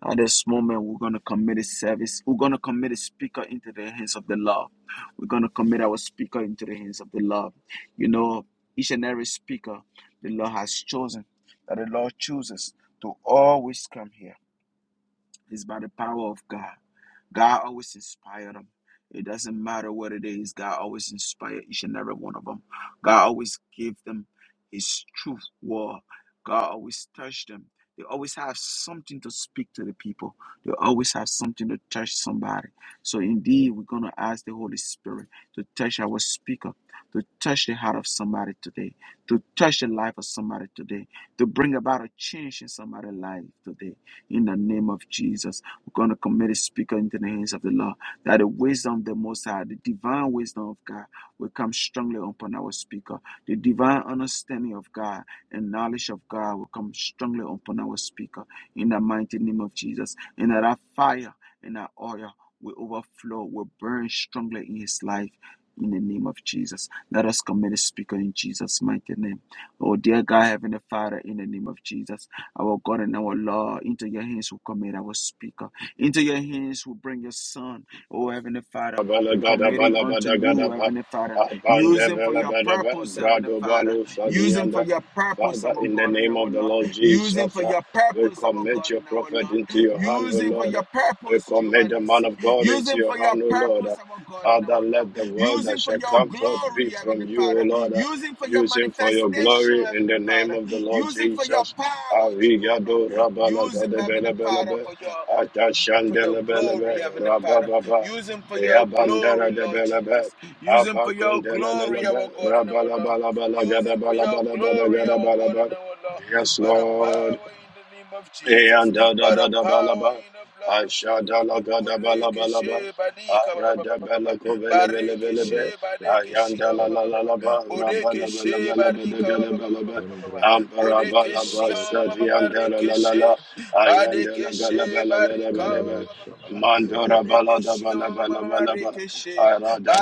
A: At this moment, we're going to commit a service. We're going to commit a speaker into the hands of the Lord. We're going to commit our speaker into the hands of the Lord. You know, each and every speaker the Lord has chosen, that the Lord chooses to always come here, is by the power of God. God always inspired them. It doesn't matter what it is, God always inspired each and every one of them. God always gave them His truth word. God always touched them. They always have something to speak to the people. They always have something to touch somebody. So indeed, we're gonna ask the Holy Spirit to touch our speaker, to touch the heart of somebody today, to touch the life of somebody today, to bring about a change in somebody's life today. In the name of Jesus. We're going to commit the speaker into the hands of the Lord. That the wisdom of the Most High, the divine wisdom of God, will come strongly upon our speaker. The divine understanding of God and knowledge of God will come strongly upon our speaker. In the mighty name of Jesus. And that our fire and our oil will overflow, will burn strongly in his life. In the name of Jesus. Let us commit the speaker in Jesus' mighty name. Oh, dear God, Heavenly Father, in the name of Jesus, our God and our Lord, into your hands we commit our speaker. Into your hands we bring your son, oh Heavenly Father.
C: Abala
A: We
C: gada
A: commit him
C: bala
A: unto
C: bada gada
A: you,
C: ba.
A: Heavenly Father.
C: Abande
A: Use him for
C: vela
A: your
C: bada ba.
A: purpose, Heavenly
C: Brado
A: Father.
C: balo
A: Use him for
C: sadianda.
A: your purpose,
C: Father,
A: our
C: in the
A: God and
C: name
A: our
C: of the
A: Lord.
C: Lord
A: Use him
C: Jesus,
A: for
C: uh,
A: your
C: we
A: purpose, our
C: commit
A: God
C: your
A: and our
C: prophet
A: Lord.
C: into your hand, O
A: Use him for
C: Lord. Uh,
A: your
C: We
A: purpose, Jehovah
C: commit the man
A: Nissi.
C: of God
A: Use
C: into
A: him
C: your
A: for your
C: hand, O Lord. Uh,
A: purpose, our God and
C: Father,
A: our Lord.
C: let the word
A: Use
C: that
A: him for
C: shall
A: your
C: come forth be
A: glory,
C: from
A: Heavenly
C: you, O
A: Father.
C: Lord. Uh,
A: Use him for your
C: Use him for your
A: manifestation,
C: glory in
A: Heavenly
C: the name
A: Father.
C: of the Lord
A: Use him for your
C: Jesus.
A: power, Jehovah.
C: Avigado rabala
A: Use him,
C: gada
A: Heavenly
C: bela bela
A: Father,
C: be.
A: for your for your
C: Atashandela bela
A: glory,
C: be.
A: Heavenly Father.
C: Rabababa.
A: Use him for your glory, Lord
C: Yabandaradebalaba,
A: Jesus. Use him for your glory,
C: Apakondelelelebe,
A: our God and our Lord. Use him for your glory, our God
C: Rabalabalabalagadabalabalabalagadabalaba.
A: and our Lord.
C: Yes,
A: By the
C: Lord.
A: power in the name of Jesus.
C: Eanda da
A: By the
C: da da
A: power
C: ba,
A: in the blood of Jesus.
C: ashada la
A: Boreke
C: Gadabalaba,
A: she badika ba ba ba ba
C: arada
A: ba ba ba.
C: Belaco
A: Bareke
C: Velebelebe,
A: she badeke
D: Osaka
A: she
C: Ayanda
A: ba
C: la
A: ba ba
C: la
A: ba
D: Braga
A: ba
C: la
A: ba.
C: la ba,
A: Bodeke
C: rabala
A: she barika ba ba ba ba ba ba ba
C: Eyandadadadabalaba,
A: ba.
C: Ashadalagadabalaba, Aradabalakovelevelebe, Ayandalalalaba, Rabalabalabalabalagadabalabe,
D: Hembrakata
A: Bodeke
D: Sada
A: she
C: Ambarabalaba,
A: ma
D: Braga
A: ma ma ma ma
D: Dabadaba
A: reke she.
C: Satiandalalala,
A: Badekeshe barika
C: Ayandalabalabalabalabalabe.
A: ba-
D: Felero
A: ba- ba- ba- ba-
D: Shasta
A: ba.
C: Mandora
D: Bragadera
C: balada
A: Bodekeshe ma-
C: bala da
A: ma- ma-
C: bala bala
A: ma- ma-
C: bala ba.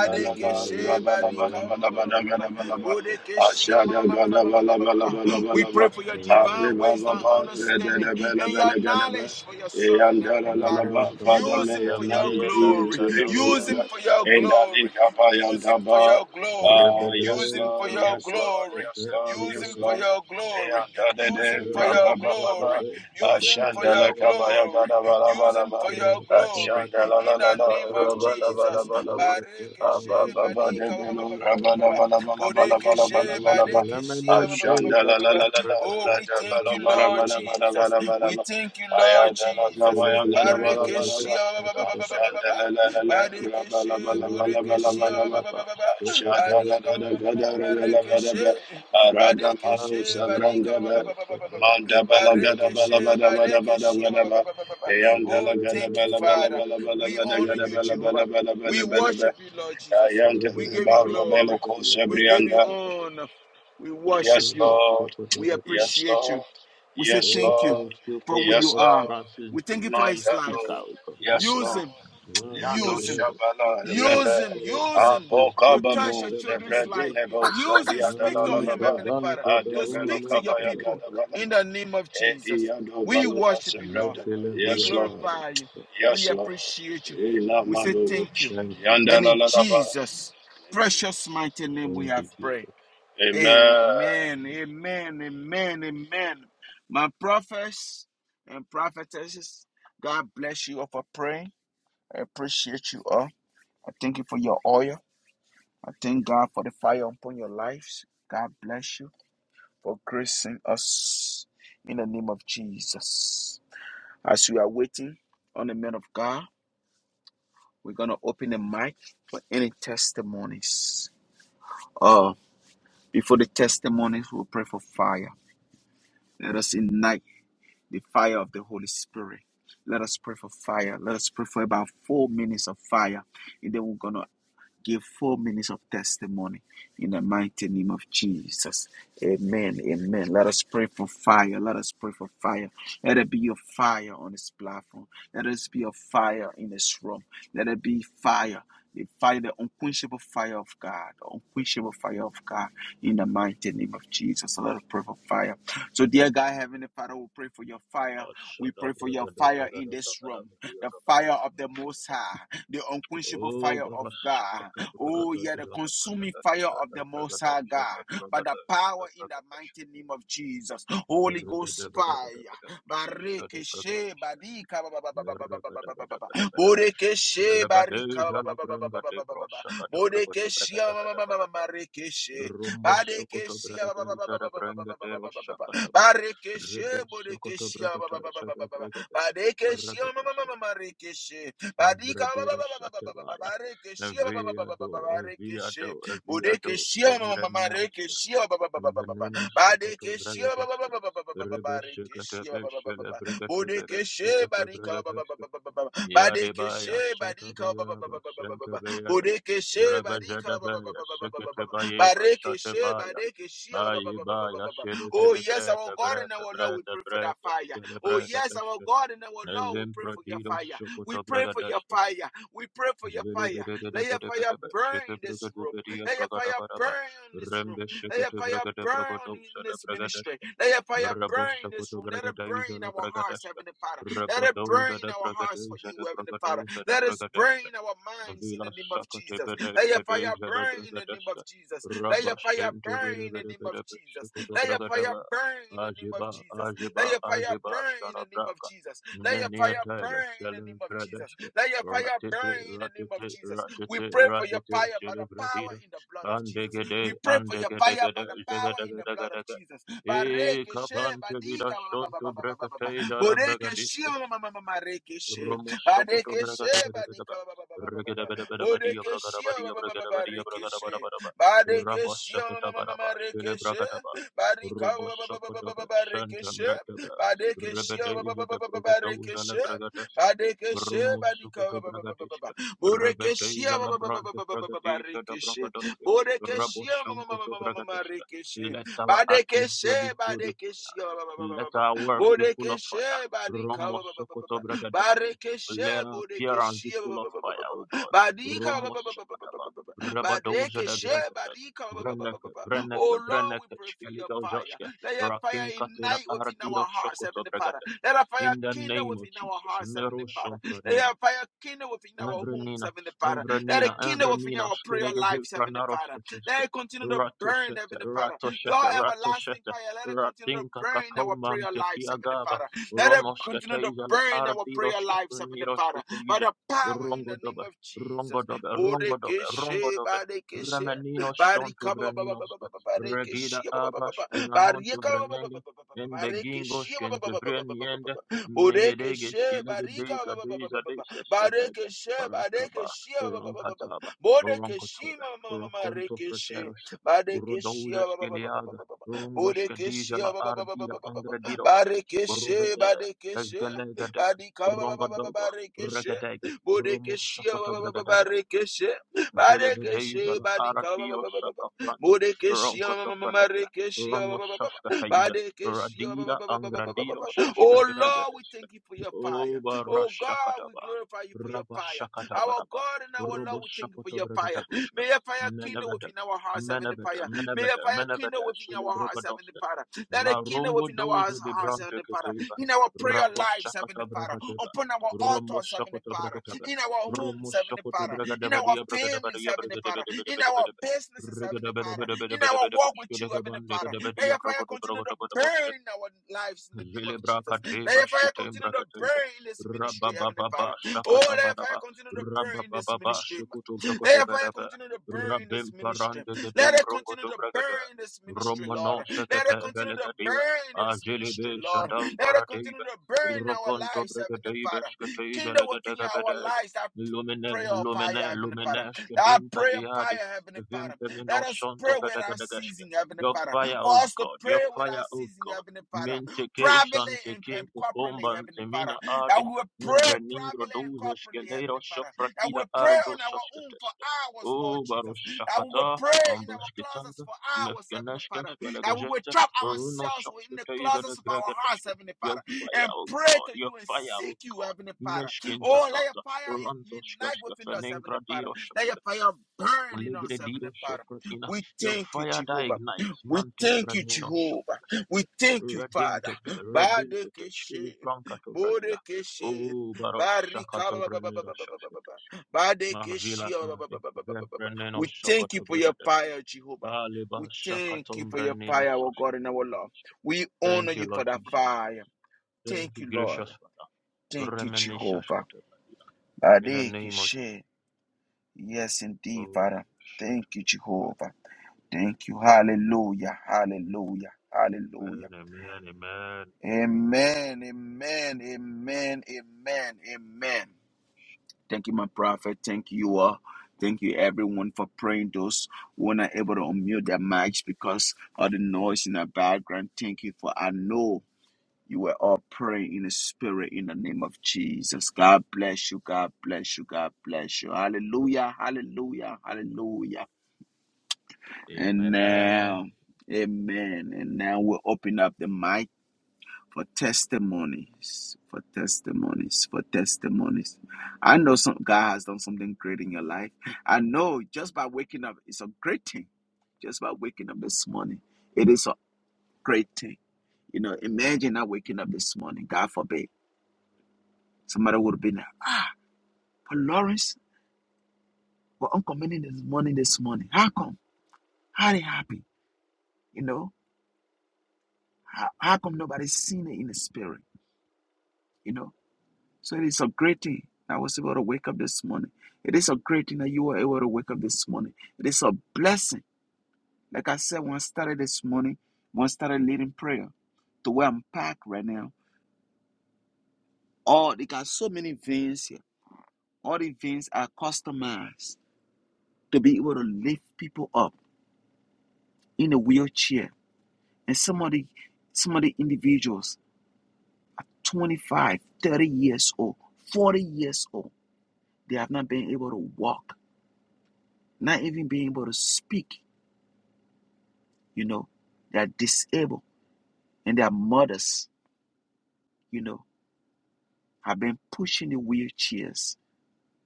C: la la la
D: Kaba
C: ra bala bala
A: barika
D: Yibaya
A: ba-
C: bala
A: ba- ba- ba- ba-
C: bala
A: ba-
C: gada
A: ba.
C: bala
D: Felimanero
C: ba.
D: Shasta
A: Bodekeshe
C: Asha
A: ma- ma- ma- ma- ma-
C: gada bala bala bala
A: We
C: bala ba.
A: pray for your
C: Akre
A: divine
D: Felero
C: ba ba
A: wisdom,
C: ba
D: Shasta
C: re de
A: understanding,
C: de
D: Bragada
C: bele
A: and your
C: bele
D: Badasta
C: gada ba.
A: knowledge for your
C: Eyan
A: servant, Heavenly
C: la la la
A: Father.
D: Ah
C: ba. Father,
A: Use
C: may
A: him
C: your
D: Vanta
A: for your
C: knowledge
D: Mania
C: be
A: glory.
D: Tabira
C: into him,
D: Dauja
A: Use
C: O Lord.
A: him for
D: Dasta
A: your
C: And I link
A: glory.
C: up
A: Use him for
C: ba.
A: your glory.
C: Oh, yes,
A: Use him
D: Rebede
A: for
C: Lord,
A: your
C: yes, Lord,
D: Galavante
A: glory.
C: yes, Lord,
A: Use
C: yes,
A: him for
D: Kabaya
C: Lord.
A: your glory.
C: Eyan da de
A: Use him
C: de
A: for
C: ra
D: Rebede
C: ba
A: your
C: ba ba
A: glory.
D: Rebede
A: Use him for
D: Rebede
C: Ashanda la
A: your
D: Rebede
C: kabaya
A: glory.
C: gada bala
A: Use
C: bala
A: him for
D: Rabba
A: your glory.
C: Shanda la la
A: In
C: la
A: the
C: la,
A: name of
C: raba la ba la
A: Jesus.
C: ba la
A: Bareke
C: ba,
A: she
C: ba ba ba de
A: badika ba- ba-
C: belo,
A: ba- ba- ba- ba-
C: raba
A: ba-
C: la
A: ba.
C: ba la ba la ba la ba
A: Boreke
C: la ba
A: she
C: la ba la ba,
A: bareke she
C: Shanda la la la la la,
A: Oh, we
C: raja ba
A: thank you,
C: la ba la
A: Lord
C: ba la ba
A: Jesus.
C: la ba la ba la
A: We
C: ba,
A: thank you, Lord
C: ayada la la ba
A: Jesus.
C: ya ga da ba la
A: Bareke
C: ba la
A: she
C: ba,
A: ba- ba- ba- ba- ba- ba- ba- ba-
C: Shanda la la
A: ba.
C: la la,
A: Bareke
C: raba la ba
A: she
C: la ba la ba
A: boreke
C: la
A: she
C: ba la
A: ba-
C: ba,
A: ba- ba- ba- ba- ba.
C: Shada
A: Baria
C: da
A: ka
C: da
A: ma-
C: da ga da raba la ba da
A: she.
C: ba, arada malo sabranda
A: badika
C: ba, manda ba la ga da ba la ba
A: Barekeshe,
C: da ba da ba da
A: barekeshe,
C: ba
A: ba-
C: da
A: ba-
C: ba.
A: ba- ba- ba- ba- Oh,
C: Ayantala gada
A: thank you,
C: bala bala
A: Father.
C: bala bala
A: We
C: bala
A: honor
C: gada
A: you,
C: bala bala
A: Jehovah.
C: bala
A: We
C: bala bala bala.
A: worship you, Lord Jesus.
D: Oh,
A: We
C: Ayantala
A: give you
C: baromelo
A: glory. We give you
C: kosebrianda.
A: honor. We worship
C: Yes,
A: you.
C: Lord.
A: We
C: Yes,
A: appreciate
C: Lord.
A: you. We say
C: Yes,
A: thank you
C: Lord.
D: thank you
A: for
D: for
A: who
D: the
C: Yes,
A: you
D: of
A: are.
C: Lord.
D: Francis
A: We thank you
D: giving
A: for
D: you
A: his life.
D: speaker.
C: Mandado.
D: O God.
C: Yes,
A: Use
C: Lord.
A: him.
D: Man, her
C: Yado
A: Use him.
D: brother,
C: shabala
D: Thank
C: reve.
A: Use
D: you
A: him,
D: for Lord
A: use him
D: Francis
C: Amboka
A: to
D: giving your
A: touch your
C: kababo
D: servants,
A: children's
D: O
A: life.
D: God.
C: zevredine bo
A: Use him,
C: sariada
A: speak
C: la
A: to
C: la
D: Ah,
C: la
A: him,
C: ba.
A: Heavenly Father,
D: Savante
A: to
C: Adebelo
A: speak to
D: Berumano
A: your
C: kabaya
A: people
C: gada
D: Sakataba.
C: bala
A: in
C: ba.
A: the name of
C: Edi
A: Jesus.
C: yado
A: We
C: balu ba
A: worship you, Lord.
C: sevrada
D: Mefile
A: We
C: Yes, Lord.
D: Biataba.
A: glorify you.
C: Yes,
A: We
C: Lord.
A: appreciate you.
C: Ila
A: We say
C: madobo
A: thank you.
D: Thank
C: shadi.
D: you,
C: yanda
A: And
C: la
A: in
D: Jesus.
C: la Yandalalaba.
A: Jesus' precious mighty name we
D: Thank
A: have
D: you,
A: prayed.
D: Jesus.
C: Amen.
A: Amen, amen, amen, amen. My prophets and prophetesses, God bless you all for praying. I appreciate you all. I thank you for your oil. I thank God for the fire upon your lives. God bless you for gracing us in the name of Jesus. As we are waiting on the man of God, we're going to open the mic for any testimonies. Uh, before the testimonies, we'll pray for fire. Let us ignite the fire of the Holy Spirit. Let us pray for fire. Let us pray for about four minutes of fire. And then we're going to give four minutes of testimony in the mighty name of Jesus. Amen. Amen. Let us pray for fire. Let us pray for fire. Let it be a fire on this platform. Let us be a fire in this room. Let it be fire. The fire, the unquenchable fire of God, the unquenchable fire of God in the mighty name of Jesus. So Let us pray for fire. So, dear God, Heavenly Father, we pray for your fire.
D: Oh,
A: We
D: shut
A: pray
D: up,
A: for
D: brother,
A: your
D: brother, brother,
A: fire in
D: brother,
A: this
D: brother,
A: room,
D: brother.
A: the
D: brother.
A: fire of the Most High, the unquenchable
D: Oh,
A: fire of God.
D: barashakata
A: Oh,
D: brakata
A: yeah, the
D: ilana
A: consuming
D: brakata
A: fire of
D: shada
A: the Most
D: brakata
A: High God.
D: shada
A: By the
D: brakata shada
A: power in the
D: brakata
A: mighty
D: shada
A: name of Jesus. Holy
D: rebeda
A: Ghost fire.
D: beda beda beda beda shada
A: Barekeshe
D: brakata shada
A: barika
D: merebeda beda beda beda beda
A: Borekeshe
D: rebede
A: barika
D: jala brakate brashakata brakata
A: Borekeshe
D: brakata
A: ma-
D: beda beda beda rombo sokoto
A: Barekeshe
D: brakata shada brakate roshakata ba
A: Barekeshe
D: rebo sokoto
A: borekeshe
D: brakata shada brakata
A: Barekeshe ma-
D: shada
A: Badika ba- ba-
D: Bradero
A: ba- ba- ba- ba- ba- ba-
D: Shatevaya,
A: barekeshe, ba- ba- ba- ba- ba- ba- ba-
D: Viado,
A: barekeshe.
D: Viado, Viado,
A: Bodekeshe, ma- ma- ma-
D: Sombraniasta,
A: marekeshe, ba- ba- ba- ba- ba- ba- ba-
D: Benino Sokoto
A: badekeshe, ba- ba- ba-
D: Bragadesta,
A: ba- ba- ba- ba- ba- ba-
D: Rebe
A: barekeshe, ba-
D: Shikatabe,
A: ba- ba- ba- ba- ba-
D: Shelebricatabe,
A: bodekeshe, barika, ba- ba- ba-
D: Shikatabragadesta,
A: ba- ba- ba- ba- ba- badekeshe,
D: Yadebaya,
A: barika, ba- ba- ba-
D: Sotabayaba,
A: ba- ba-
D: Sentabayada,
A: barika, ba- ba- ba-
D: Rabajadabaya,
A: ba-
D: Sikatabayaba, Satabaya, Ayibaya,
A: Oh, yes, our
D: Shelebelebreta,
A: God and
D: Breta,
A: our Lord, we
D: Breta,
A: pray for that
D: Breta,
A: fire. Oh, yes, our
D: Shelebragadeska,
A: God and our Lord, we
D: Elim
A: pray for your
D: Pradido
A: fire. We
D: Sokoto
A: pray for your
D: Bragadeska,
A: fire. We pray
D: Rabadouza
A: for your fire. Let your fire burn in this room. Let your fire burn in this room. Let your fire burn in this ministry. Let your fire burn in this room. Let it burn in our hearts, Heavenly Father. Let it burn in our hearts for you, Heavenly Father. Let us burn in our minds in
D: Vila
A: the name of
D: Sakati
A: Jesus.
D: Bede
A: Let your fire
D: Kadeja de
A: burn in the name of
D: Bragadeska
A: Jesus. Let your fire
D: Rabashin to
A: burn
D: Bede
A: in the
D: Bede
A: name of
D: Bede
A: Jesus.
D: Shikuto
A: Let your fire
D: Bragadeva
A: burn in the name of
D: Ajiba
A: Jesus. Let
D: Ajiba
A: your fire
D: Ajiba
A: burn in
D: Stana
A: the name of
D: Braka
A: Jesus. Let your
D: Menia
A: fire
D: Tebe
A: burn in the
D: Selim
A: name of Jesus.
D: Fredeska
A: Let your fire
D: Ratete
A: burn in the name of
D: Ratete
A: Jesus. We
D: Ratete
A: pray for your
D: Ratete
A: fire by the power
D: Celebradida
A: in the blood of Jesus. We
D: Andegede
A: pray for your fire
D: Andegedegede
A: by the power in the blood of
D: Zegadegedegedege
A: Jesus.
D: E
A: Bareke she
D: Kapan to Vida
A: badika ba
D: Shon
A: ba ba ba
D: to
A: ba ba ba ba ba. Boreke
D: Brekateja
A: mama mama reke she.
D: Romoshokoto
A: Bareke she badika
D: Bragadabadabadaba,
A: ba ba ba ba ba ba
D: Regadabadabadabadi,
A: Boreke shio
D: Abragadabadi,
A: ba ba ba
D: Abragadabadi,
A: she.
D: Abragadabadabadaba,
A: Bareke shio mama mama
D: Raboshokotabaraba,
A: mama reke she.
D: Shelebragadaba,
A: Barika ba ba ba ba ba ba
D: Roboshokodaba,
A: she.
D: Shantamrataba,
A: Bareke shio ba ba ba
D: Rebedeza
A: ba
D: de
A: ba ba ba reke
D: Brogodoza la
A: she.
D: Bragadaska,
A: Bareke she badika ba
D: Romosokoto
A: ba ba ba ba ba ba.
D: Bragadiska,
A: Boreke shio
D: Rebedeza
A: ba
D: la
A: ba ba
D: Brante Bragadisha da
A: she.
D: Bragadoska,
A: Boreke mama mama
D: Raboshankoto
A: mama mama
D: Bragadeska.
A: reke she.
D: Let our
A: Badeke she
D: atmosphere be filled with fire. Let our works be full of fire.
A: Bodekeshe badika ba- ba- ba- ba- ba- ba.
D: Romoshokotobragadashka.
A: Barekeshe
D: Let our appearance be
A: bodekeshe ba-
D: full of
A: ba- ba- ba- ba-
D: fire,
A: ba-
D: O
A: ba.
D: God.
A: Badika ba- ba- ba- ba- ba- ba- ba-
D: Romoshakataba.
A: ba- ba- ba.
D: Rabadoza da
A: Badekeshe
D: Gregata.
A: badika ba- ba- ba- ba-
D: Vreneke,
A: ba- Oh
D: Vreneke,
A: Lord, we
D: Vreneke,
A: pray for your
D: Shkeligo
A: fire.
D: Joshka.
A: Let your fire
D: Rakin Katila
A: ignite within
D: Ardiro
A: our hearts, Heavenly Father.
D: Shokotobragadashka.
A: Let our fire
D: In the
A: kindle
D: name of
A: within our
D: Jesus.
A: hearts, Heavenly
D: Meru
A: Father. Let
D: Sonfranina.
A: our fire kindle within our homes,
D: Evrenina,
A: Heavenly Father. Let it
D: Evrenina,
A: kindle within
D: Evrenina,
A: our prayer
D: Skilegazil
A: lives, Heavenly Father. Let
D: Pranarosteteske,
A: it continue to burn,
D: Ratosete,
A: Heavenly Father. Your
D: Ratosete,
A: everlasting
D: Ratosete,
A: fire, let it continue to
D: Ratinka
A: burn in our prayer
D: Kakomante
A: lives, Heavenly
D: Kiagaba,
A: Father. Let it continue
D: Ronoskete
A: to
D: Izala,
A: burn in our prayer
D: Ardiroske,
A: lives, Heavenly Father.
D: Preniroskete
A: By
D: Ize,
A: the power in the name
D: Rongodobe,
A: of Jesus.
D: Rongodobe, Rongodobe,
A: Bodekeshe,
D: Rongodobe,
A: badekeshe,
D: Remenino Shontu
A: barika, ba- ba- ba- ba- ba-
D: Vreninoske,
A: ba- ba-
D: Regida
A: barekeshe, ba- ba- ba- ba- ba-
D: Abashkina Nontu
A: barika, ba- ba- ba- ba- ba- ba-
D: Vrenenge,
A: ba- ba-
D: Ende
A: barekeshe, ba-
D: Gingoske,
A: ba- ba- ba- ba- ba- ba- ba- ba-
D: Vreniende,
A: ba-
D: Megedege,
A: Bodekeshe, barika,
D: Skilegade,
A: ba- ba- ba- ba- ba- ba- ba-
D: Kadeza,
A: barekeshe,
D: Barakaba,
A: barekeshe, ba- ba- ba- ba- ba- ba-
D: Rankataba, Rankotoba,
A: Bodekeshima
D: Rakonto
A: mama
D: Preteroshka,
A: Barikishia
D: Urodojas Giliaga, Rungoshka
A: Bodekeshia
D: Dijala Ardira Angradiroshka,
A: Barikeshe
D: Uruvede,
A: Badekeshe
D: Evgalegade,
A: Badika
D: Rongodogo,
A: Barikeshe
D: Regatega,
A: Bodekeshia
D: Rumusokota
A: Barikeshe
D: Zelebedeja
A: Badekeshe
D: la Aratiro
A: Badika
D: Shaka Frante, Ronkoto
A: Bodekeshia
D: Prakata, Rono
A: Marikeshia
D: Shashka Taiza,
A: Badekeshia
D: Radira Angradiro Shashka
A: Oh Lord, we
D: Dregadeska,
A: thank you for your fire.
D: Oba
A: Oh God, we
D: Rashakataba,
A: glorify you for your
D: Rabba
A: fire. Our
D: Shakatabaraba,
A: God and our Lord,
D: Robo
A: we thank you for
D: Shakoto
A: your fire.
D: Bregatabushka,
A: May a fire kindle
D: Menaveda,
A: within our hearts, Heavenly
D: Menaveda,
A: Father. May a
D: Menaveda,
A: fire
D: Menaveda,
A: kindle within our hearts, Heavenly
D: Shelebrogadoska,
A: Father. Let it
D: La
A: kindle
D: Rombo
A: within our
D: Dozo
A: hearts,
D: de
A: hearts,
D: Brante
A: Heavenly Father.
D: Kateva,
A: In our prayer
D: Rabba
A: lives, Heavenly
D: Shakata
A: Father.
D: Bragateva,
A: Upon our
D: Romo
A: altars, Heavenly Father.
D: Shakota
A: In our homes, Heavenly
D: Romoshakoto
A: Father. In our
D: Bragadabadia
A: families,
D: Bragadabadia
A: Heavenly Father. In our businesses, Heavenly Father. In our walk with you, Heavenly Father. Let your fire continue to burn
D: Bragadabadia
A: in our lives in the name of Jesus. Let
D: Velebrakateba
A: your fire continue to
D: Shketebrakateba
A: burn in this ministry, Heavenly
D: Rabababa
A: Father. Oh, let your fire
D: Shakatabadaba
A: continue to burn in this
D: Rabababa
A: ministry. Let your fire
D: Shukutubrakotobadaba
A: continue to burn in this
D: Rabim
A: ministry.
D: Paranda
A: Let
D: Gedem
A: it continue to
D: Brongotobragada
A: burn in this ministry, Lord.
D: Romano
A: Let it
D: Shakata
A: continue to
D: Velegadia
A: burn in this ministry,
D: Ajilibe
A: Lord.
D: Shadam
A: Let it continue
D: Paradeba
A: to burn in our
D: Roponto
A: lives, Heavenly
D: Brigadeba
A: Father.
D: Shkateza
A: Kindle within
D: Legadega
A: our
D: Bedega
A: lives. that
D: Lumine
A: prayer of fire,
D: Lumine
A: Heavenly Father.
D: Lumine
A: Our
D: Shkadinta
A: prayer of
D: Diade
A: fire, Heavenly Father. Let
D: Vimpemino
A: us pray
D: Shonto
A: without
D: Vedegadegashke
A: ceasing, Heavenly
D: Your
A: Father.
D: fire,
A: For
D: O
A: us to
D: God,
A: pray
D: your fire,
A: without
D: O
A: ceasing,
D: God.
A: Heavenly Father.
D: Menteke
A: Privately
D: shante
A: and,
D: king
A: and
D: kukumba
A: corporately, Heavenly
D: ntemina
A: Father.
D: ade
A: That we will pray
D: nimbra ningro
A: privately and
D: doja
A: corporately,
D: shkelero
A: Heavenly Father. That we
D: shofratida
A: will
D: aro
A: pray on
D: dosha
A: our own for
D: shketeske.
A: hours, Lord
D: O baro
A: Jesus. That we will
D: shakata
A: pray in our closets
D: ambashketada
A: for hours, Heavenly
D: mefkeneshke
A: Father. That we will
D: shkelegejete
A: trap
D: runo
A: ourselves within the
D: shofrateza de
A: closets of our hearts,
D: gregeteshke.
A: Heavenly
D: Your
A: Father.
D: fire,
A: And
D: O
A: pray
D: God,
A: to
D: your
A: you and
D: fire, O
A: seek you,
D: God.
A: Heavenly Father
D: Meshkin
A: Oh, let your
D: tatata
A: fire
D: rantoshkashka
A: unite
D: shkeshke
A: within us, Heavenly
D: feninkra
A: Father.
D: diro
A: Let your
D: shoshke.
A: fire burn in
D: Legre
A: us, Heavenly
D: diro
A: Father.
D: shofratina.
A: We
D: Your
A: thank you,
D: fire that
A: Jehovah.
D: ignites
A: We
D: mante
A: thank you,
D: frenino
A: Jehovah. We thank you, Father.
D: Redentete, redentete, shkili
A: Badekeshe,
D: brankato vratia.
A: Bodekeshe,
D: O baros
A: Barika,
D: shakato
A: ba- ba- ba- ba-
D: brenero
A: ba- ba-
D: shakshkete. Ma vila
A: Badekeshe,
D: ade, vefreneno
A: We thank you
D: shakato
A: for your
D: brigadeshke.
A: fire, Jehovah.
D: Aliba
A: We thank
D: shakato
A: you for your
D: breneno
A: fire, our God and
D: shakshkete
A: our Lord.
D: brigadeshke.
A: We honor
D: Thank you,
A: you for
D: Lord
A: that
D: Jesus.
A: fire.
D: Thank
A: Thank
D: you,
A: you, Lord.
D: gracious Father.
A: Thank you,
D: Remeni
A: Jehovah.
D: shakshkete bradia. In the
A: Bareke
D: name of Jesus.
A: she. Yes, indeed,
D: Oh,
A: Father. Thank you, Jehovah. Thank you. Hallelujah. Hallelujah. Hallelujah. Amen. Amen. Amen. Amen. Amen. Thank you, my prophet. Thank you all. Thank you, everyone, for praying. Those who are not able to unmute their mics because of the noise in the background. Thank you for I know You were all praying in the spirit in the name of Jesus. God bless you. God bless you. God bless you. Hallelujah. Hallelujah. Hallelujah.
D: Amen,
A: And
D: amen,
A: now, amen. And now we'll open up the mic for testimonies. For testimonies. For testimonies. I know some God has done something great in your life. I know just by waking up, it's a great thing. Just by waking up this morning, it is a great thing. You know, imagine not waking up this morning. God forbid. Somebody would have been like, but Lawrence, what Uncle Manny is morning this morning. How come? How they happy? You know? How, how come nobody's seen it in the spirit? You know? So it is a great thing that I was able to wake up this morning. It is a great thing that you were able to wake up this morning. It is a blessing. Like I said, when I started this morning, when I started leading prayer, to where I'm packed right now, Oh, they got so many veins here. All the veins are customized to be able to lift people up in a wheelchair And some of the some of the individuals, 25, 30 years old, 40 years old, they have not been able to walk, not even being able to speak, you know. They are disabled and their mothers, you know, have been pushing the wheelchairs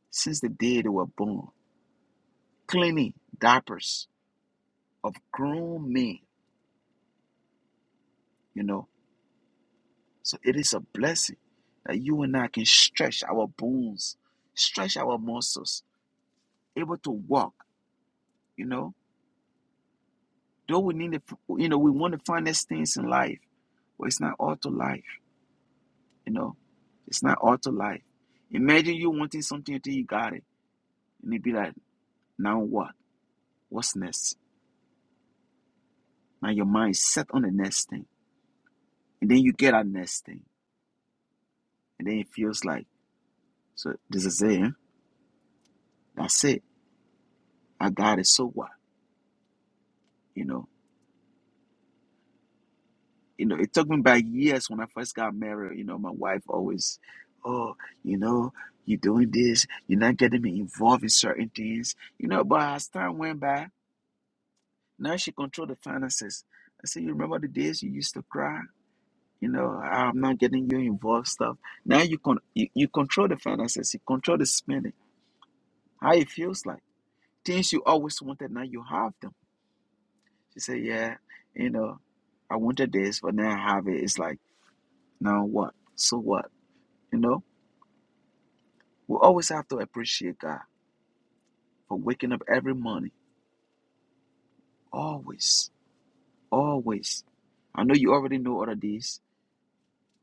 A: since the day they were born, cleaning diapers of grown men, you know. So it is a blessing that you and I can stretch our bones, stretch our muscles, able to walk, you know Though we need to, you know, we want to find these things in life, but it's not all to life, you know. It's not all to life. Imagine you wanting something until you got it, and it be like, now what? What's next? Now your mind is set on the next thing, and then you get that next thing, and then it feels like, so this is it. Huh? That's it. I got it. So what? You know. you know, it took me back years when I first got married. You know, my wife always, oh, you know, you're doing this, you're not getting me involved in certain things. You know, but as time went by, now she controlled the finances. I said, you remember the days you used to cry? You know, I'm not getting you involved stuff. Now you con you, you control the finances, you control the spending, how it feels like. Things you always wanted, now you have them. She said, Yeah, you know, I wanted this, but now I have it. It's like, now what? So what? You know? We always have to appreciate God for waking up every morning. Always. Always. I know you already know all of this,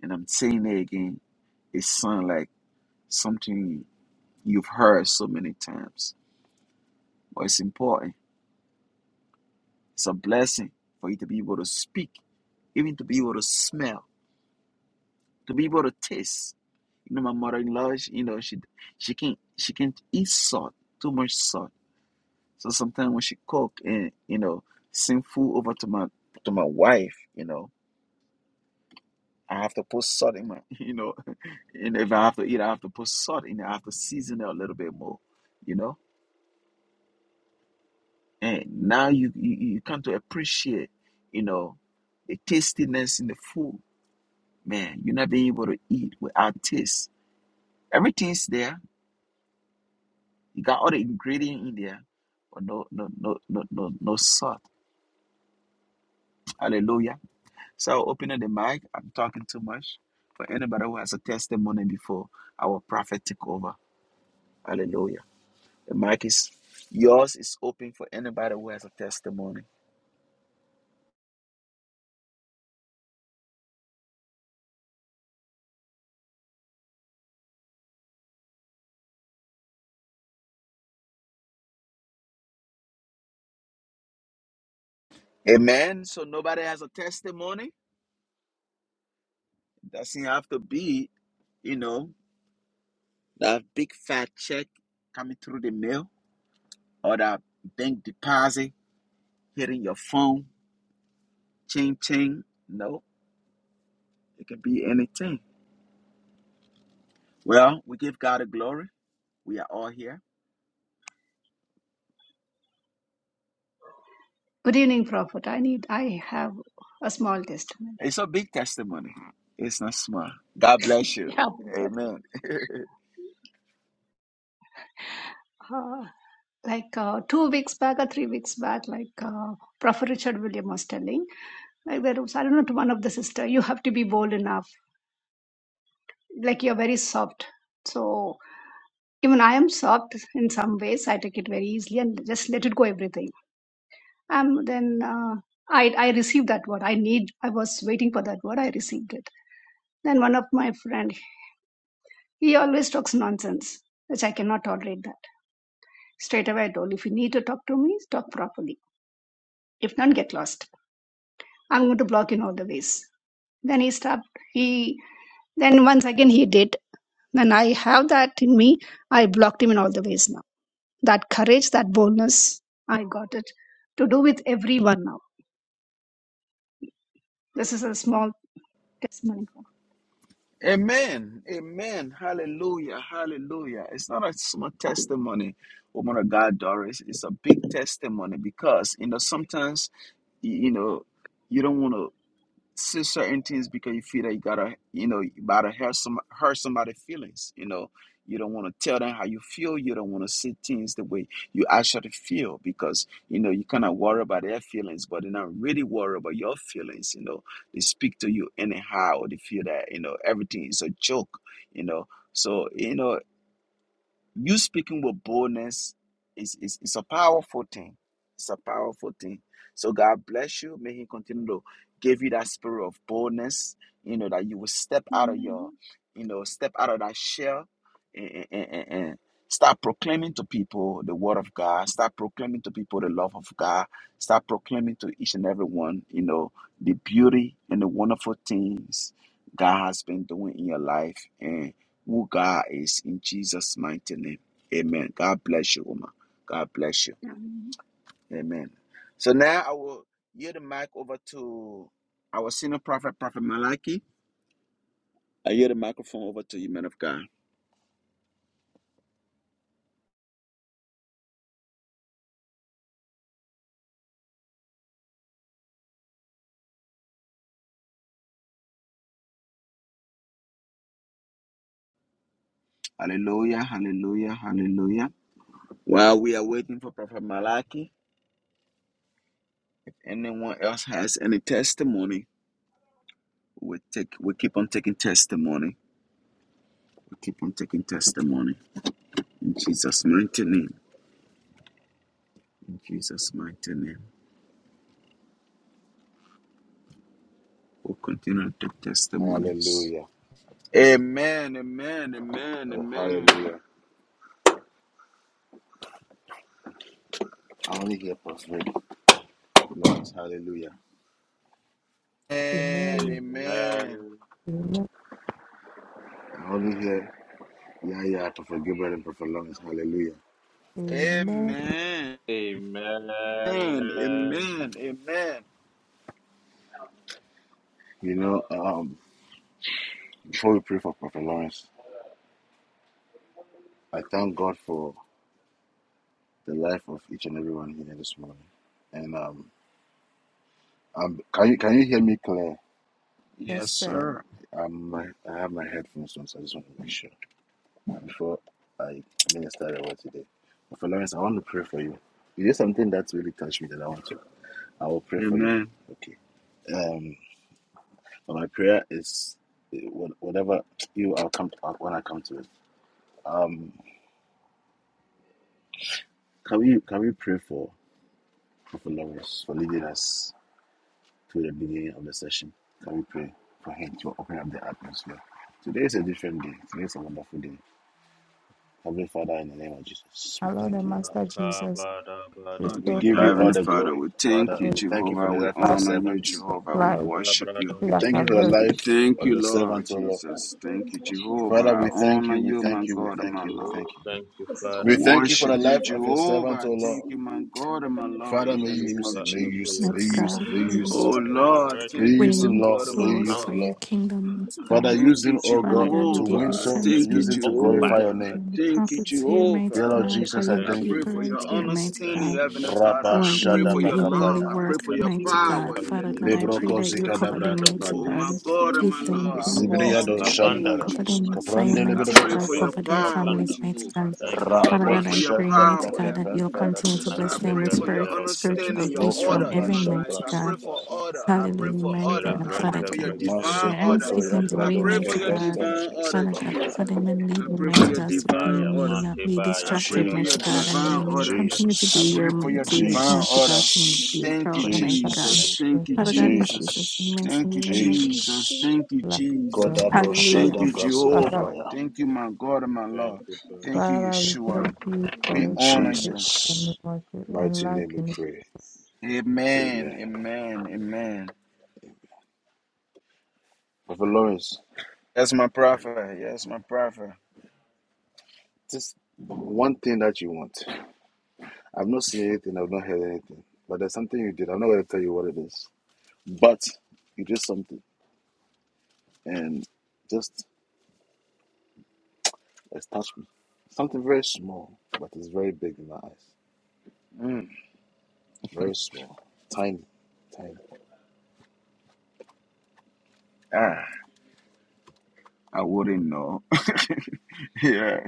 A: and I'm saying it again. It sounds like something you've heard so many times, but it's important. It's a blessing for you to be able to speak, even to be able to smell, to be able to taste. You know, my mother-in-law, she, you know, she she can't she can't eat salt, too much salt. So sometimes when she cook and you know, send food over to my to my wife, you know, I have to put salt in my, you know, and if I have to eat, I have to put salt in it. I have to season it a little bit more, you know. And now you you, you come to appreciate, you know, the tastiness in the food. Man, you're not being able to eat without taste. Everything's there. You got all the ingredient in there, but no no no no no no salt. Hallelujah. So I'll open up the mic. I'm talking too much. For anybody who has a testimony before our prophet took over. Hallelujah. The mic is yours is open for anybody who has a testimony. Amen. So nobody has a testimony. Doesn't have to be, you know, that big fat check coming through the mail or that bank deposit hitting your phone. Ching ching. No, it can be anything. Well, we give God the glory. We are all here.
E: Good evening, Prophet. I need, I have a small testimony.
A: It's a big testimony. It's not small. God bless you.
E: Yeah, Prophet.
A: Amen.
E: Uh, like uh, two weeks back or three weeks back, like uh, Prophet Richard William was telling, like there was, I don't know, to one of the sister, you have to be bold enough. Like you're very soft. So even I am soft in some ways. I take it very easily and just let it go everything. Um, then uh, I, I received that word. I need, I was waiting for that word. I received it. Then one of my friend He always talks nonsense, which I cannot tolerate that. Straight away I told, if you need to talk to me, talk properly. If not, get lost. I'm going to block you in all the ways. Then he stopped. He then once again he did. When I have that in me, I blocked him in all the ways now. That courage, that boldness, I got it to do with everyone now. This is a small testimony.
A: Amen. Amen. Hallelujah. Hallelujah. It's not a small testimony, woman of God, Doris. It's a big testimony because, you know, sometimes, y- you know, you don't want to say certain things because you feel that you gotta, you know, you gotta hurt some hurt somebody's feelings. You know, you don't want to tell them how you feel. You don't want to say things the way you actually feel because you know you kind of worry about their feelings, but they're not really worried about your feelings. You know, they speak to you anyhow. or They feel that you know everything is a joke. You know, so you know. You speaking with boldness is, is, is a powerful thing. It's a powerful thing. So God bless you. May He continue to give you that spirit of boldness, you know, that you will step out of your, you know, step out of that shell and, and, and, and start proclaiming to people the word of God. Start proclaiming to people the love of God. Start proclaiming to each and every one, you know, the beauty and the wonderful things God has been doing in your life. and who God is in Jesus' mighty name. Amen. God bless you, woman. God bless you.
E: Yeah.
A: Amen. So now I will yield the mic over to our senior prophet, Prophet Malachi. I yield the microphone over to you, man of God. Hallelujah, hallelujah, hallelujah. While we are waiting for Prophet
D: amen,
A: Malachi, anyone else has any testimony, we take we keep on taking testimony. We keep on taking testimony in Jesus' mighty name. In Jesus' mighty name. We'll continue to testimonies.
F: Hallelujah.
A: Amen, amen, amen,
F: Oh,
A: amen.
F: hallelujah. I only hear Prophet Lawrence. Hallelujah.
A: Amen,
B: Amen.
A: amen,
D: amen,
B: Amen.
F: I only hear Yaya, Prophet Gilbert, and Prophet Lawrence. Hallelujah.
B: Amen.
D: amen, amen.
A: amen, amen,
D: amen.
A: amen. amen.
F: You know, um, before we pray for Prophet Lawrence, I thank God for the life of each and everyone here this morning. And um, um can you can you hear me clear?
B: Yes,
A: Yes,
B: sir.
A: sir.
F: Um, my, I have my headphones on, so I just want to make sure before I minister the word today. Prophet Lawrence, I want to pray for you. You did something that's really touched me that I want to. I will pray for you.
A: Amen.
F: Okay. Um, but my prayer is eh, whatever you, I'll come to, when I come to it. Um, can we can we pray for Prophet Lawrence for leading us? to the beginning of the session. Can we pray for Him to open up the atmosphere? Today is a different day. Today is a wonderful day. Heavenly Father, in the name of Jesus, we
B: Our Lord
F: thank
B: and
F: you, Lord.
B: Master
D: Oh,
B: Jesus,
A: Oh,
F: We
A: dear
B: restore
F: give
A: God,
F: you all
A: Heavenly
B: prophets
F: the
A: Father,
F: glory,
A: we thank
F: Father.
A: you,
B: with
F: We thank you for
A: Jehovah.
F: the
A: We
F: life of your
A: honor you,
F: servants.
A: Jehovah. We
B: life.
A: worship
B: I
A: you.
B: think
F: We
B: that's
F: thank
B: our
F: you for the
B: very
A: We
F: life
A: thank
F: of
A: you,
B: good
F: your
A: Lord
F: servants, O Lord.
A: Jesus.
E: Lord
A: Thank
E: is
A: you,
E: like
A: Jehovah.
E: Jesus,
F: Father,
A: I
F: we
E: blessing
F: thank
A: honor
F: you, we
A: you,
E: Jesus,
A: my
F: thank you,
E: blessing
F: we
A: God
E: to
A: and
F: thank
A: my
E: the
F: you, we
E: hand.
A: Lord.
F: thank you.
D: thank you,
E: This is
A: I
F: We
D: Father, for
E: family,
F: thank you
D: your
F: for
E: this
F: the
A: worship
E: is
A: you,
F: life
D: servant.
F: of
E: children,
F: your
A: Jehovah.
F: servant,
A: I
F: O
E: this
A: Thank
F: Lord.
A: you, my
E: season,
A: God
E: under
A: and
E: the
A: my
E: mother
A: Lord,
E: of
F: Father,
D: Thank
A: in
F: may
A: the
F: you
E: Jesus
D: you,
A: name
F: use
A: of
E: Christ
F: him,
E: of
D: Father,
F: may you
D: for
F: use
E: Nazareth.
D: your
F: him, may
G: That's
F: you
A: Jesus.
D: peace,
E: I
F: use him,
G: God.
F: may you
E: release
G: It
F: use him.
E: all
G: is
A: Oh
E: the
D: for
E: great
D: your
A: Lord,
E: blessings of the
F: May
D: rest,
F: you
A: thank you,
E: name
F: use
E: of
A: my
F: him,
G: winning
F: Lord.
A: God,
D: for
A: and
F: May
E: Jesus.
A: my
D: your
F: you
G: souls
F: use
G: for
A: Lord.
F: him,
D: comfort.
G: your
F: Lord.
G: kingdom. That's
E: I
A: I
F: Father,
G: God.
A: thank
E: cancel
F: use
A: you,
F: him,
E: his
F: O
G: Father
F: God,
E: name
D: Thank
G: God,
D: you
G: we
F: to
E: of
G: give
D: for
A: Jehovah.
F: win
G: you
A: I
D: using
F: souls.
D: him
G: thanks,
E: Jesus.
A: thank you,
D: to
F: Use
G: mighty
F: him to
E: His
D: occupy.
G: God,
F: glorify your
A: Jehovah.
E: anointing
A: I
G: for
F: name.
E: of
G: the
A: thank you,
E: Jesus.
G: prophets here, mighty
F: Dear
A: Jehovah.
F: Lord
E: More of
G: God,
E: his
G: for
F: Jesus, I
G: your
A: I
D: Thank
E: anointing of
F: thank
D: you,
A: pray
G: people
F: you.
A: for
D: Most
E: Jesus.
G: right
A: your
D: High
E: More
G: here,
E: of
D: God.
G: mighty
D: Thank
A: understanding,
G: God,
E: grace,
D: you, Most
A: Heavenly
E: more of
D: High
A: Father.
G: who
F: Rabba
E: mercy
G: are
A: I
E: for his
A: pray
G: doing
E: life,
A: for
G: your
A: your
E: for his
G: heavenly
A: love. I
E: children,
F: Shadabakapaya.
G: work,
A: pray
E: for
D: God.
A: for your
E: his
D: Thank you,
G: mighty
D: Most
G: God.
A: power
E: wife,
D: High
A: in the
E: for
G: Father
A: name
D: God.
E: his
G: God, I
A: of
D: Thank
G: pray
F: Lebroko
D: you
E: siblings.
G: that
D: for
G: you
A: Jesus.
G: cover
F: Zikadabra
G: them,
D: wisdom.
G: mighty
A: Oh,
F: Kapande.
E: One
A: my
G: God.
E: is
A: God and
E: human
A: my
G: Give
A: Lord,
G: them
A: I
G: power,
D: Thank
A: call
D: you
E: arrangements
G: mighty
D: for
F: Zibriado
A: unto
G: God.
E: connected with
A: you,
D: abundance.
G: Cover
F: Shandarabas.
G: them
A: Jehovah.
G: in
E: inventions
G: fire,
E: is
F: Kaprande
A: I
G: mighty
A: pray
F: Libidabos
G: God.
A: for
E: less
D: Thank
A: your
F: Kapaya.
G: Cover
D: you
E: than
G: their
D: for
A: power,
G: families,
E: frequent
D: abundance.
G: mighty
E: and
A: Jehovah.
G: God.
E: is
D: Thank you
A: I
D: for
G: Father
A: pray
F: Rabbo
G: God,
E: consequences
A: for
G: I
D: abundance.
A: your
G: pray, mighty
E: with
F: Shadabra
A: power,
G: God, that
A: Heavenly
E: another
G: you'll
F: Kapande
E: about
A: Father.
G: continue to
E: flow
G: bless
A: I
F: Labosudra.
D: Mante
G: them
A: pray
G: with
E: from
A: for your
G: spirit,
D: beredero
E: elections that
G: spiritual
D: shakata
A: understanding,
E: is
A: your
G: gifts
E: another
F: Voka
G: from
A: order
D: bregadesh.
A: in my
G: heaven,
F: Brasha
A: life.
G: mighty
A: I
E: convention
G: God.
A: pray for
F: Brasutaya.
E: selection
A: order. I
G: Hallelujah,
A: pray
E: and
A: for
G: my
A: order.
G: God,
A: I pray
G: Father
D: Shelevrente
A: for your
G: God.
E: conditions
D: bregadero
G: Hold
A: divine
G: your hands,
A: order.
G: give
D: shakata
E: less
F: Masokotoya
E: than
G: them the
A: I
G: way,
D: bregadesh.
F: Prados
A: pray for
G: mighty
E: less
A: your
F: Kaprante
G: God.
E: machines
A: divine order,
G: Father God,
E: less
F: Labrasapaya.
G: cover
A: Jehovah.
E: than
G: them
E: good
G: and lead
A: I
G: them,
A: pray
E: health
A: for
G: mighty
A: your
G: God,
D: Mante
G: so they
A: divine
D: baya,
G: may
A: order.
G: not
D: mante
G: be
D: baya,
A: I
E: resolutions
A: pray
G: distracted,
A: for your
G: mighty
E: less than
G: God, and
F: Jesus,
G: they
A: divine
D: shelevrenkata
G: may
A: order.
E: purposes
D: bregadesh.
G: continue to
A: I
G: do
F: Jesus,
A: pray
G: your
A: for your
E: and
G: mighty will,
A: divine
E: hopes
G: mighty
E: for the
G: God,
A: order.
G: to make
E: only
F: Jesus,
G: you
A: Thank you,
G: proud, mighty God.
A: Jesus.
F: Jesus,
D: Thank you,
A: Thank you,
G: Father
D: Father.
G: God, in
A: Jesus.
G: Jesus'
F: Jesus,
G: mighty
A: Thank you,
G: name, amen.
E: destiny's
A: Jesus.
F: Jesus.
E: future
A: Thank you,
E: of
B: life.
E: freedom
A: Jesus.
E: and
G: Hallelujah.
A: Thank
F: Kodabroshada
A: you,
E: directions.
B: Father,
A: Jehovah.
F: brasikapaya.
A: Thank you, my God and my
E: Thank
D: Thank
A: Lord.
E: you,
D: you, Father.
A: Thank you,
E: Jesus.
B: Father, we
E: Thank you,
A: Yeshua.
B: thank you
E: Lord.
B: for
A: We
F: In
B: his
A: honor
B: life
A: you.
B: and we
F: Jesus'
B: want to
F: mighty
E: Thank
F: name
E: you,
F: we
B: enlighten it.
F: pray.
E: Jesus.
A: Amen.
F: Amen.
A: Amen. Amen.
F: Brother Lawrence,
A: That's my prophet. Yes, my prophet.
F: just one thing that you want. I've not seen anything, I've not heard anything, but there's something you did. I'm not going to tell you what it is, but you did something. And just has touched me. Something very small, but it's very big in my eyes.
A: Mm.
F: Very small, tiny, tiny.
A: Ah, I wouldn't know. yeah.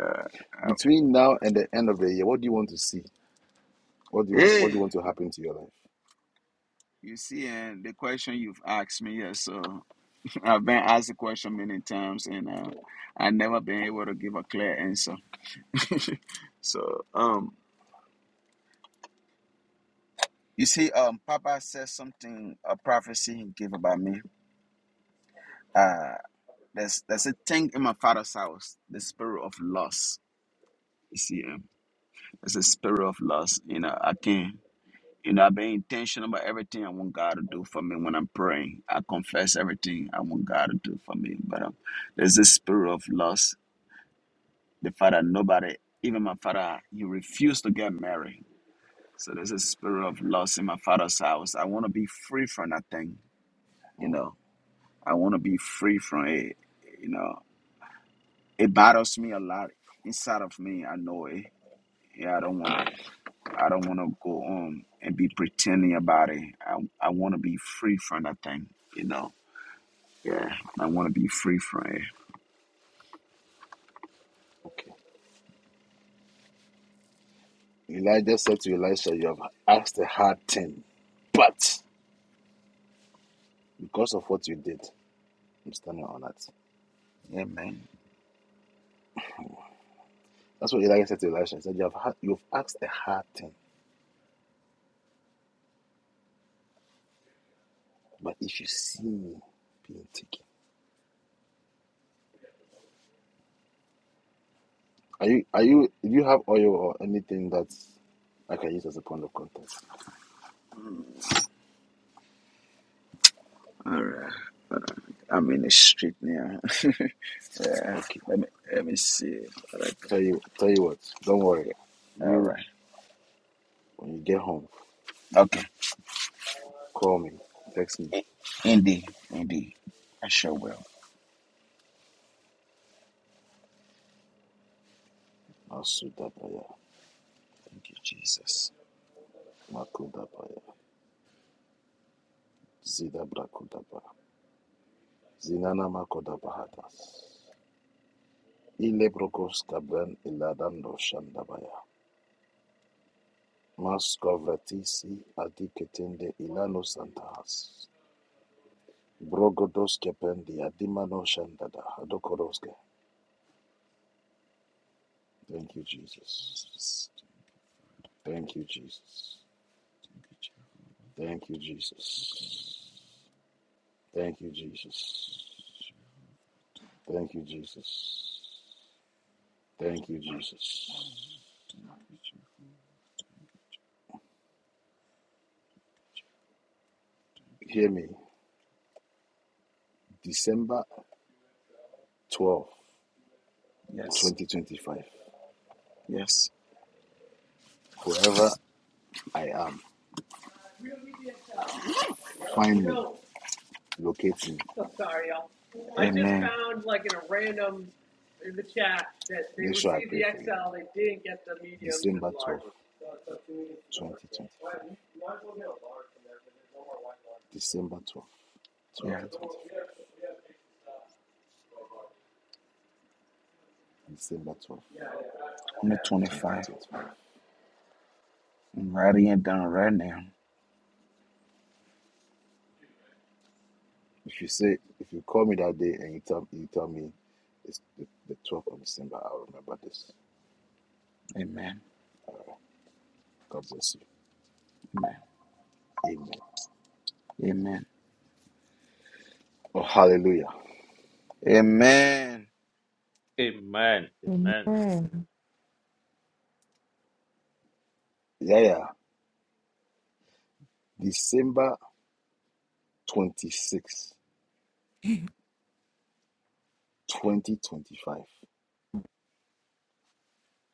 A: Uh, I-
F: Between now and the end of the year, what do you want to see? What do you want? What do you
A: hey,
F: want to happen to your life?
A: you see, and the question you've asked me, yes, so I've been asked the question many times, and uh, I never been able to give a clear answer. so, um, you see, um, Papa said something, a prophecy he gave about me. Uh, there's there's a thing in my father's house, the spirit of loss. You see, um, there's a spirit of loss. You know, I can't. You know, I've been intentional about everything I want God to do for me when I'm praying. I confess everything I want God to do for me, but um, there's this spirit of loss The father, nobody, even my father, he refused to get married. So there's a spirit of loss in my father's house. I want to be free from that thing, you
F: Mm,
A: know. I want to be free from it, you know. It bothers me a lot inside of me. I know it. Yeah, I don't want to. I don't want to go on and be pretending about it. I I want to be free from that thing, you know. Yeah, I want to be free from it.
F: okay. Elijah said to Elisha, "You have asked a hard thing, but because of what you did, I'm standing on it."
A: Amen.
F: That's what Elijah said to Elisha. He said, "You have ha- you have asked a hard thing, but if you see me being taken, are you are you? Do you have oil or anything that I can use as a point of contact?"
A: All right. But I- I'm in the street now. yeah.
F: Okay.
A: Let me let me see. All right.
F: Tell you, tell you what. Don't worry.
A: there. Yeah. All
F: You,
A: right.
F: when you get home,
A: Okay.
F: call me, text me.
A: I- Indeed. Indeed. I sure will.
F: Masudabraya,
A: Thank you, Jesus.
F: makudabraya, zidabrakudabraya, zinana makudabrahatas. Ilebrokos kabran iladando shandabaya. Maskovratisi adiketende ilano santahas. Brogodos kependi adimano shandada hadokoroske. Thank you, Jesus.
A: Jesus.
F: Thank you, Jesus.
A: Thank you, Jehovah.
F: Thank you, Jesus. Thank you, Jesus. Thank you, Jesus. Thank you, Jesus.
A: Thank you, Jehovah.
F: Hear me. December twelfth,
A: Yes.
F: twenty 2025.
A: Yes.
F: Wherever I am, find me, locate me. I'm sorry, y'all. I just
A: Amen.
F: found like in a random in the chat that they Make sure the XL, they didn't get the mediums December twelfth, twenty twenty. December twelfth,
A: Yeah.
F: twenty twenty. December twelfth, twenty
A: 2025.
F: twenty.
A: I'm writing it down right now.
F: If you say, if you call me that day and you tell you tell me it's the, the 12th of December, I'll remember this.
A: Amen.
F: God bless you.
A: Amen.
F: Amen.
A: Amen.
F: Oh, hallelujah.
A: Amen.
D: Amen. Amen.
B: Amen.
F: Yeah, yeah. December 26, 2025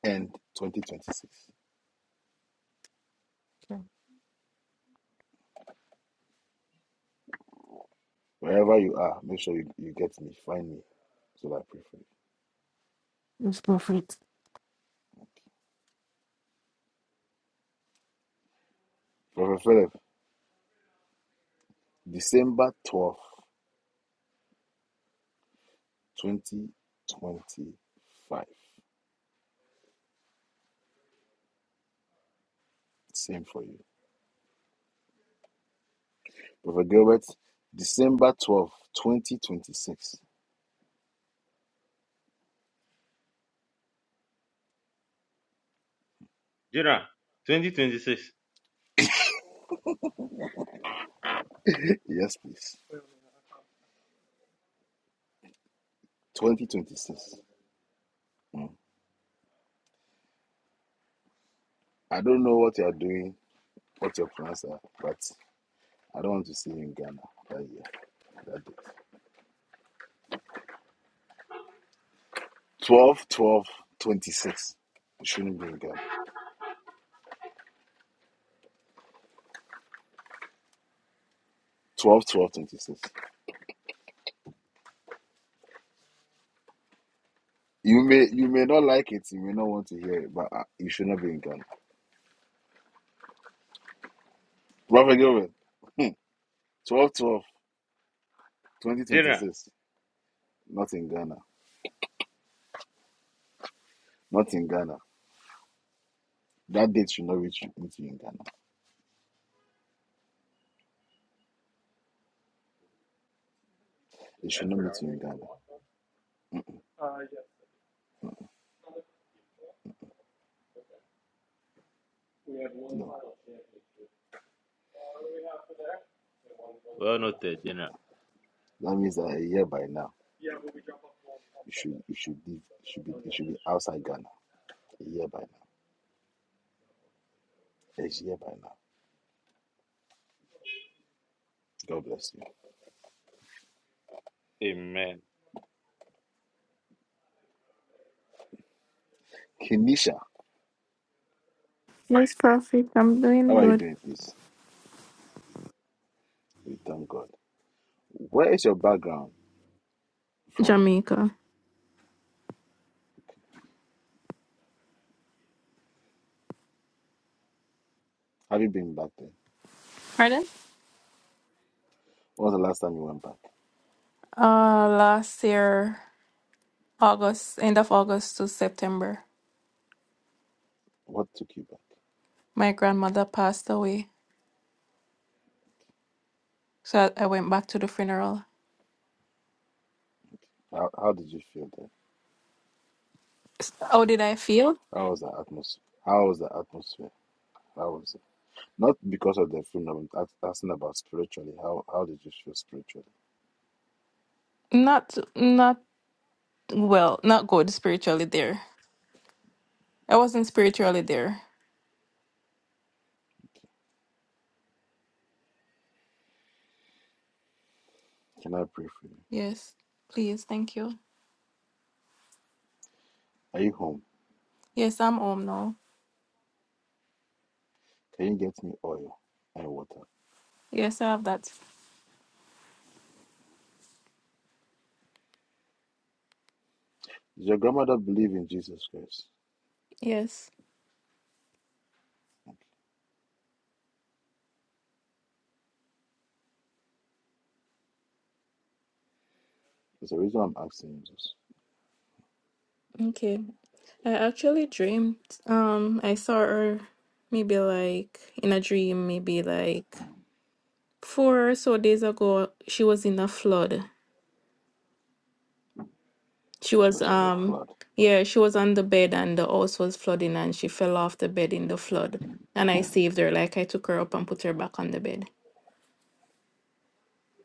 F: and 2026.
B: Okay.
F: Wherever you are, make sure you, you get me, find me. So that I pray for you.
B: Yes, prophet.
F: Prophet Philip, December 12th, 2025. Same for you. Prophet Gilbert, December 12th, 2026.
D: General, 2026.
F: Yes, please. 2026. I don't know what you are doing, what your plans are, but I don't want to see you in Ghana that year. That day. 12 twelve twenty-six. You shouldn't be in Ghana. Twelve, twelve, twenty six. You may you may not like it, you may not want to hear it, but uh, you should not be in Ghana. Prophet Gilbert, 12, 12, twenty twenty
D: General.
F: six. Not in Ghana. Not in Ghana. That date should not reach you, meet you in Ghana. It should not meet you in Ghana. No.
D: Well noted, General.
F: That means that a year by now. You should you should be you should be you should be outside Ghana a year by now. A year by now. God bless you.
D: Amen.
F: Kenisha,
G: Yes, Prophet, I'm doing
F: how are you
G: good.
F: doing, please? We thank God. Where is your background from?
G: Jamaica.
F: Have you been back there?
G: Pardon?
F: When was the last time you went back?
G: Uh, last year, August, end of August to September,
F: What took you back?
G: my grandmother passed away. So I, I went back to the funeral.
F: How, how did you feel there?
G: How did I feel?
F: How was the atmosphere? How was the atmosphere? How was it? Not because of the food, no, I'm asking about spiritually. How how did you feel spiritually?
G: Not not well, not good spiritually there. I wasn't spiritually there.
F: Can I pray for you?
G: Yes. Please, thank you.
F: Are you home?
G: Yes, I'm home now.
F: Can you get me oil and water?
G: Yes, I have that.
F: Does your grandmother believe in Jesus Christ?
G: Yes.
F: That's the reason I'm asking you this.
G: Okay. I actually dreamed um I saw her maybe like in a dream, maybe like four or so days ago, she was in a flood. She
F: She
G: was
F: was in a
G: um
F: flood.
G: yeah, she was on the bed and the house was flooding and she fell off the bed in the flood. And I saved her, like I took her up and put her back on the bed.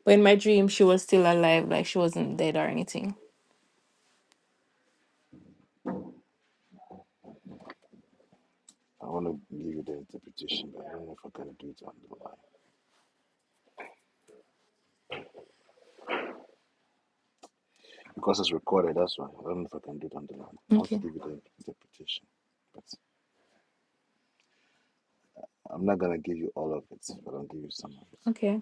G: But in my dream she was still alive, like she wasn't dead or anything.
F: I want to give you the interpretation, but I don't know if I can do it on the line. Because it's recorded, that's why. I don't know if I can do it on the line. I want to
G: Okay,
F: give you the interpretation. But I'm not going to give you all of it, but I'll give you some of it.
G: okay,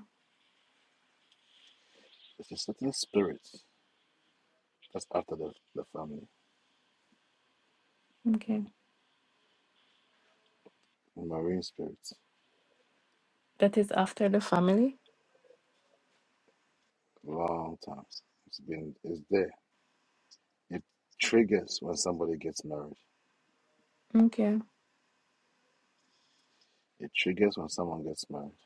F: It's a certain spirit that's after the, the family,
G: okay.
F: mm, marine spirit.
G: That is after the family.
F: Long time. It's been, it's there. It triggers when somebody gets married.
G: Okay,
F: It triggers when someone gets married.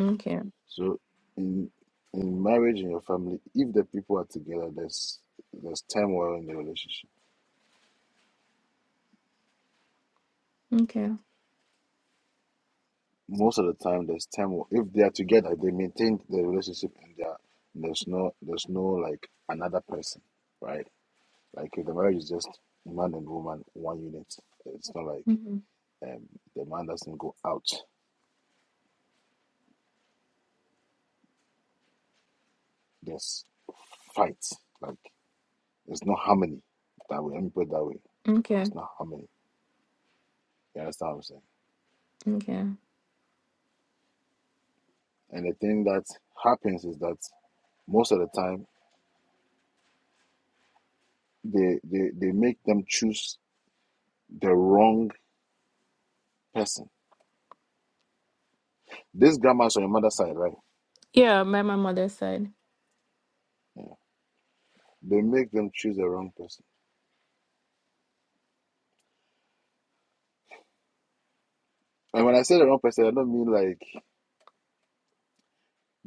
G: okay,
F: So in in marriage in your family, if the people are together, there's there's turmoil in the relationship.
G: okay,
F: Most of the time, there's turmoil. If they are together, they maintain the relationship, and they are, there's no there's no like another person, right? Like if the marriage is just man and woman, one unit, it's not like
G: mhm,
F: um, the man doesn't go out. There's fights. Like there's no harmony that way. Let me put it that way.
G: okay,
F: It's not harmony. You understand what I'm saying?
G: okay.
F: And the thing that happens is that most of the time they they, they make them choose the wrong person this grandma's on your mother's side right
G: Yeah, by my mother's side.
F: yeah. they make them choose the wrong person and when i say the wrong person i don't mean like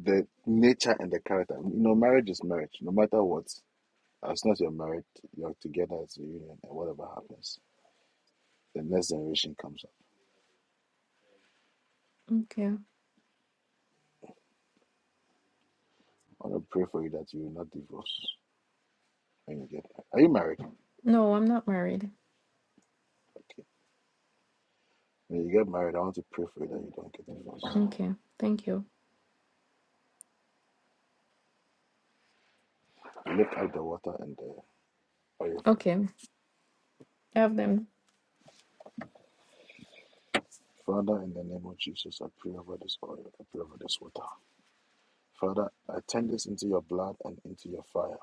F: the nature and the character you know marriage is marriage no matter what as long as you're married you're together as a union and whatever happens the next generation comes up
G: Okay.
F: i want to pray for you that you will not divorce when you get married are you married
G: No, I'm not married.
F: okay when you get married i want to pray for you that you don't get divorced
G: Okay, thank you.
F: lift up the water and the oil for me
G: Okay, I have them.
F: Father, in the name of Jesus, I pray over this oil, I pray over this water. Father, I turn this into your blood and into your fire.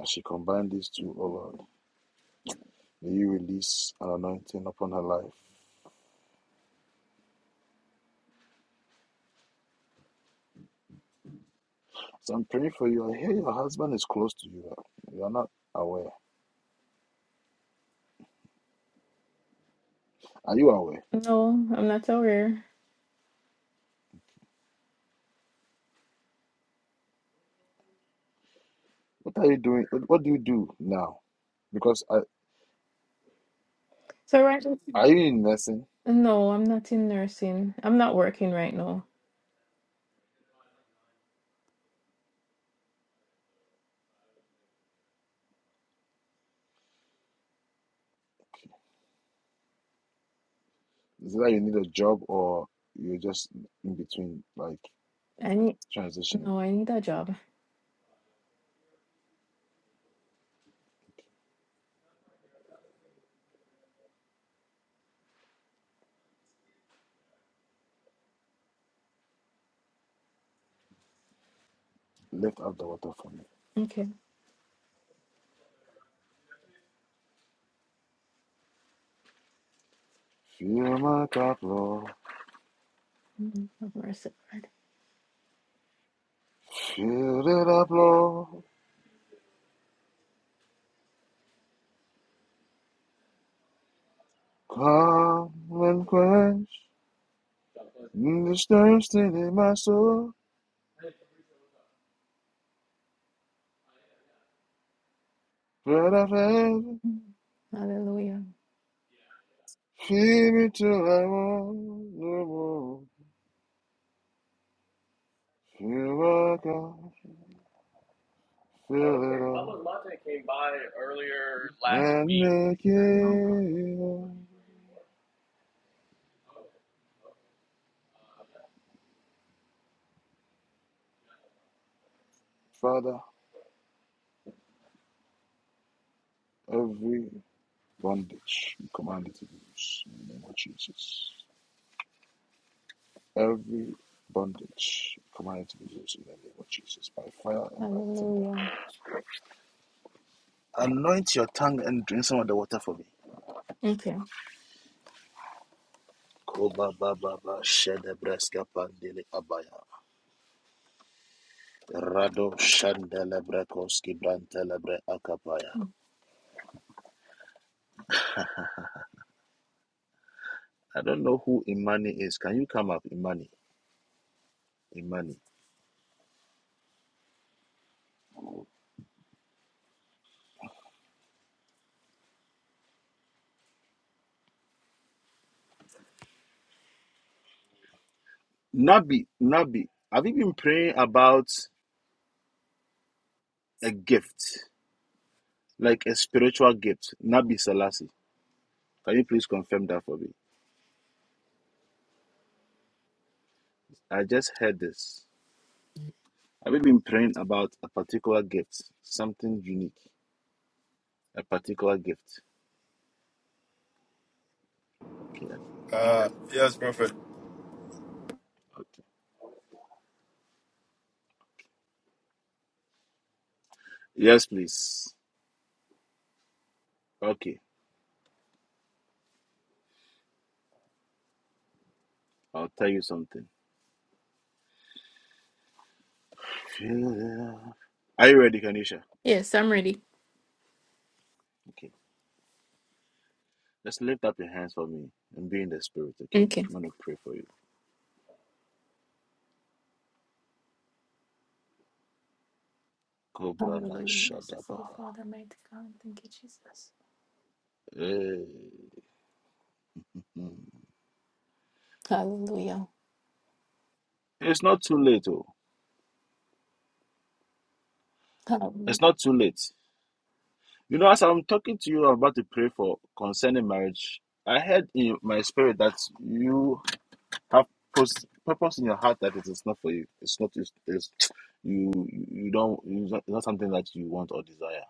F: As she combine these two, O Lord, may you release an anointing upon her life. So I'm praying for you. I hear your husband is close to you. You are not aware. Are you aware?
G: No, I'm not aware.
F: What are you doing? What what do you do now? Because I,
G: So right.
F: are you in nursing?
G: No, I'm not in nursing. I'm not working right now.
F: Is it that you need a job or you're just in between, like
G: I need
F: transitioning?
G: no, I need a job.
F: Lift up the water for me.
G: Okay.
F: Fill my cup, Lord.
G: Mm, Have mercy.
F: Fill it up, Lord. Come and quench this thirsting in my soul. Bread of heaven,
G: Mm, Hallelujah.
F: feed me till I want no more. Fill my cup, fill it up, came by last and make
G: Mm,
F: it Father, every bondage you command it to be loose in the name of Jesus. Every bondage you command it to be loose in the name of Jesus by fire and by tender.
G: Hallelujah.
F: Anoint your tongue and drink some of the water for me.
G: Okay.
F: Koba baba ba shedebreska pandele abaya. Rado shandelebrakoski brantelebre akapaya. I don't know who Imani is. Can you come up, Imani? Imani. Nabi, Nabi, have you been praying about a gift, like a spiritual gift? Nabi Selassie, can you please confirm that for me? I just heard this. Have you been praying about a particular gift, something unique, a particular gift? Okay, I
C: Uh, yes, Prophet.
F: Okay. Yes, please. Okay. I'll tell you something. Feel- Are you ready, Kanisha?
G: Yes, I'm ready.
F: Okay. Just lift up your hands for me and be in the spirit, okay?
G: Okay.
F: I'm gonna pray for you. Kobrana
G: Hallelujah. Merciful
F: Shadabaha.
G: Father, mighty God. Thank you, Jesus.
F: Hey. Mm.
G: Hallelujah.
F: It's not too late, oh.
G: Hallelujah.
F: It's not too late. You know, as I'm talking to you, I'm about to pray for concerning marriage. I heard in my spirit that you Have purpose, purpose in your heart that it is not for you. It's not. It's, it's you. You don't. It's not, it's not something that you want or desire.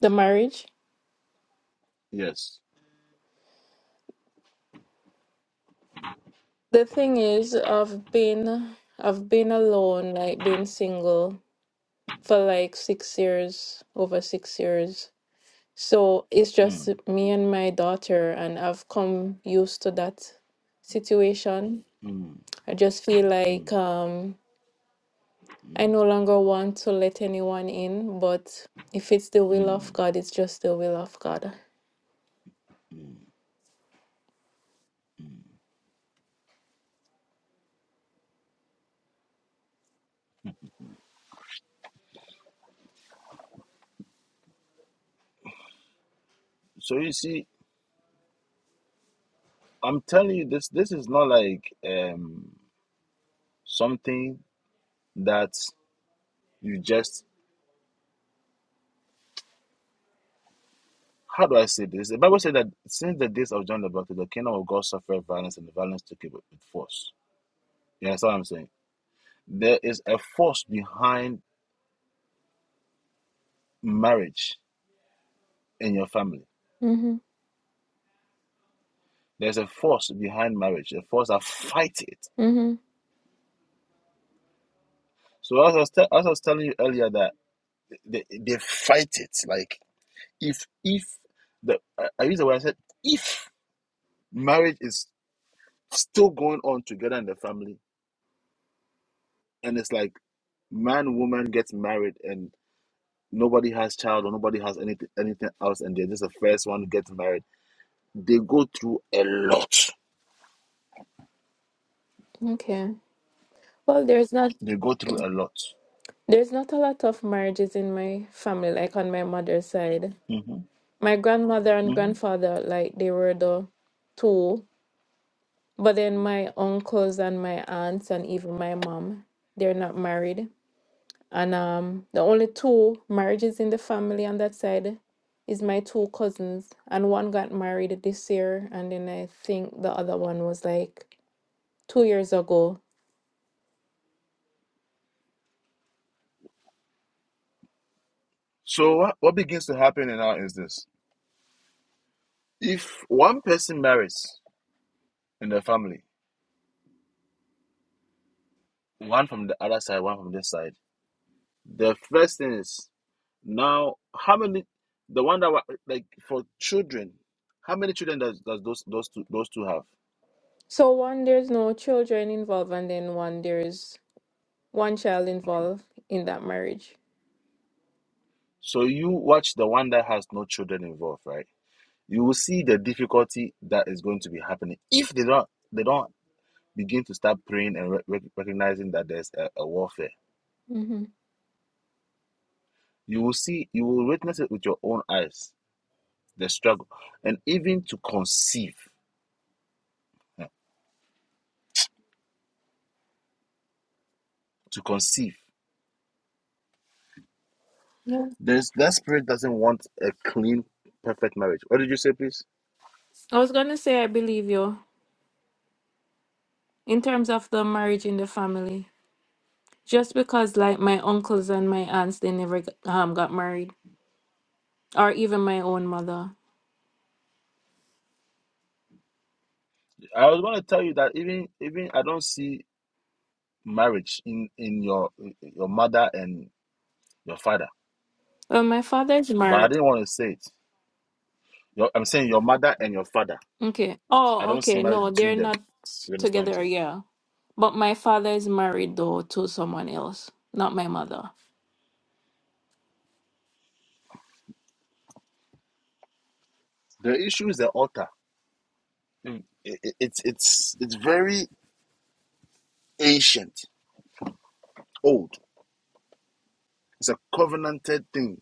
G: The marriage.
F: Yes.
G: The thing is, I've been I've been alone, like being single for like six years, over six years. So it's
F: Mm,
G: just me and my daughter, and I've come used to that situation.
F: mm,
G: I just feel
F: mm,
G: like um, I
F: mm.
G: no longer want to let anyone in, but if it's the will of God, it's just the will of God.
F: So you see, I'm telling you, this this is not like um something that you just. How do I say this? The Bible said that since the days of John the Baptist, the kingdom of God suffered violence, and the violence took it with with force. You understand what I'm saying? There is a force behind marriage in your family
G: Mm-hmm.
F: There's a force behind marriage, a force that fight it.
G: Mm-hmm.
F: So as I was, te- as I was telling you earlier, that they, they fight it. Like if if the I, I use the word I said if marriage is still going on together in the family, and it's like man woman gets married and nobody has child or nobody has anything anything else, and they're just the first one who gets married. They go through a lot.
G: Okay. Well, there's not
F: They go through a lot.
G: there's not a lot of marriages in my family, like on my mother's side. My grandmother and
F: hmm
G: grandfather, like they were the two But then my uncles and my aunts and even my mom, they're not married. And um, the only two marriages in the family on that side is my two cousins. And one got married this year, and then I think the other one was like two years ago.
F: So what, what begins to happen now is this: if one person marries in the family. One from the other side, one from this side. The first thing is now how many the one that wa- like for children, how many children does, does those those two those two have?
G: So one, there's no children involved, and then one, there's one child
F: Okay.
G: involved in that marriage.
F: So you watch the one that has no children involved, right? You will see the difficulty that is going to be happening if they don't they don't begin to start praying and re- recognizing that there's a, a warfare.
G: Mm-hmm.
F: You will see you will witness it with your own eyes the struggle and even to conceive, yeah, to conceive.
G: Yes.
F: There's that spirit doesn't want a clean, perfect marriage. What did you say, please?
G: I was gonna say I believe you in terms of the marriage in the family. Just because like my uncles and my aunts they never g- um got married, or even my own mother.
F: I was going to tell you that even even I don't see marriage in in your your mother and your father,
G: Well, my father's
F: but I
G: married.
F: didn't want to say it. Your, I'm saying your mother and your father.
G: Okay.
F: I
G: Oh,
F: don't see
G: okay.
F: marriage
G: No, they're
F: between them.
G: not s-
F: You understand what I'm
G: together.
F: saying?
G: Yeah. But my father is married though to someone else, not my mother.
F: The issue is the altar. Mm. It- it- it's it's it's very ancient, old. It's a covenanted thing.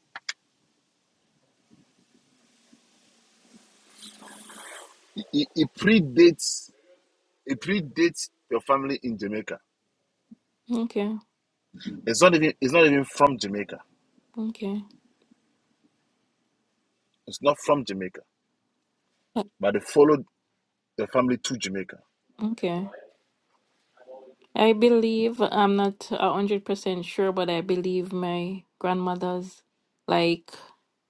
F: It, it predates it predates your family in Jamaica.
G: Okay.
F: It's not even it's not even from Jamaica.
G: Okay.
F: It's not from Jamaica.
G: Uh,
F: But they followed the family to Jamaica.
G: Okay. I believe I'm not a hundred percent sure, but I believe my grandmother's like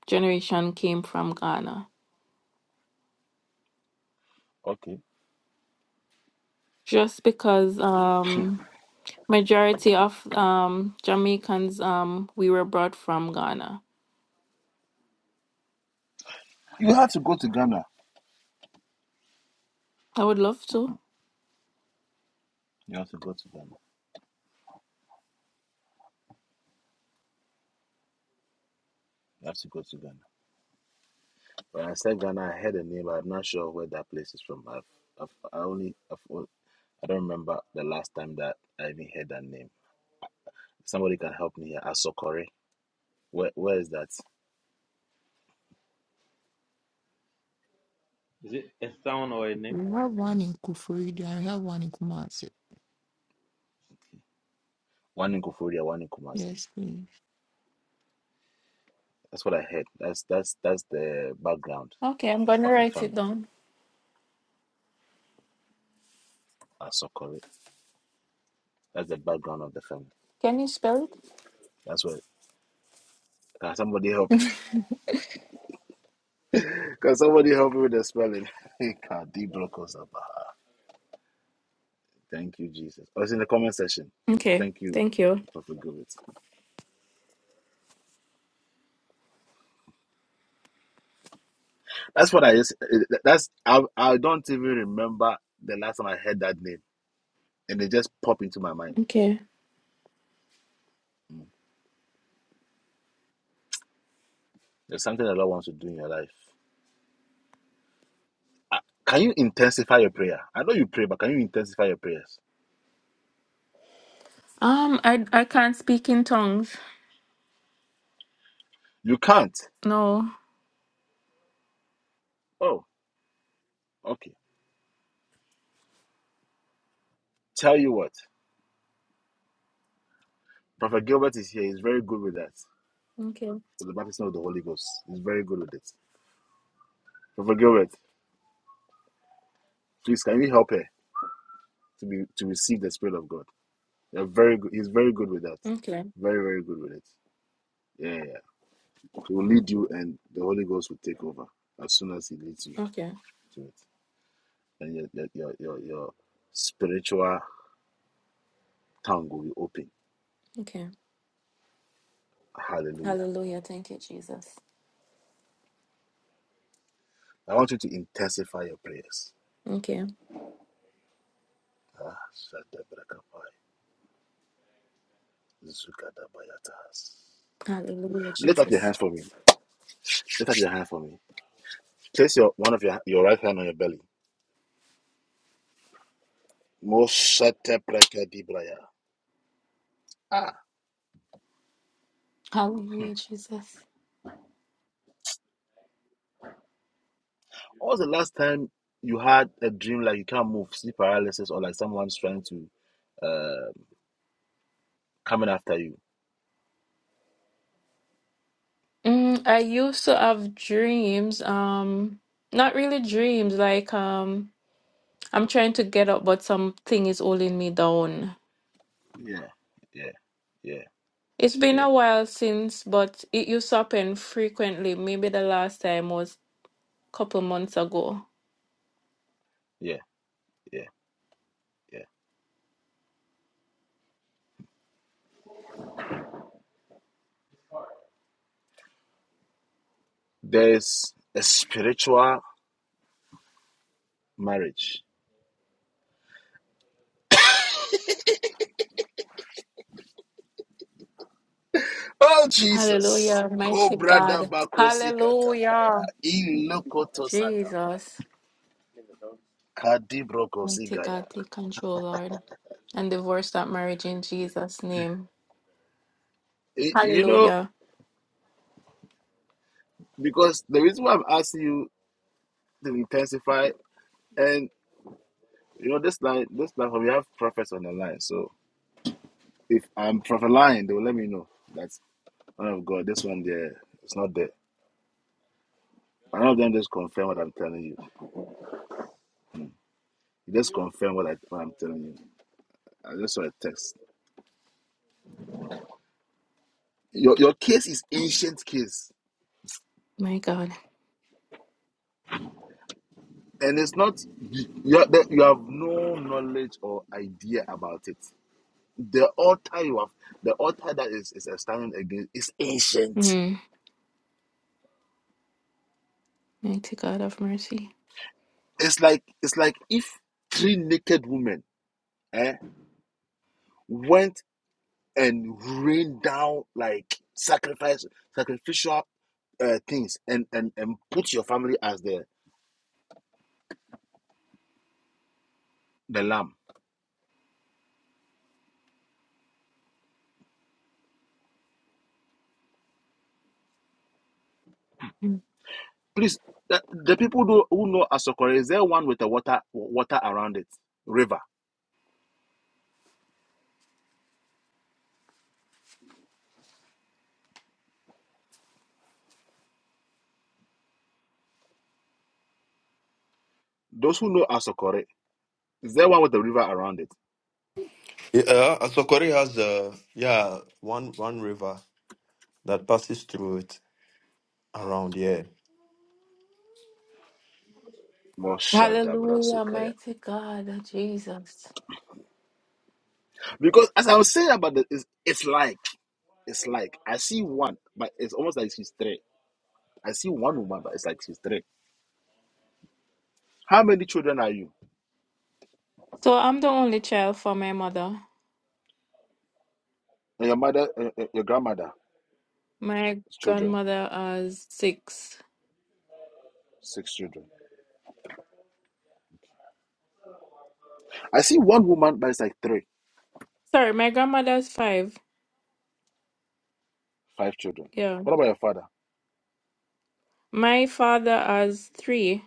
G: generation came from Ghana.
F: Okay.
G: Just because um majority of um Jamaicans um we were brought from Ghana.
F: You have to go to Ghana.
G: I would love to.
F: You have to go to Ghana. You have to go to Ghana. When I said Ghana, I heard a name, but I'm not sure where that place is from. I've, I've I only I've, on- I don't remember the last time that I even heard that name. Somebody can help me here. Asokore. Where where is that?
D: Is it a sound or a name?
B: We have one in Kufuri, and we have one in Kumasi.
F: One in Kufuria, one in Kumasi.
B: Yes, please.
F: That's what I heard. That's that's that's the background
G: Okay, I'm gonna
F: of a
G: write it
F: family.
G: down.
F: Asokore. That's the background of the family.
G: Can you spell it?
F: That's where. Can somebody help? Can somebody help me with the spelling? Kadi Brokos Abaha. Thank you, Jesus. Or it's in the comment section.
G: Okay,
F: Thank you,
G: thank you.
F: Prophet Gilbert. That's what I just. That's I. I don't even remember the last time I heard that name, and it just popped into my mind.
G: Okay.
F: Mm. There's something the Lord wants to do in your life. Uh, Can you intensify your prayer? I know you pray, but can you intensify your prayers?
G: Um, I I can't speak in tongues.
F: You can't.
G: No.
F: Oh, okay. Tell you what, Prophet Gilbert is here. He's very good with that.
G: Okay.
F: With the baptism of the Holy Ghost, he's very good with it. Prophet Gilbert. Please, can you help her to be to receive the Spirit of God? You're very good. He's very good with that.
G: Okay.
F: Very, very good with it. Yeah, yeah. yeah. He will lead you, and the Holy Ghost will take over as soon as He leads you
G: Okay.
F: to it, and your your your your, spiritual tongue will be open.
G: Okay.
F: Hallelujah.
G: Hallelujah. Thank you, Jesus.
F: I want you to intensify your prayers.
G: Okay.
F: Ah,
G: Hallelujah,
F: Lift up your
G: Jesus.
F: hands for me. Lift up your hand for me. Place your one of your your right hand on your belly. Moshatebrakadebraya.
G: Hallelujah, Jesus.
F: What was the last time you had a dream like you can't move, sleep paralysis, or like someone's trying to uh coming after you?
G: Mm, I used to have dreams. Um, not really dreams. Like um, I'm trying to get up, but something is holding me down.
F: Yeah, yeah, yeah,
G: It's been
F: yeah,
G: a while since, but it used to happen frequently. Maybe the last time was couple months ago.
F: yeah, yeah, yeah. There's a spiritual marriage. Oh, Jesus.
G: Hallelujah, mighty
F: Cobra da
G: God.
F: bakosi katapaya.
G: Hallelujah,
F: Ilokoto satapaya.
G: Jesus.
F: Kadibroko
G: Mighty
F: sigaya.
G: God, take control, Lord, and divorce that marriage in Jesus' name.
F: You know,
G: Hallelujah,
F: because the reason why I'm asking you to intensify, and you know, this line, this platform, we have prophets on the line, so. if I'm from a line, they will let me know that one of God, this one there, it's not there. One of them just confirm what I'm telling you. You just confirm what, I, what I'm telling you. I just saw a text. Your your case is ancient case,
G: my God.
F: and it's not you. are- that You have no knowledge or idea about it. The altar you have, the altar that is is standing against, is ancient.
G: Mm. Mighty God of mercy.
F: It's like it's like if three naked women eh, went and rain down like sacrifice sacrificial uh, things and, and and put your family as the the lamb.
G: Mm.
F: Please, the, the people who, who know Asokore, is there one with the water water around it? River. Those who know Asokore, is there one with the river around it?
C: Yeah, uh, Asokori has uh, yeah one one river that passes through it around here.
G: Hallelujah,
F: Moshadabrasukaya.
G: mighty God, Jesus.
F: Because as I was saying about this, it's, it's like it's like I see one, but it's almost like she's three. I see one woman, but it's like she's three. How many children are you?
G: So I'm the only child for my mother.
F: And your mother, uh, uh, your grandmother's
G: My
F: children.
G: grandmother has six.
F: Six children. I see one woman, but it's like three,
G: Sorry, my grandmother has five.
F: five children.
G: Yeah.
F: What about your father?
G: My father has three.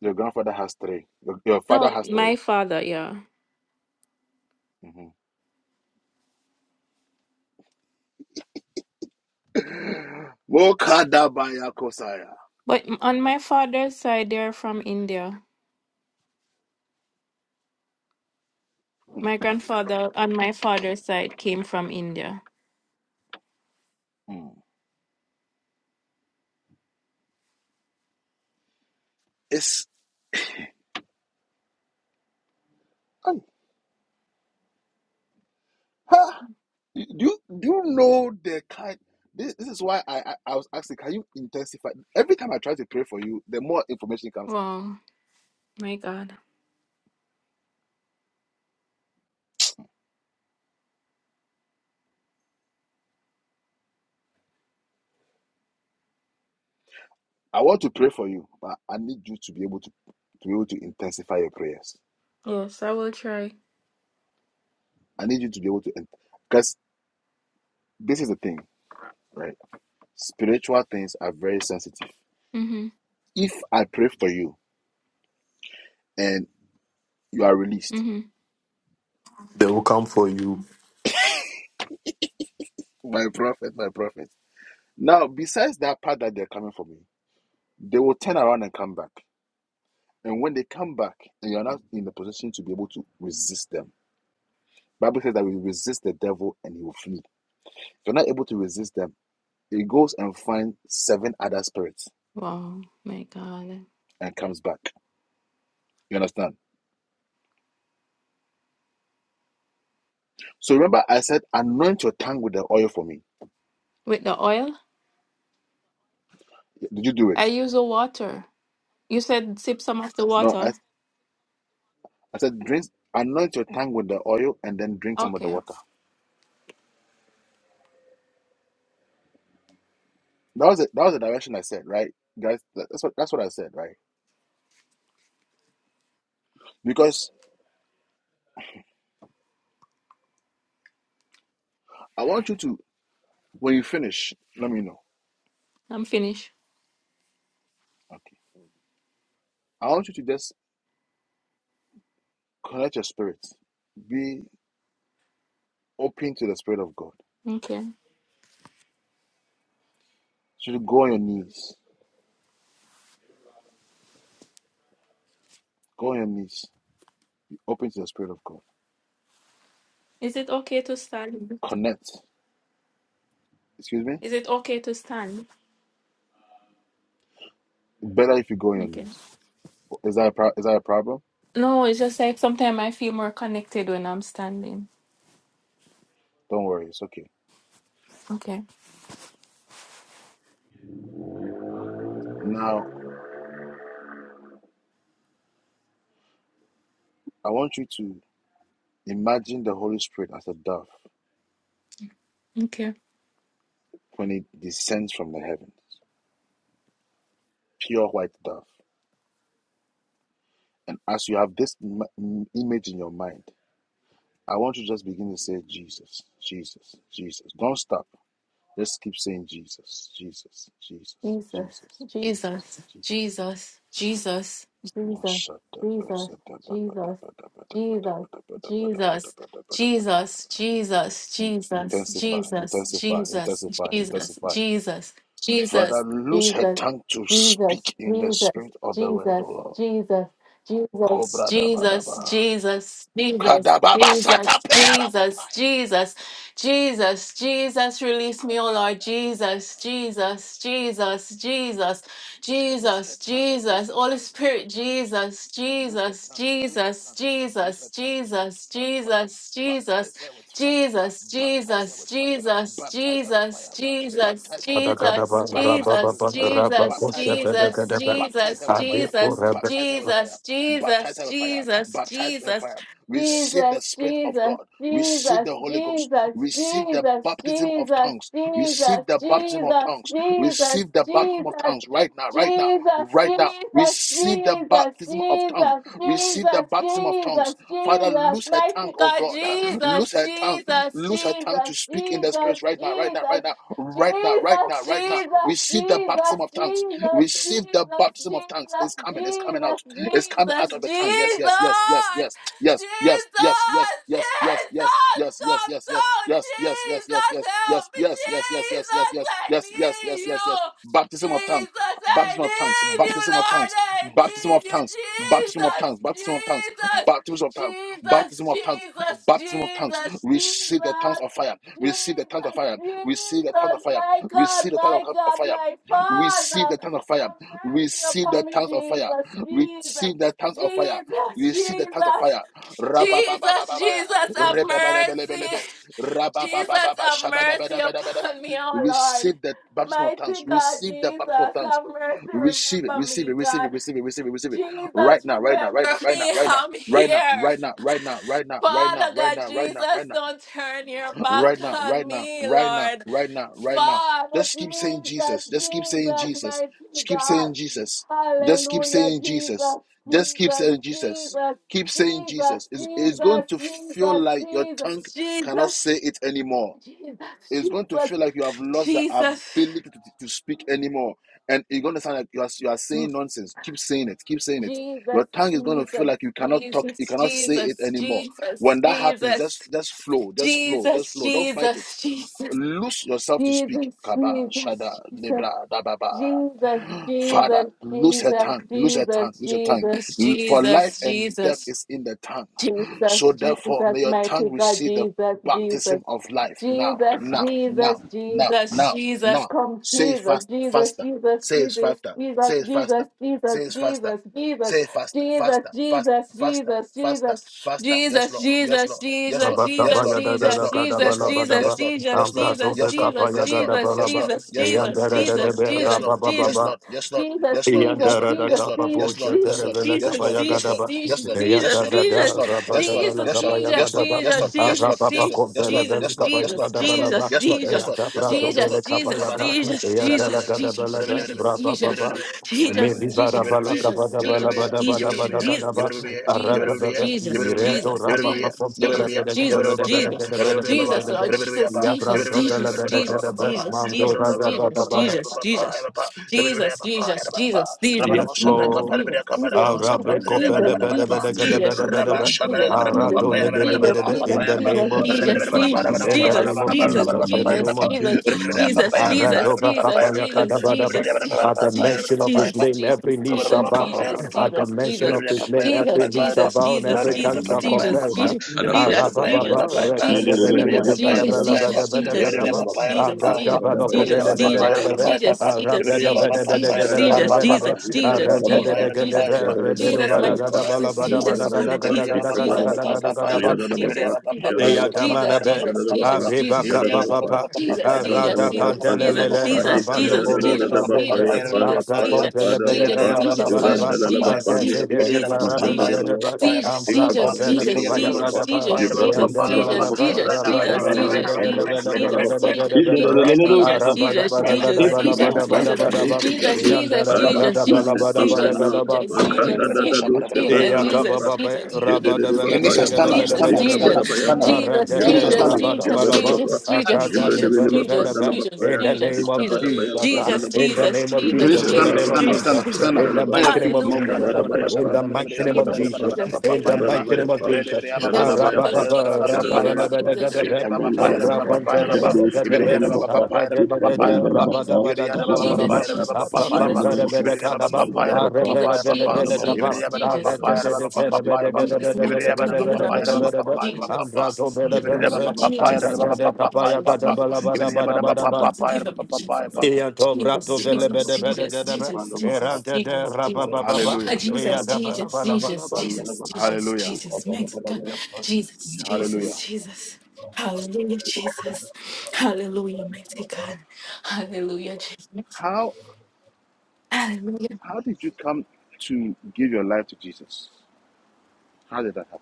F: Your grandfather has three. Your, your father
G: No,
F: has
G: my
F: three.
G: father, yeah.
F: Mm-hmm. Mokadabaya Kosaya.
G: But m- on my father's side, they are from India. My grandfather on my father's side came from India.
F: Mm. It's I- ha. do you do you know the kind this, this is why I, I I was asking can you intensify every time I try to pray for you the more information comes out
G: Wow, my God.
F: I want to pray for you but I need you to be able to to be able to intensify your prayers
G: Yes, I will try.
F: I need you to be able to because this is the thing right Spiritual things are very sensitive.
G: Mm-hmm.
F: If I pray for you and you are released,
G: Mm-hmm.
C: They will come for you.
F: my prophet, my prophet. Now, besides that part that they're coming for me, they will turn around and come back. And when they come back, and you're not in the position to be able to resist them, Bible says that we resist the devil and he will flee. If you're not able to resist them, he goes and finds seven other spirits
G: Wow, my God.
F: and comes back. You understand? So remember, I said, anoint your tongue with the oil for me.
G: With the oil?
F: Did you do it?
G: I use the water. You said sip some of the
F: No,
G: water.
F: I I said, drink, anoint your tongue with the oil, and then drink some of the
G: Okay,
F: water. That was it. That was the direction I said, right, guys? That- That's what that's what I said, right? Because I want you to, when you finish, let me know.
G: I'm finished.
F: Okay. I want you to just connect your spirit, be open to the spirit of God.
G: Okay.
F: So you go on your knees, go on your knees, be open to the spirit of God.
G: Is it okay to stand?
F: Connect. Excuse me.
G: Is it okay to stand?
F: Better if you go on your
G: Okay.
F: knees. Is that a pro- is that a problem?
G: No, it's just like sometimes I feel more connected when I'm standing.
F: Don't worry, it's okay.
G: Okay.
F: Now I want you to imagine the Holy Spirit as a dove
G: Okay.
F: when it descends from the heavens, pure white dove. And as you have this im- image in your mind, I want you to just begin to say, Jesus, Jesus, Jesus. Don't stop. Just keep saying, Jesus, Jesus, Jesus, Jesus, Jesus, Jesus. Intensify, intensify, intensify, intensify. Father, loose her tongue to speak in the spirit of the word, O Lord. Cobra da ba da ba. Kadababa satapera kopaya.
G: Jesus, Jesus, release me, oh Lord.
F: Zadabroska
G: Jesus,
F: pantele
G: Jesus, Jesus, Jesus,
F: Loose her
G: Jesus,
F: tongue, loose
G: Jesus,
F: her
G: Holy
F: tongue, loose her
G: Spirit,
F: tongue, loose her
G: Jesus,
F: tongue, loose her
G: Jesus,
F: tongue, loose her
G: Jesus,
F: tongue, loose her
G: Jesus,
F: tongue to speak.
G: Jesus,
F: Father,
G: Jesus, Jesus.
F: baptize her with fire,
G: Jesus,
F: baptize her
G: Jesus,
F: with fire,
G: Jesus,
F: baptize her with
G: Jesus,
F: fire,
G: Jesus,
F: baptize her with fire,
G: Jesus,
C: Adagadaba,
G: Jesus,
F: baptize her with
G: Jesus,
C: rabababa,
F: fire,
G: Jesus,
F: baptize her with fire,
G: Jesus,
C: rabakosepedekadebe,
F: baptize her with fire,
G: Jesus,
C: adekorebe,
F: baptize her with fire,
G: Jesus,
F: baptize
G: Jesus,
F: her with fire,
G: Jesus,
F: baptize her with
G: Jesus,
F: fire. Receive the
G: Jesus,
F: Spirit of
G: Jesus,
F: God, receive the
G: Jesus,
F: Holy Ghost,
G: Jesus,
F: receive the
G: Jesus,
F: baptism of
G: Jesus,
F: tongues,
G: Jesus,
F: receive the
G: Jesus,
F: baptism of
G: Jesus,
F: tongues.
G: Jesus,
F: Receive the baptism of
G: Jesus,
F: tongues right now,
G: Jesus,
F: right now, right now.
G: Jesus,
F: Receive the
G: Jesus,
F: baptism of tongues.
G: Jesus,
F: Receive the
G: Jesus,
F: baptism of
G: Jesus,
F: tongues. Father,
G: Jesus,
F: loose her
G: mighty
F: tongue, oh
G: God,
F: God.
G: Jesus,
F: Loose her tongue.
G: Jesus,
F: Loose her tongue
G: Jesus,
F: to speak in the
G: Jesus,
F: spirit right now, right now, right
G: Jesus,
F: now,
G: Jesus,
F: right now, right
G: Jesus,
F: now, right now. Receive the
G: Jesus,
F: baptism
G: Jesus,
F: of tongues.
G: Jesus, Jesus,
F: Receive the baptism of tongues.
G: Jesus,
F: It's coming. It's coming out.
G: Jesus,
F: It's coming out of
G: Jesus.
F: the tongue. Yes, yes, yes, yes, yes.
G: Jesus, Jesus, come down. Jesus, help me. Jesus, I need you. Jesus, I need you, Lord. I need you, Jesus, Jesus, Jesus, Jesus, Jesus, Jesus, Jesus, Jesus, my God, my God, my Father. Have mercy upon me, Jesus, Jesus,
F: You see the
G: Jesus,
F: tongues of fire.
G: Jesus, Jesus,
F: Rabababababaya,
G: Jesus, have mercy.
F: rebebelebelebelebe,
G: Jesus,
F: rabababababa,
G: have mercy
F: shabadabadabadabadaba.
G: upon me, oh Lord.
F: Receive the baptism of tongues.
G: Mighty God,
F: Receive the baptism of
G: Jesus,
F: tongues.
G: have mercy.
F: Receive it,
G: Remember
F: receive
G: me,
F: it, receive
G: God.
F: it, receive it, receive it, receive it. Right
G: Jesus,
F: right now,
G: remember
F: right now, right now,
G: me.
F: right now,
G: I'm
F: right now,
G: here.
F: right now, right now, right now, right now, right now,
G: Father
F: right
G: God,
F: now, right now,
G: Jesus,
F: right now,
G: don't turn your back
F: right now,
G: on
F: right now,
G: me,
F: right now,
G: Lord.
F: right now, right now.
G: Father
F: Just keep saying
G: Jesus,
F: Jesus. Just keep saying
G: Jesus,
F: Jesus.
G: mighty
F: Just keep
G: God.
F: saying Jesus. Just keep
G: Hallelujah,
F: saying
G: Jesus,
F: Jesus. Just keep
G: Jesus,
F: saying Jesus.
G: Jesus,
F: Keep saying
G: Jesus,
F: Jesus. It's, it's going
G: Jesus,
F: to feel
G: Jesus,
F: like your
G: Jesus,
F: tongue cannot
G: Jesus,
F: say it anymore
G: Jesus,
F: it's going to
G: Jesus,
F: feel like you have lost the
G: Jesus,
F: ability to, to speak anymore. And it's going to sound like you are, you are saying nonsense. Keep saying it. Keep saying it.
G: Jesus,
F: Your tongue is going to feel
G: Jesus,
F: like you cannot talk. You
G: Jesus,
F: cannot say it
G: Jesus,
F: anymore.
G: Jesus,
F: When that happens,
G: Jesus,
F: just just flow. Just flow. Just
G: Jesus,
F: flow. Don't fight it.
G: Jesus, Jesus,
F: Lose yourself to speak.
G: Jesus,
F: Kaba, Shada,
G: Jesus, Jesus.
F: Libra, Dababa.
G: Jesus, Jesus,
F: Father, lose her tongue, lose her tongue,
G: Jesus, Jesus, Jesus,
F: lose her tongue. For life
G: Jesus,
F: and death
G: Jesus,
F: is in the tongue.
G: Jesus,
F: So therefore, may
G: Jesus,
F: your
G: mighty
F: tongue
G: God,
F: receive the
G: Jesus, Jesus,
F: baptism of life now, now, now, now, now, now. Say it faster, faster. Say it faster, say it faster, say it faster. Say it faster, faster, faster, faster, faster, faster. Yes, Lord. Yes, Lord. Yes, Lord. Yes, Lord. Yes, Lord. Yes, Lord. Yes,
C: rabakabayadadadakadabalabalaba,
F: Lord. Yes, Lord. Yes, Lord. Yes, Lord. Yes,
C: ambrasobekapayagadabalaba,
F: Lord. Yes, Lord. Yes, Lord. Yes, Lord.
C: eyanderededebe,
F: yes, Lord,
C: rabababa. da da kaba bosha derevele kabaya gadaba. Yanda da da raba da bala kabaya gadaba. Araba ba kombele vele kabaya gadaba laba. Yanda brado bele kabaya ka. Yanda la gadaba laba. Braba baba. Maybe bara bala kabada bala bada bada bada gadaba. Araba baba. Mireto raba ba kombele vele gadaba da
F: Papa,
C: da da da da da. da da da da ba ba ka la bele bele bele Yabra
H: Thank
C: Yes, Lord. Arabrikofelebedebedegedebedebedebe. Aradonebelebedebe. In the name of Jesus, in the name of Jesus, in the name of Jesus, Aradobakafayakadabadaba. at the mention of his name, every knee shall bow. At the mention of his name, every knee shall bow and every tongue shall confess.
F: Papa,
H: you.
G: Jesus, Jesus,
H: Baba,
G: Jesus, Jesus,
H: jada da da
G: Jesus,
H: baba,
G: Jesus,
H: yapa
G: Jesus,
H: da
G: Jesus,
H: baba
G: Jesus.
H: jada da da
G: Jesus,
H: baba,
G: my
H: yapa,
G: Jesus,
H: jabra da
G: Jesus, Father,
H: yapa,
G: Jesus,
H: hikabra da
G: Jesus,
H: baba,
G: Jesus, Jesus,
H: jada da
G: Jesus,
H: baba,
G: Jesus,
H: jada da
C: Eya
H: baba,
G: Jesus, Jesus,
C: damana be
G: Jesus,
C: areba
G: Jesus,
H: jada da
C: kapa
G: Jesus.
C: papa
G: Jesus, Jesus, Jesus,
C: arada
G: Jesus,
C: kantelele rabando
G: Jesus, Jesus, Jesus,
C: bolo sabrende
G: Jesus, Jesus, Jesus,
C: ampa
G: Jesus,
C: kompele
F: Kenisha,
C: bele gada bala
G: Jesus, Jesus,
C: bada ba
G: Jesus, Jesus,
C: ante de
G: Jesus,
C: de de
G: Jesus,
C: marabele
G: Jesus,
C: bede ba ampa kompele kupaya gada ba eya dala la la ba rabala bala bede bede bede bede bede bede bede bede
H: Jabra,
C: araba da bada
H: Well,
C: gada
H: Take it
C: bala
H: now,
C: bada bada bada
H: Makado
C: ba
H: Shevrando,
C: eya dala da
H: Father,
C: gada
H: please
C: bala
H: set
C: bada
H: on right
C: bada
H: now,
C: gada ba
H: Makanda Dadado Shevrandana Bapa,
C: Yakababa, rabada
H: Jedede
C: Eyakababa,
H: Bapaya,
F: stand up, stand up, stand
H: Ekabada
F: up, stand up.
H: Bayapa,
C: de
F: Kenisha,
C: rabada
H: Yadada
F: stand up.
H: Shadada
C: rabadabalaba,
H: Bapa,
C: akadani,
H: Jibrede Vinamapa,
C: belebelebe,
H: Dana
C: in the name of
H: Ekabada
C: Jesus.
H: Bayapa,
C: uh,
H: Nana
C: In the name of
F: Tanisha,
C: Jesus. In
F: stand
C: the
H: Jedada
F: up,
C: name of
F: stand up,
H: Bapa,
F: stand
C: Jesus.
F: up, stand up.
C: In
H: Randana
C: the
F: On your
C: mighty
H: Bapa,
C: name
F: feet.
C: of
F: Moka da
C: Jesus.
F: da
C: uh,
H: Ekabada
F: ba da ba
C: In
F: shabra
H: Bayapa,
C: the
F: da ba da ba da
C: mighty
F: ya ka
C: name of
F: ba
H: Jabada
F: da da ba da
H: Bapa,
F: ba
C: Jesus.
F: da pa pa
C: In
F: pa
C: the
F: ya da
H: Jibrada
F: ba.
C: mighty name of
H: Bayapa,
F: Re de de
C: Jesus.
F: ya ba ba
G: Jesus,
H: Jadada
F: ba pa pa da
H: Bayapa,
G: Jesus,
F: da ba da ba
C: Arabababa,
F: da
G: Jesus,
F: pa
H: Jadada
F: pa ya ba.
G: Jesus,
H: Bayapa,
F: De
G: Jesus,
F: de de
C: rakabalabadagadaba,
F: ya
G: Jesus,
F: ba ba
H: Ekabanda
F: pa ya da
G: Jesus,
F: da ba pa
H: Bapa,
F: pa ya
G: multiply,
F: ba pa.
H: Jados
G: Jesus,
F: Ibe de ya
C: abrapambalabadagadaba,
F: da
H: Jadada
F: ba
G: Jesus,
F: ba ba
H: Bapa,
F: pa ya da ba da ba pa ya
C: aragadadada,
G: Jesus,
F: ba pa.
H: Ikabrandalabapa,
G: Jesus,
F: Ibe de ya da ba ba ba pa
G: Jesus,
C: rabadabadagadabadaba,
F: ya da
H: Zaradabapa,
F: ba da ba
G: Jesus,
F: pa pa ya
G: Jesus, Jesus,
F: ba.
H: Zalabadabapa,
F: Ibe de ya ba ba pa
C: apakamparabadakadaba,
G: Jesus,
F: pa ya da ba da ba
G: Jesus,
H: Zandalabapa,
F: pa pa
G: Jesus,
F: ya ba pa. Ibe
C: arepelebelebelekaba,
F: de
H: Zaladabayapa,
G: Jesus, Jesus,
F: ya ba da ba pa
G: Jesus,
F: pa ya da ba da ba
H: Zaladabayapa,
F: pa
G: Jesus,
F: pa ya ba.
G: Jesus,
F: Ibe
H: Ikabadabapa,
F: de
G: mighty
F: ya ba da
G: God,
F: ba pa
G: deliver me,
F: pa ya da ba
G: Jesus,
F: da ba pa pa
C: aretedekerabedegadabadagadabadagadabadagada,
F: ya ba pa
G: Jesus,
H: Zabadiyapandalabapa,
F: pa.
G: Jesus,
F: Ibe de ya ba
G: Jesus,
F: ba
C: ambratombelebelebe,
F: pa pa
H: Zipandalabapa,
F: ya da
G: Jesus,
F: ba da
G: Jesus, Jesus, Jesus, Jesus, mighty
C: antadadekapayagadabalabadabadabadaba,
G: God, deliver me, Jesus,
H: Ikabadabapa,
G: Jesus,
C: Ianto
G: Jesus,
C: brato vele
G: Jesus,
C: bede
H: Zipandalabapa,
C: bede gede be.
G: Jesus,
H: Zipandalabapa,
C: Erante de
G: Jesus, Jesus, Jesus,
H: Makabarapa,
C: rabababa.
G: Ah,
F: Hallelujah.
G: Jesus,
C: Uyada
H: Zandalabapa,
G: Jesus, Jesus, Jesus,
H: Zipandalabapa,
G: Jesus,
F: Hallelujah.
G: Jesus, mighty God,
H: Ikabadabadabayapa,
G: Jesus, Jesus,
F: Hallelujah.
G: Jesus,
H: Zabadiyapandalabapa, Makabarapa,
G: Hallelujah,
H: Zandalabapa,
G: Jesus, Hallelujah.
F: How how did you come to give your life to Jesus? How did that happen?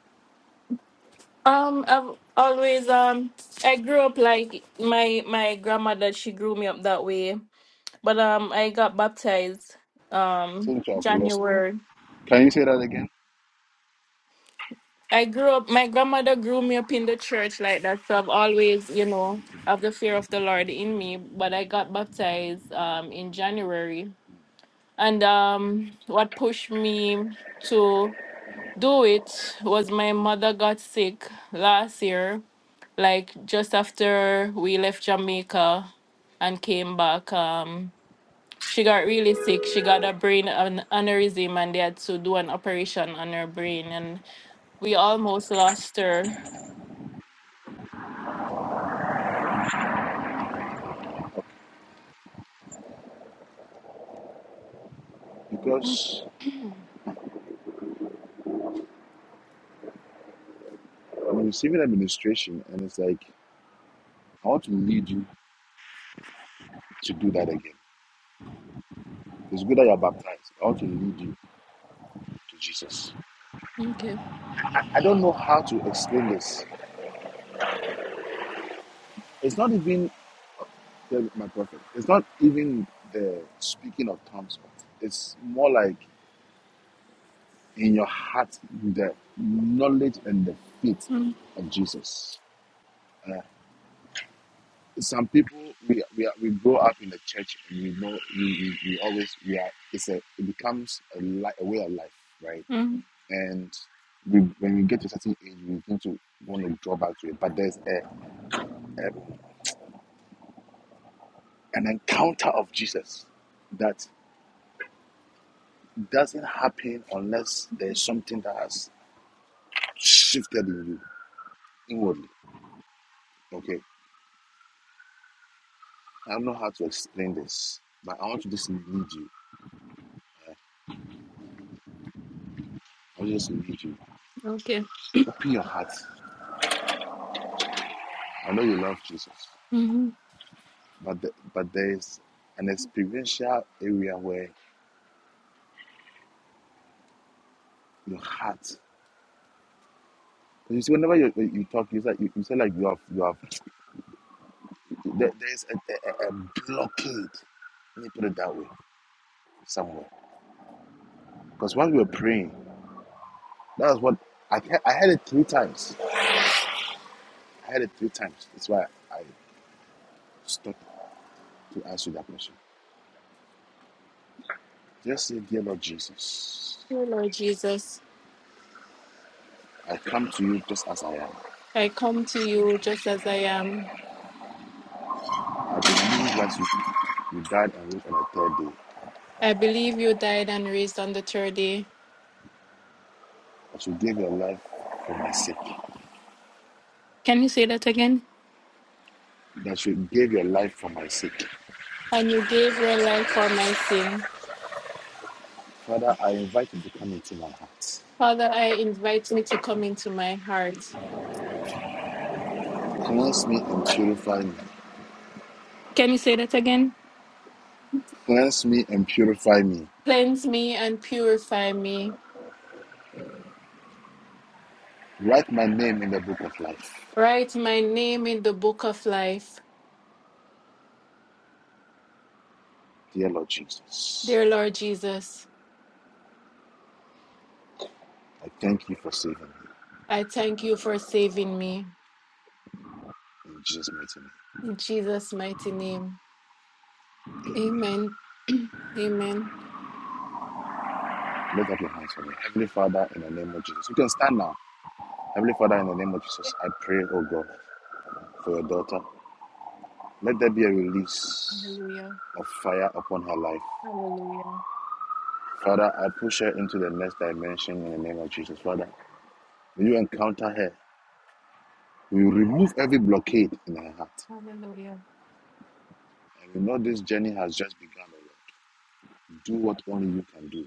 G: Um, I've always um I grew up like my my grandmother, she grew me up that way. But um I got baptized um
F: Seems to have lost.
G: January.
F: Can you say that again?
G: I grew up my grandmother grew me up in the church like that, so I've always, you know, have the fear of the Lord in me. But I got baptized um in January. And um what pushed me to do it was my mother got sick last year, like just after we left Jamaica and came back. Um, she got really sick. She got a brain an aneurysm, and they had to do an operation on her brain, and we almost lost her.
F: Because I'm receiving administration and it's like I want to lead you to do that again. It's good that you're baptized. I want to lead you to Jesus.
G: Okay.
F: I, I don't know how to explain this. It's not even the, my prophet. It's not even the speaking of tongues. It's more like in your heart the knowledge and the faith
G: Mm,
F: of Jesus. Some people we we, are, we grow up in the church and we know we, we, we always we are it's a it becomes a, li- a way of life, right?
G: mm,
F: And we when we get to a certain age, we begin to want to draw back to it. But there's a, a an encounter of Jesus that doesn't happen unless there's something that has shifted in you inwardly. Okay, I don't know how to explain this, but I want to just lead you. I just need you.
G: okay.
F: Open your heart. I know you love Jesus, but the, but there is an experiential area where your heart. You see, whenever you, you talk, you say you, you say like you have you have there, there is a, a, a blockade. Let me put it that way somewhere. Because while we were praying, that was what I I had it three times. I had it three times. That's why I stopped to answer that question. Just say, dear Lord Jesus,
G: Dear Lord Jesus,
F: I come to you just as I am.
G: I come to you just as I am.
F: I believe that you, you died and rose on the third day,
G: I believe you died and raised on the third day.
F: that you gave your life for my sake,
G: Can you say that again?
F: that you gave your life for my sake.
G: And you gave your life for my sin.
F: Father, I invite you to come into my heart.
G: Father, I invite you to come into my heart.
F: Cleanse me and purify me.
G: Can you say that again?
F: Cleanse me and purify me.
G: Cleanse me and purify me.
F: Write my name in the book of life.
G: Write my name in the book of life.
F: Dear Lord Jesus,
G: Dear Lord Jesus,
F: I thank you for saving me.
G: I thank you for saving me.
F: In Jesus' mighty name.
G: In Jesus' mighty name. Amen. Amen.
F: Lift up your hands for me. Heavenly Father, in the name of Jesus. You can stand now. Heavenly Father, in the name of Jesus, I pray, oh God, for your daughter. Let there be a release
G: Hallelujah.
F: of fire upon her life.
G: Hallelujah.
F: Father, I push her into the next dimension in the name of Jesus. Father, may you encounter her. We remove every blockade in her heart.
G: Hallelujah.
F: And we know this journey has just begun. O Lord. Do what only you can do.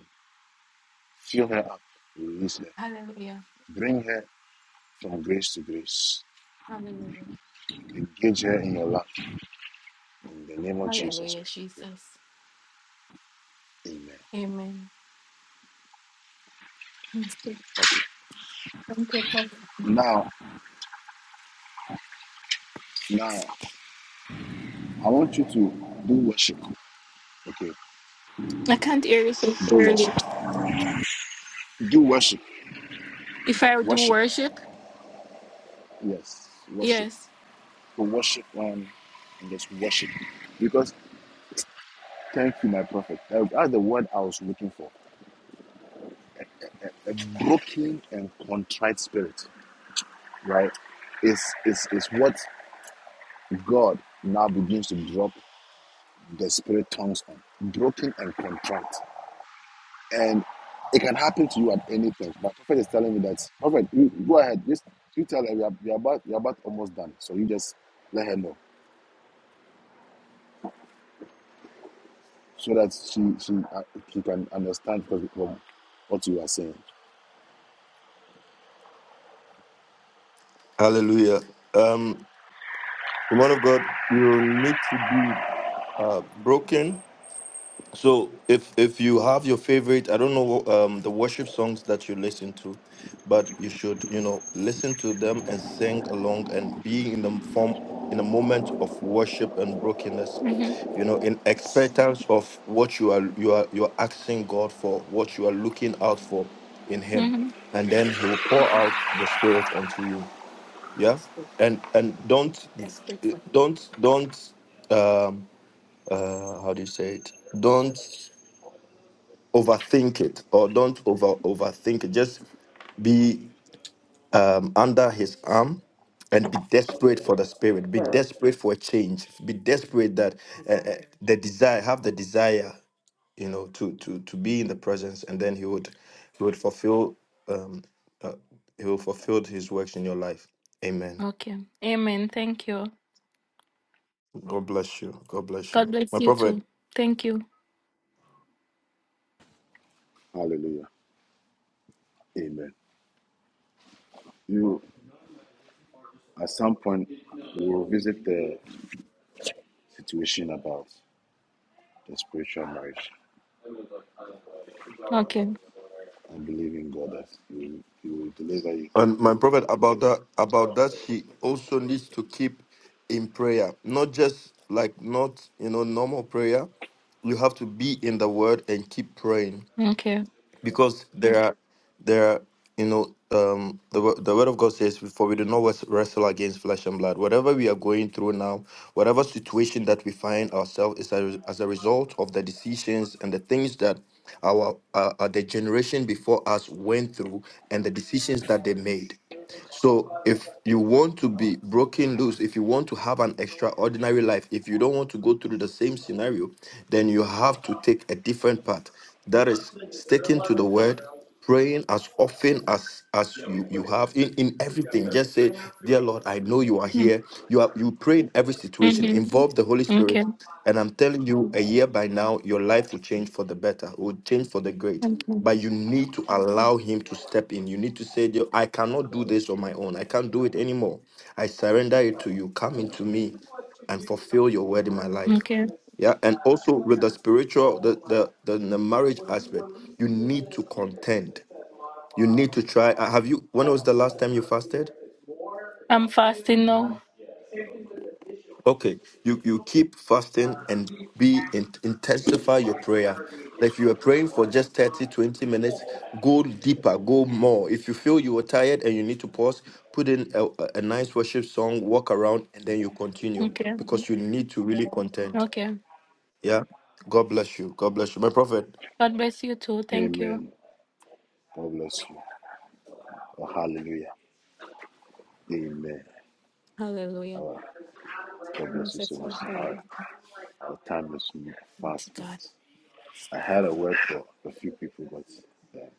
F: Fill her up. Release her.
G: Hallelujah.
F: Bring her from grace to grace.
G: Hallelujah.
F: Engage her in your love. In the name of Jesus
G: Hallelujah,
F: Christ, I
G: Jesus.
F: pray. Amen.
G: Amen. Thank you, Father.
F: Now, now, I want you to do worship. Okay,
G: I can't hear you so
F: do
G: clearly.
F: worship. Do worship.
G: If I do
F: Worship.
G: worship,
F: Yes, worship
G: yes.
F: to worship um and just worship because thank you my prophet Uh, that's the word i was looking for a broken and contrite spirit right is is is what god now begins to drop the spirit tongues on broken and contrite and it can happen to you at any time. but prophet is telling me that prophet you go ahead just you tell her we are, we are about we are about almost done so you just let her know so that she she uh, she can understand because what you are saying
C: Hallelujah. Um, woman of God, you need to be uh, broken So if if you have your favorite, I don't know um the worship songs that you listen to, but you should you know listen to them and sing along and be in the form in a moment of worship and brokenness, you know, in expectance of what you are you are you are asking God for, what you are looking out for in Him,
G: hmm
C: and then He will pour out the Spirit onto you. Yeah, and and don't don't don't um uh how do you say it? Don't overthink it or don't over overthink it. Just be um, under his arm and be desperate for the spirit. Be desperate for a change. Be desperate that uh, uh, the desire have the desire, you know, to to to be in the presence, and then he would he would fulfill um, uh, he will fulfill his works in your life. Amen.
G: Okay. Amen. Thank you.
C: God bless you. God bless you,
G: God bless
C: my
G: you
C: prophet.
G: too. Thank you.
F: Hallelujah. Amen. You, at some point, will visit the situation about the spiritual marriage.
G: Okay.
F: and believe in God that He will, deliver you.
C: And my prophet, about that, about that, she also needs to keep in prayer, not just like not you know normal prayer. You have to be in the Word and keep praying
G: Okay.
C: because there are there are you know um the wo- the Word of God says, "For we do not wes- wrestle against flesh and blood." Whatever we are going through now, whatever situation that we find ourselves is as as a result of the decisions and the things that our uh, uh, the generation before us went through and the decisions that they made so if you want to be broken loose, if you want to have an extraordinary life, if you don't want to go through the same scenario, then you have to take a different path. That is sticking to the word, praying as often as as you you have in in everything. Just say, "Dear Lord, I know you are here." You are you pray in every situation.
G: Mm-hmm.
C: Involve the Holy Spirit,
G: Okay.
C: and I'm telling you, a year by now, your life will change for the better. Will change for the great
G: Okay.
C: but you need to allow him to step in. You need to say, "Yo, I cannot do this on my own. I can't do it anymore. I surrender it to you. Come into me and fulfill your word in my life.
G: Okay.
C: Yeah. And also with the spiritual, the the the, the marriage aspect, you need to contend. You need to try. uh, Have you when was the last time you fasted?
G: I'm fasting now.
C: Okay, you you keep fasting and be in, intensify your prayer. If you are praying for just 30 20 minutes, go deeper, go more. If you feel you are tired and you need to pause, put in a, a a nice worship song, walk around, and then you continue
G: Okay.
C: because you need to really contend.
G: Okay.
C: Yeah. God bless you. God bless you. My prophet.
G: God bless you too. Thank you.
F: Amen. God bless you. Oh, hallelujah. Amen.
G: Hallelujah.
F: Our- God bless you so much.
G: Merciful Father,
F: Our, our time is fast
G: to God,
F: spent. I had a word for a few people, but um,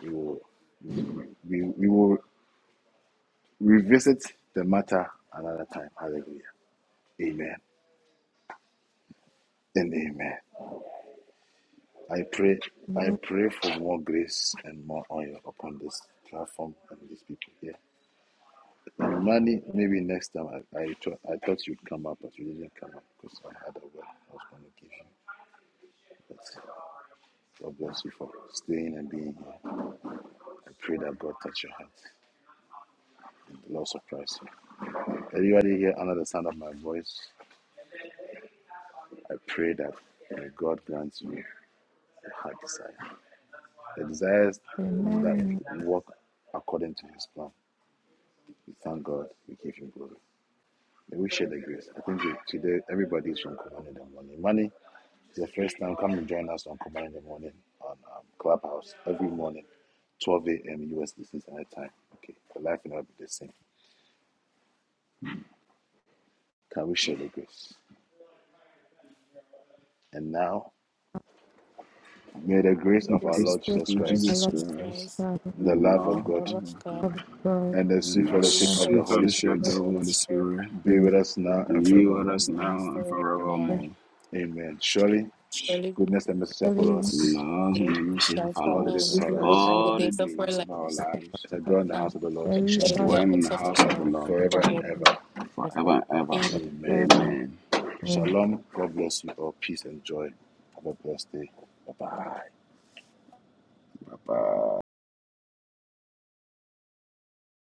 F: we will we, we will revisit the matter another time. Hallelujah. Amen and amen. I pray, I pray for more grace and more oil upon this platform and these people here. And money, maybe next time. I I, thought I thought you'd come up, but you didn't come up because I had a word I was going to give you. But God bless you for staying and being here. I pray that God touch your heart. The Lord surprise you. Everybody here under the sound of my voice, I pray that may God grant you a heart desire, the desires
B: Amen. man
F: that work according to His plan. We thank God. We give Him glory. May we share the grace. I think today everybody is from Command in the Morning. Money is the first time. Come and join us on Command in the Morning on um, Clubhouse every morning, 12 a.m. US Eastern Standard Time. Okay, the life will not be the same. Can we share the grace? And now, may the
G: in
F: grace
G: the
A: The
F: of our
G: grace of
A: grace
F: Lord
A: of
B: the
F: Jesus
G: our Lord
B: a
F: Christ,
A: Jesus
B: lot
G: Jesus
A: Christ,
G: Christ.
B: of
F: the
A: and the
F: love
G: and
F: of
A: love
F: God,
G: love of
A: of
G: God,
A: God,
B: God,
F: and the sweet
A: and the
G: who
F: fellowship
G: is
B: and
F: of the
A: sweet
G: fellowship
F: Holy
G: of
A: fellowship of
G: the
A: the
F: Spirit
G: Holy
A: Holy
G: Spirit,
A: Spirit
F: be with
B: to
F: us
G: who
F: now and
G: is
A: be
G: now
A: with
F: forevermore.
A: us
G: and
A: now and
B: the
G: forevermore.
A: forevermore.
F: Amen. Surely,
G: Surely
F: goodness and mercy shall follow
B: very,
G: goodness and
F: us
A: Love and
G: mercy
A: the mercy shall
G: shall
F: all the
A: follow
G: follow
F: days of
A: us
G: us
F: our lives
G: all the
A: all the
G: days of our
A: days of our
G: lives,
A: lives.
F: as I dwell in the
G: and
F: house of the Lord
G: we
A: We
G: shall
B: very
A: shall
G: dwell in the
B: Son
A: dwell in the
G: house of the
A: house of the
G: Lord
A: Lord
F: forever and
G: forever
F: ever.
G: and ever.
A: forever and ever.
G: Amen.
F: Amen.
B: ever.
A: Amen.
F: Shalom. God bless you all. Peace and joy. Have a blessed day. Bye bye.
A: Bye bye.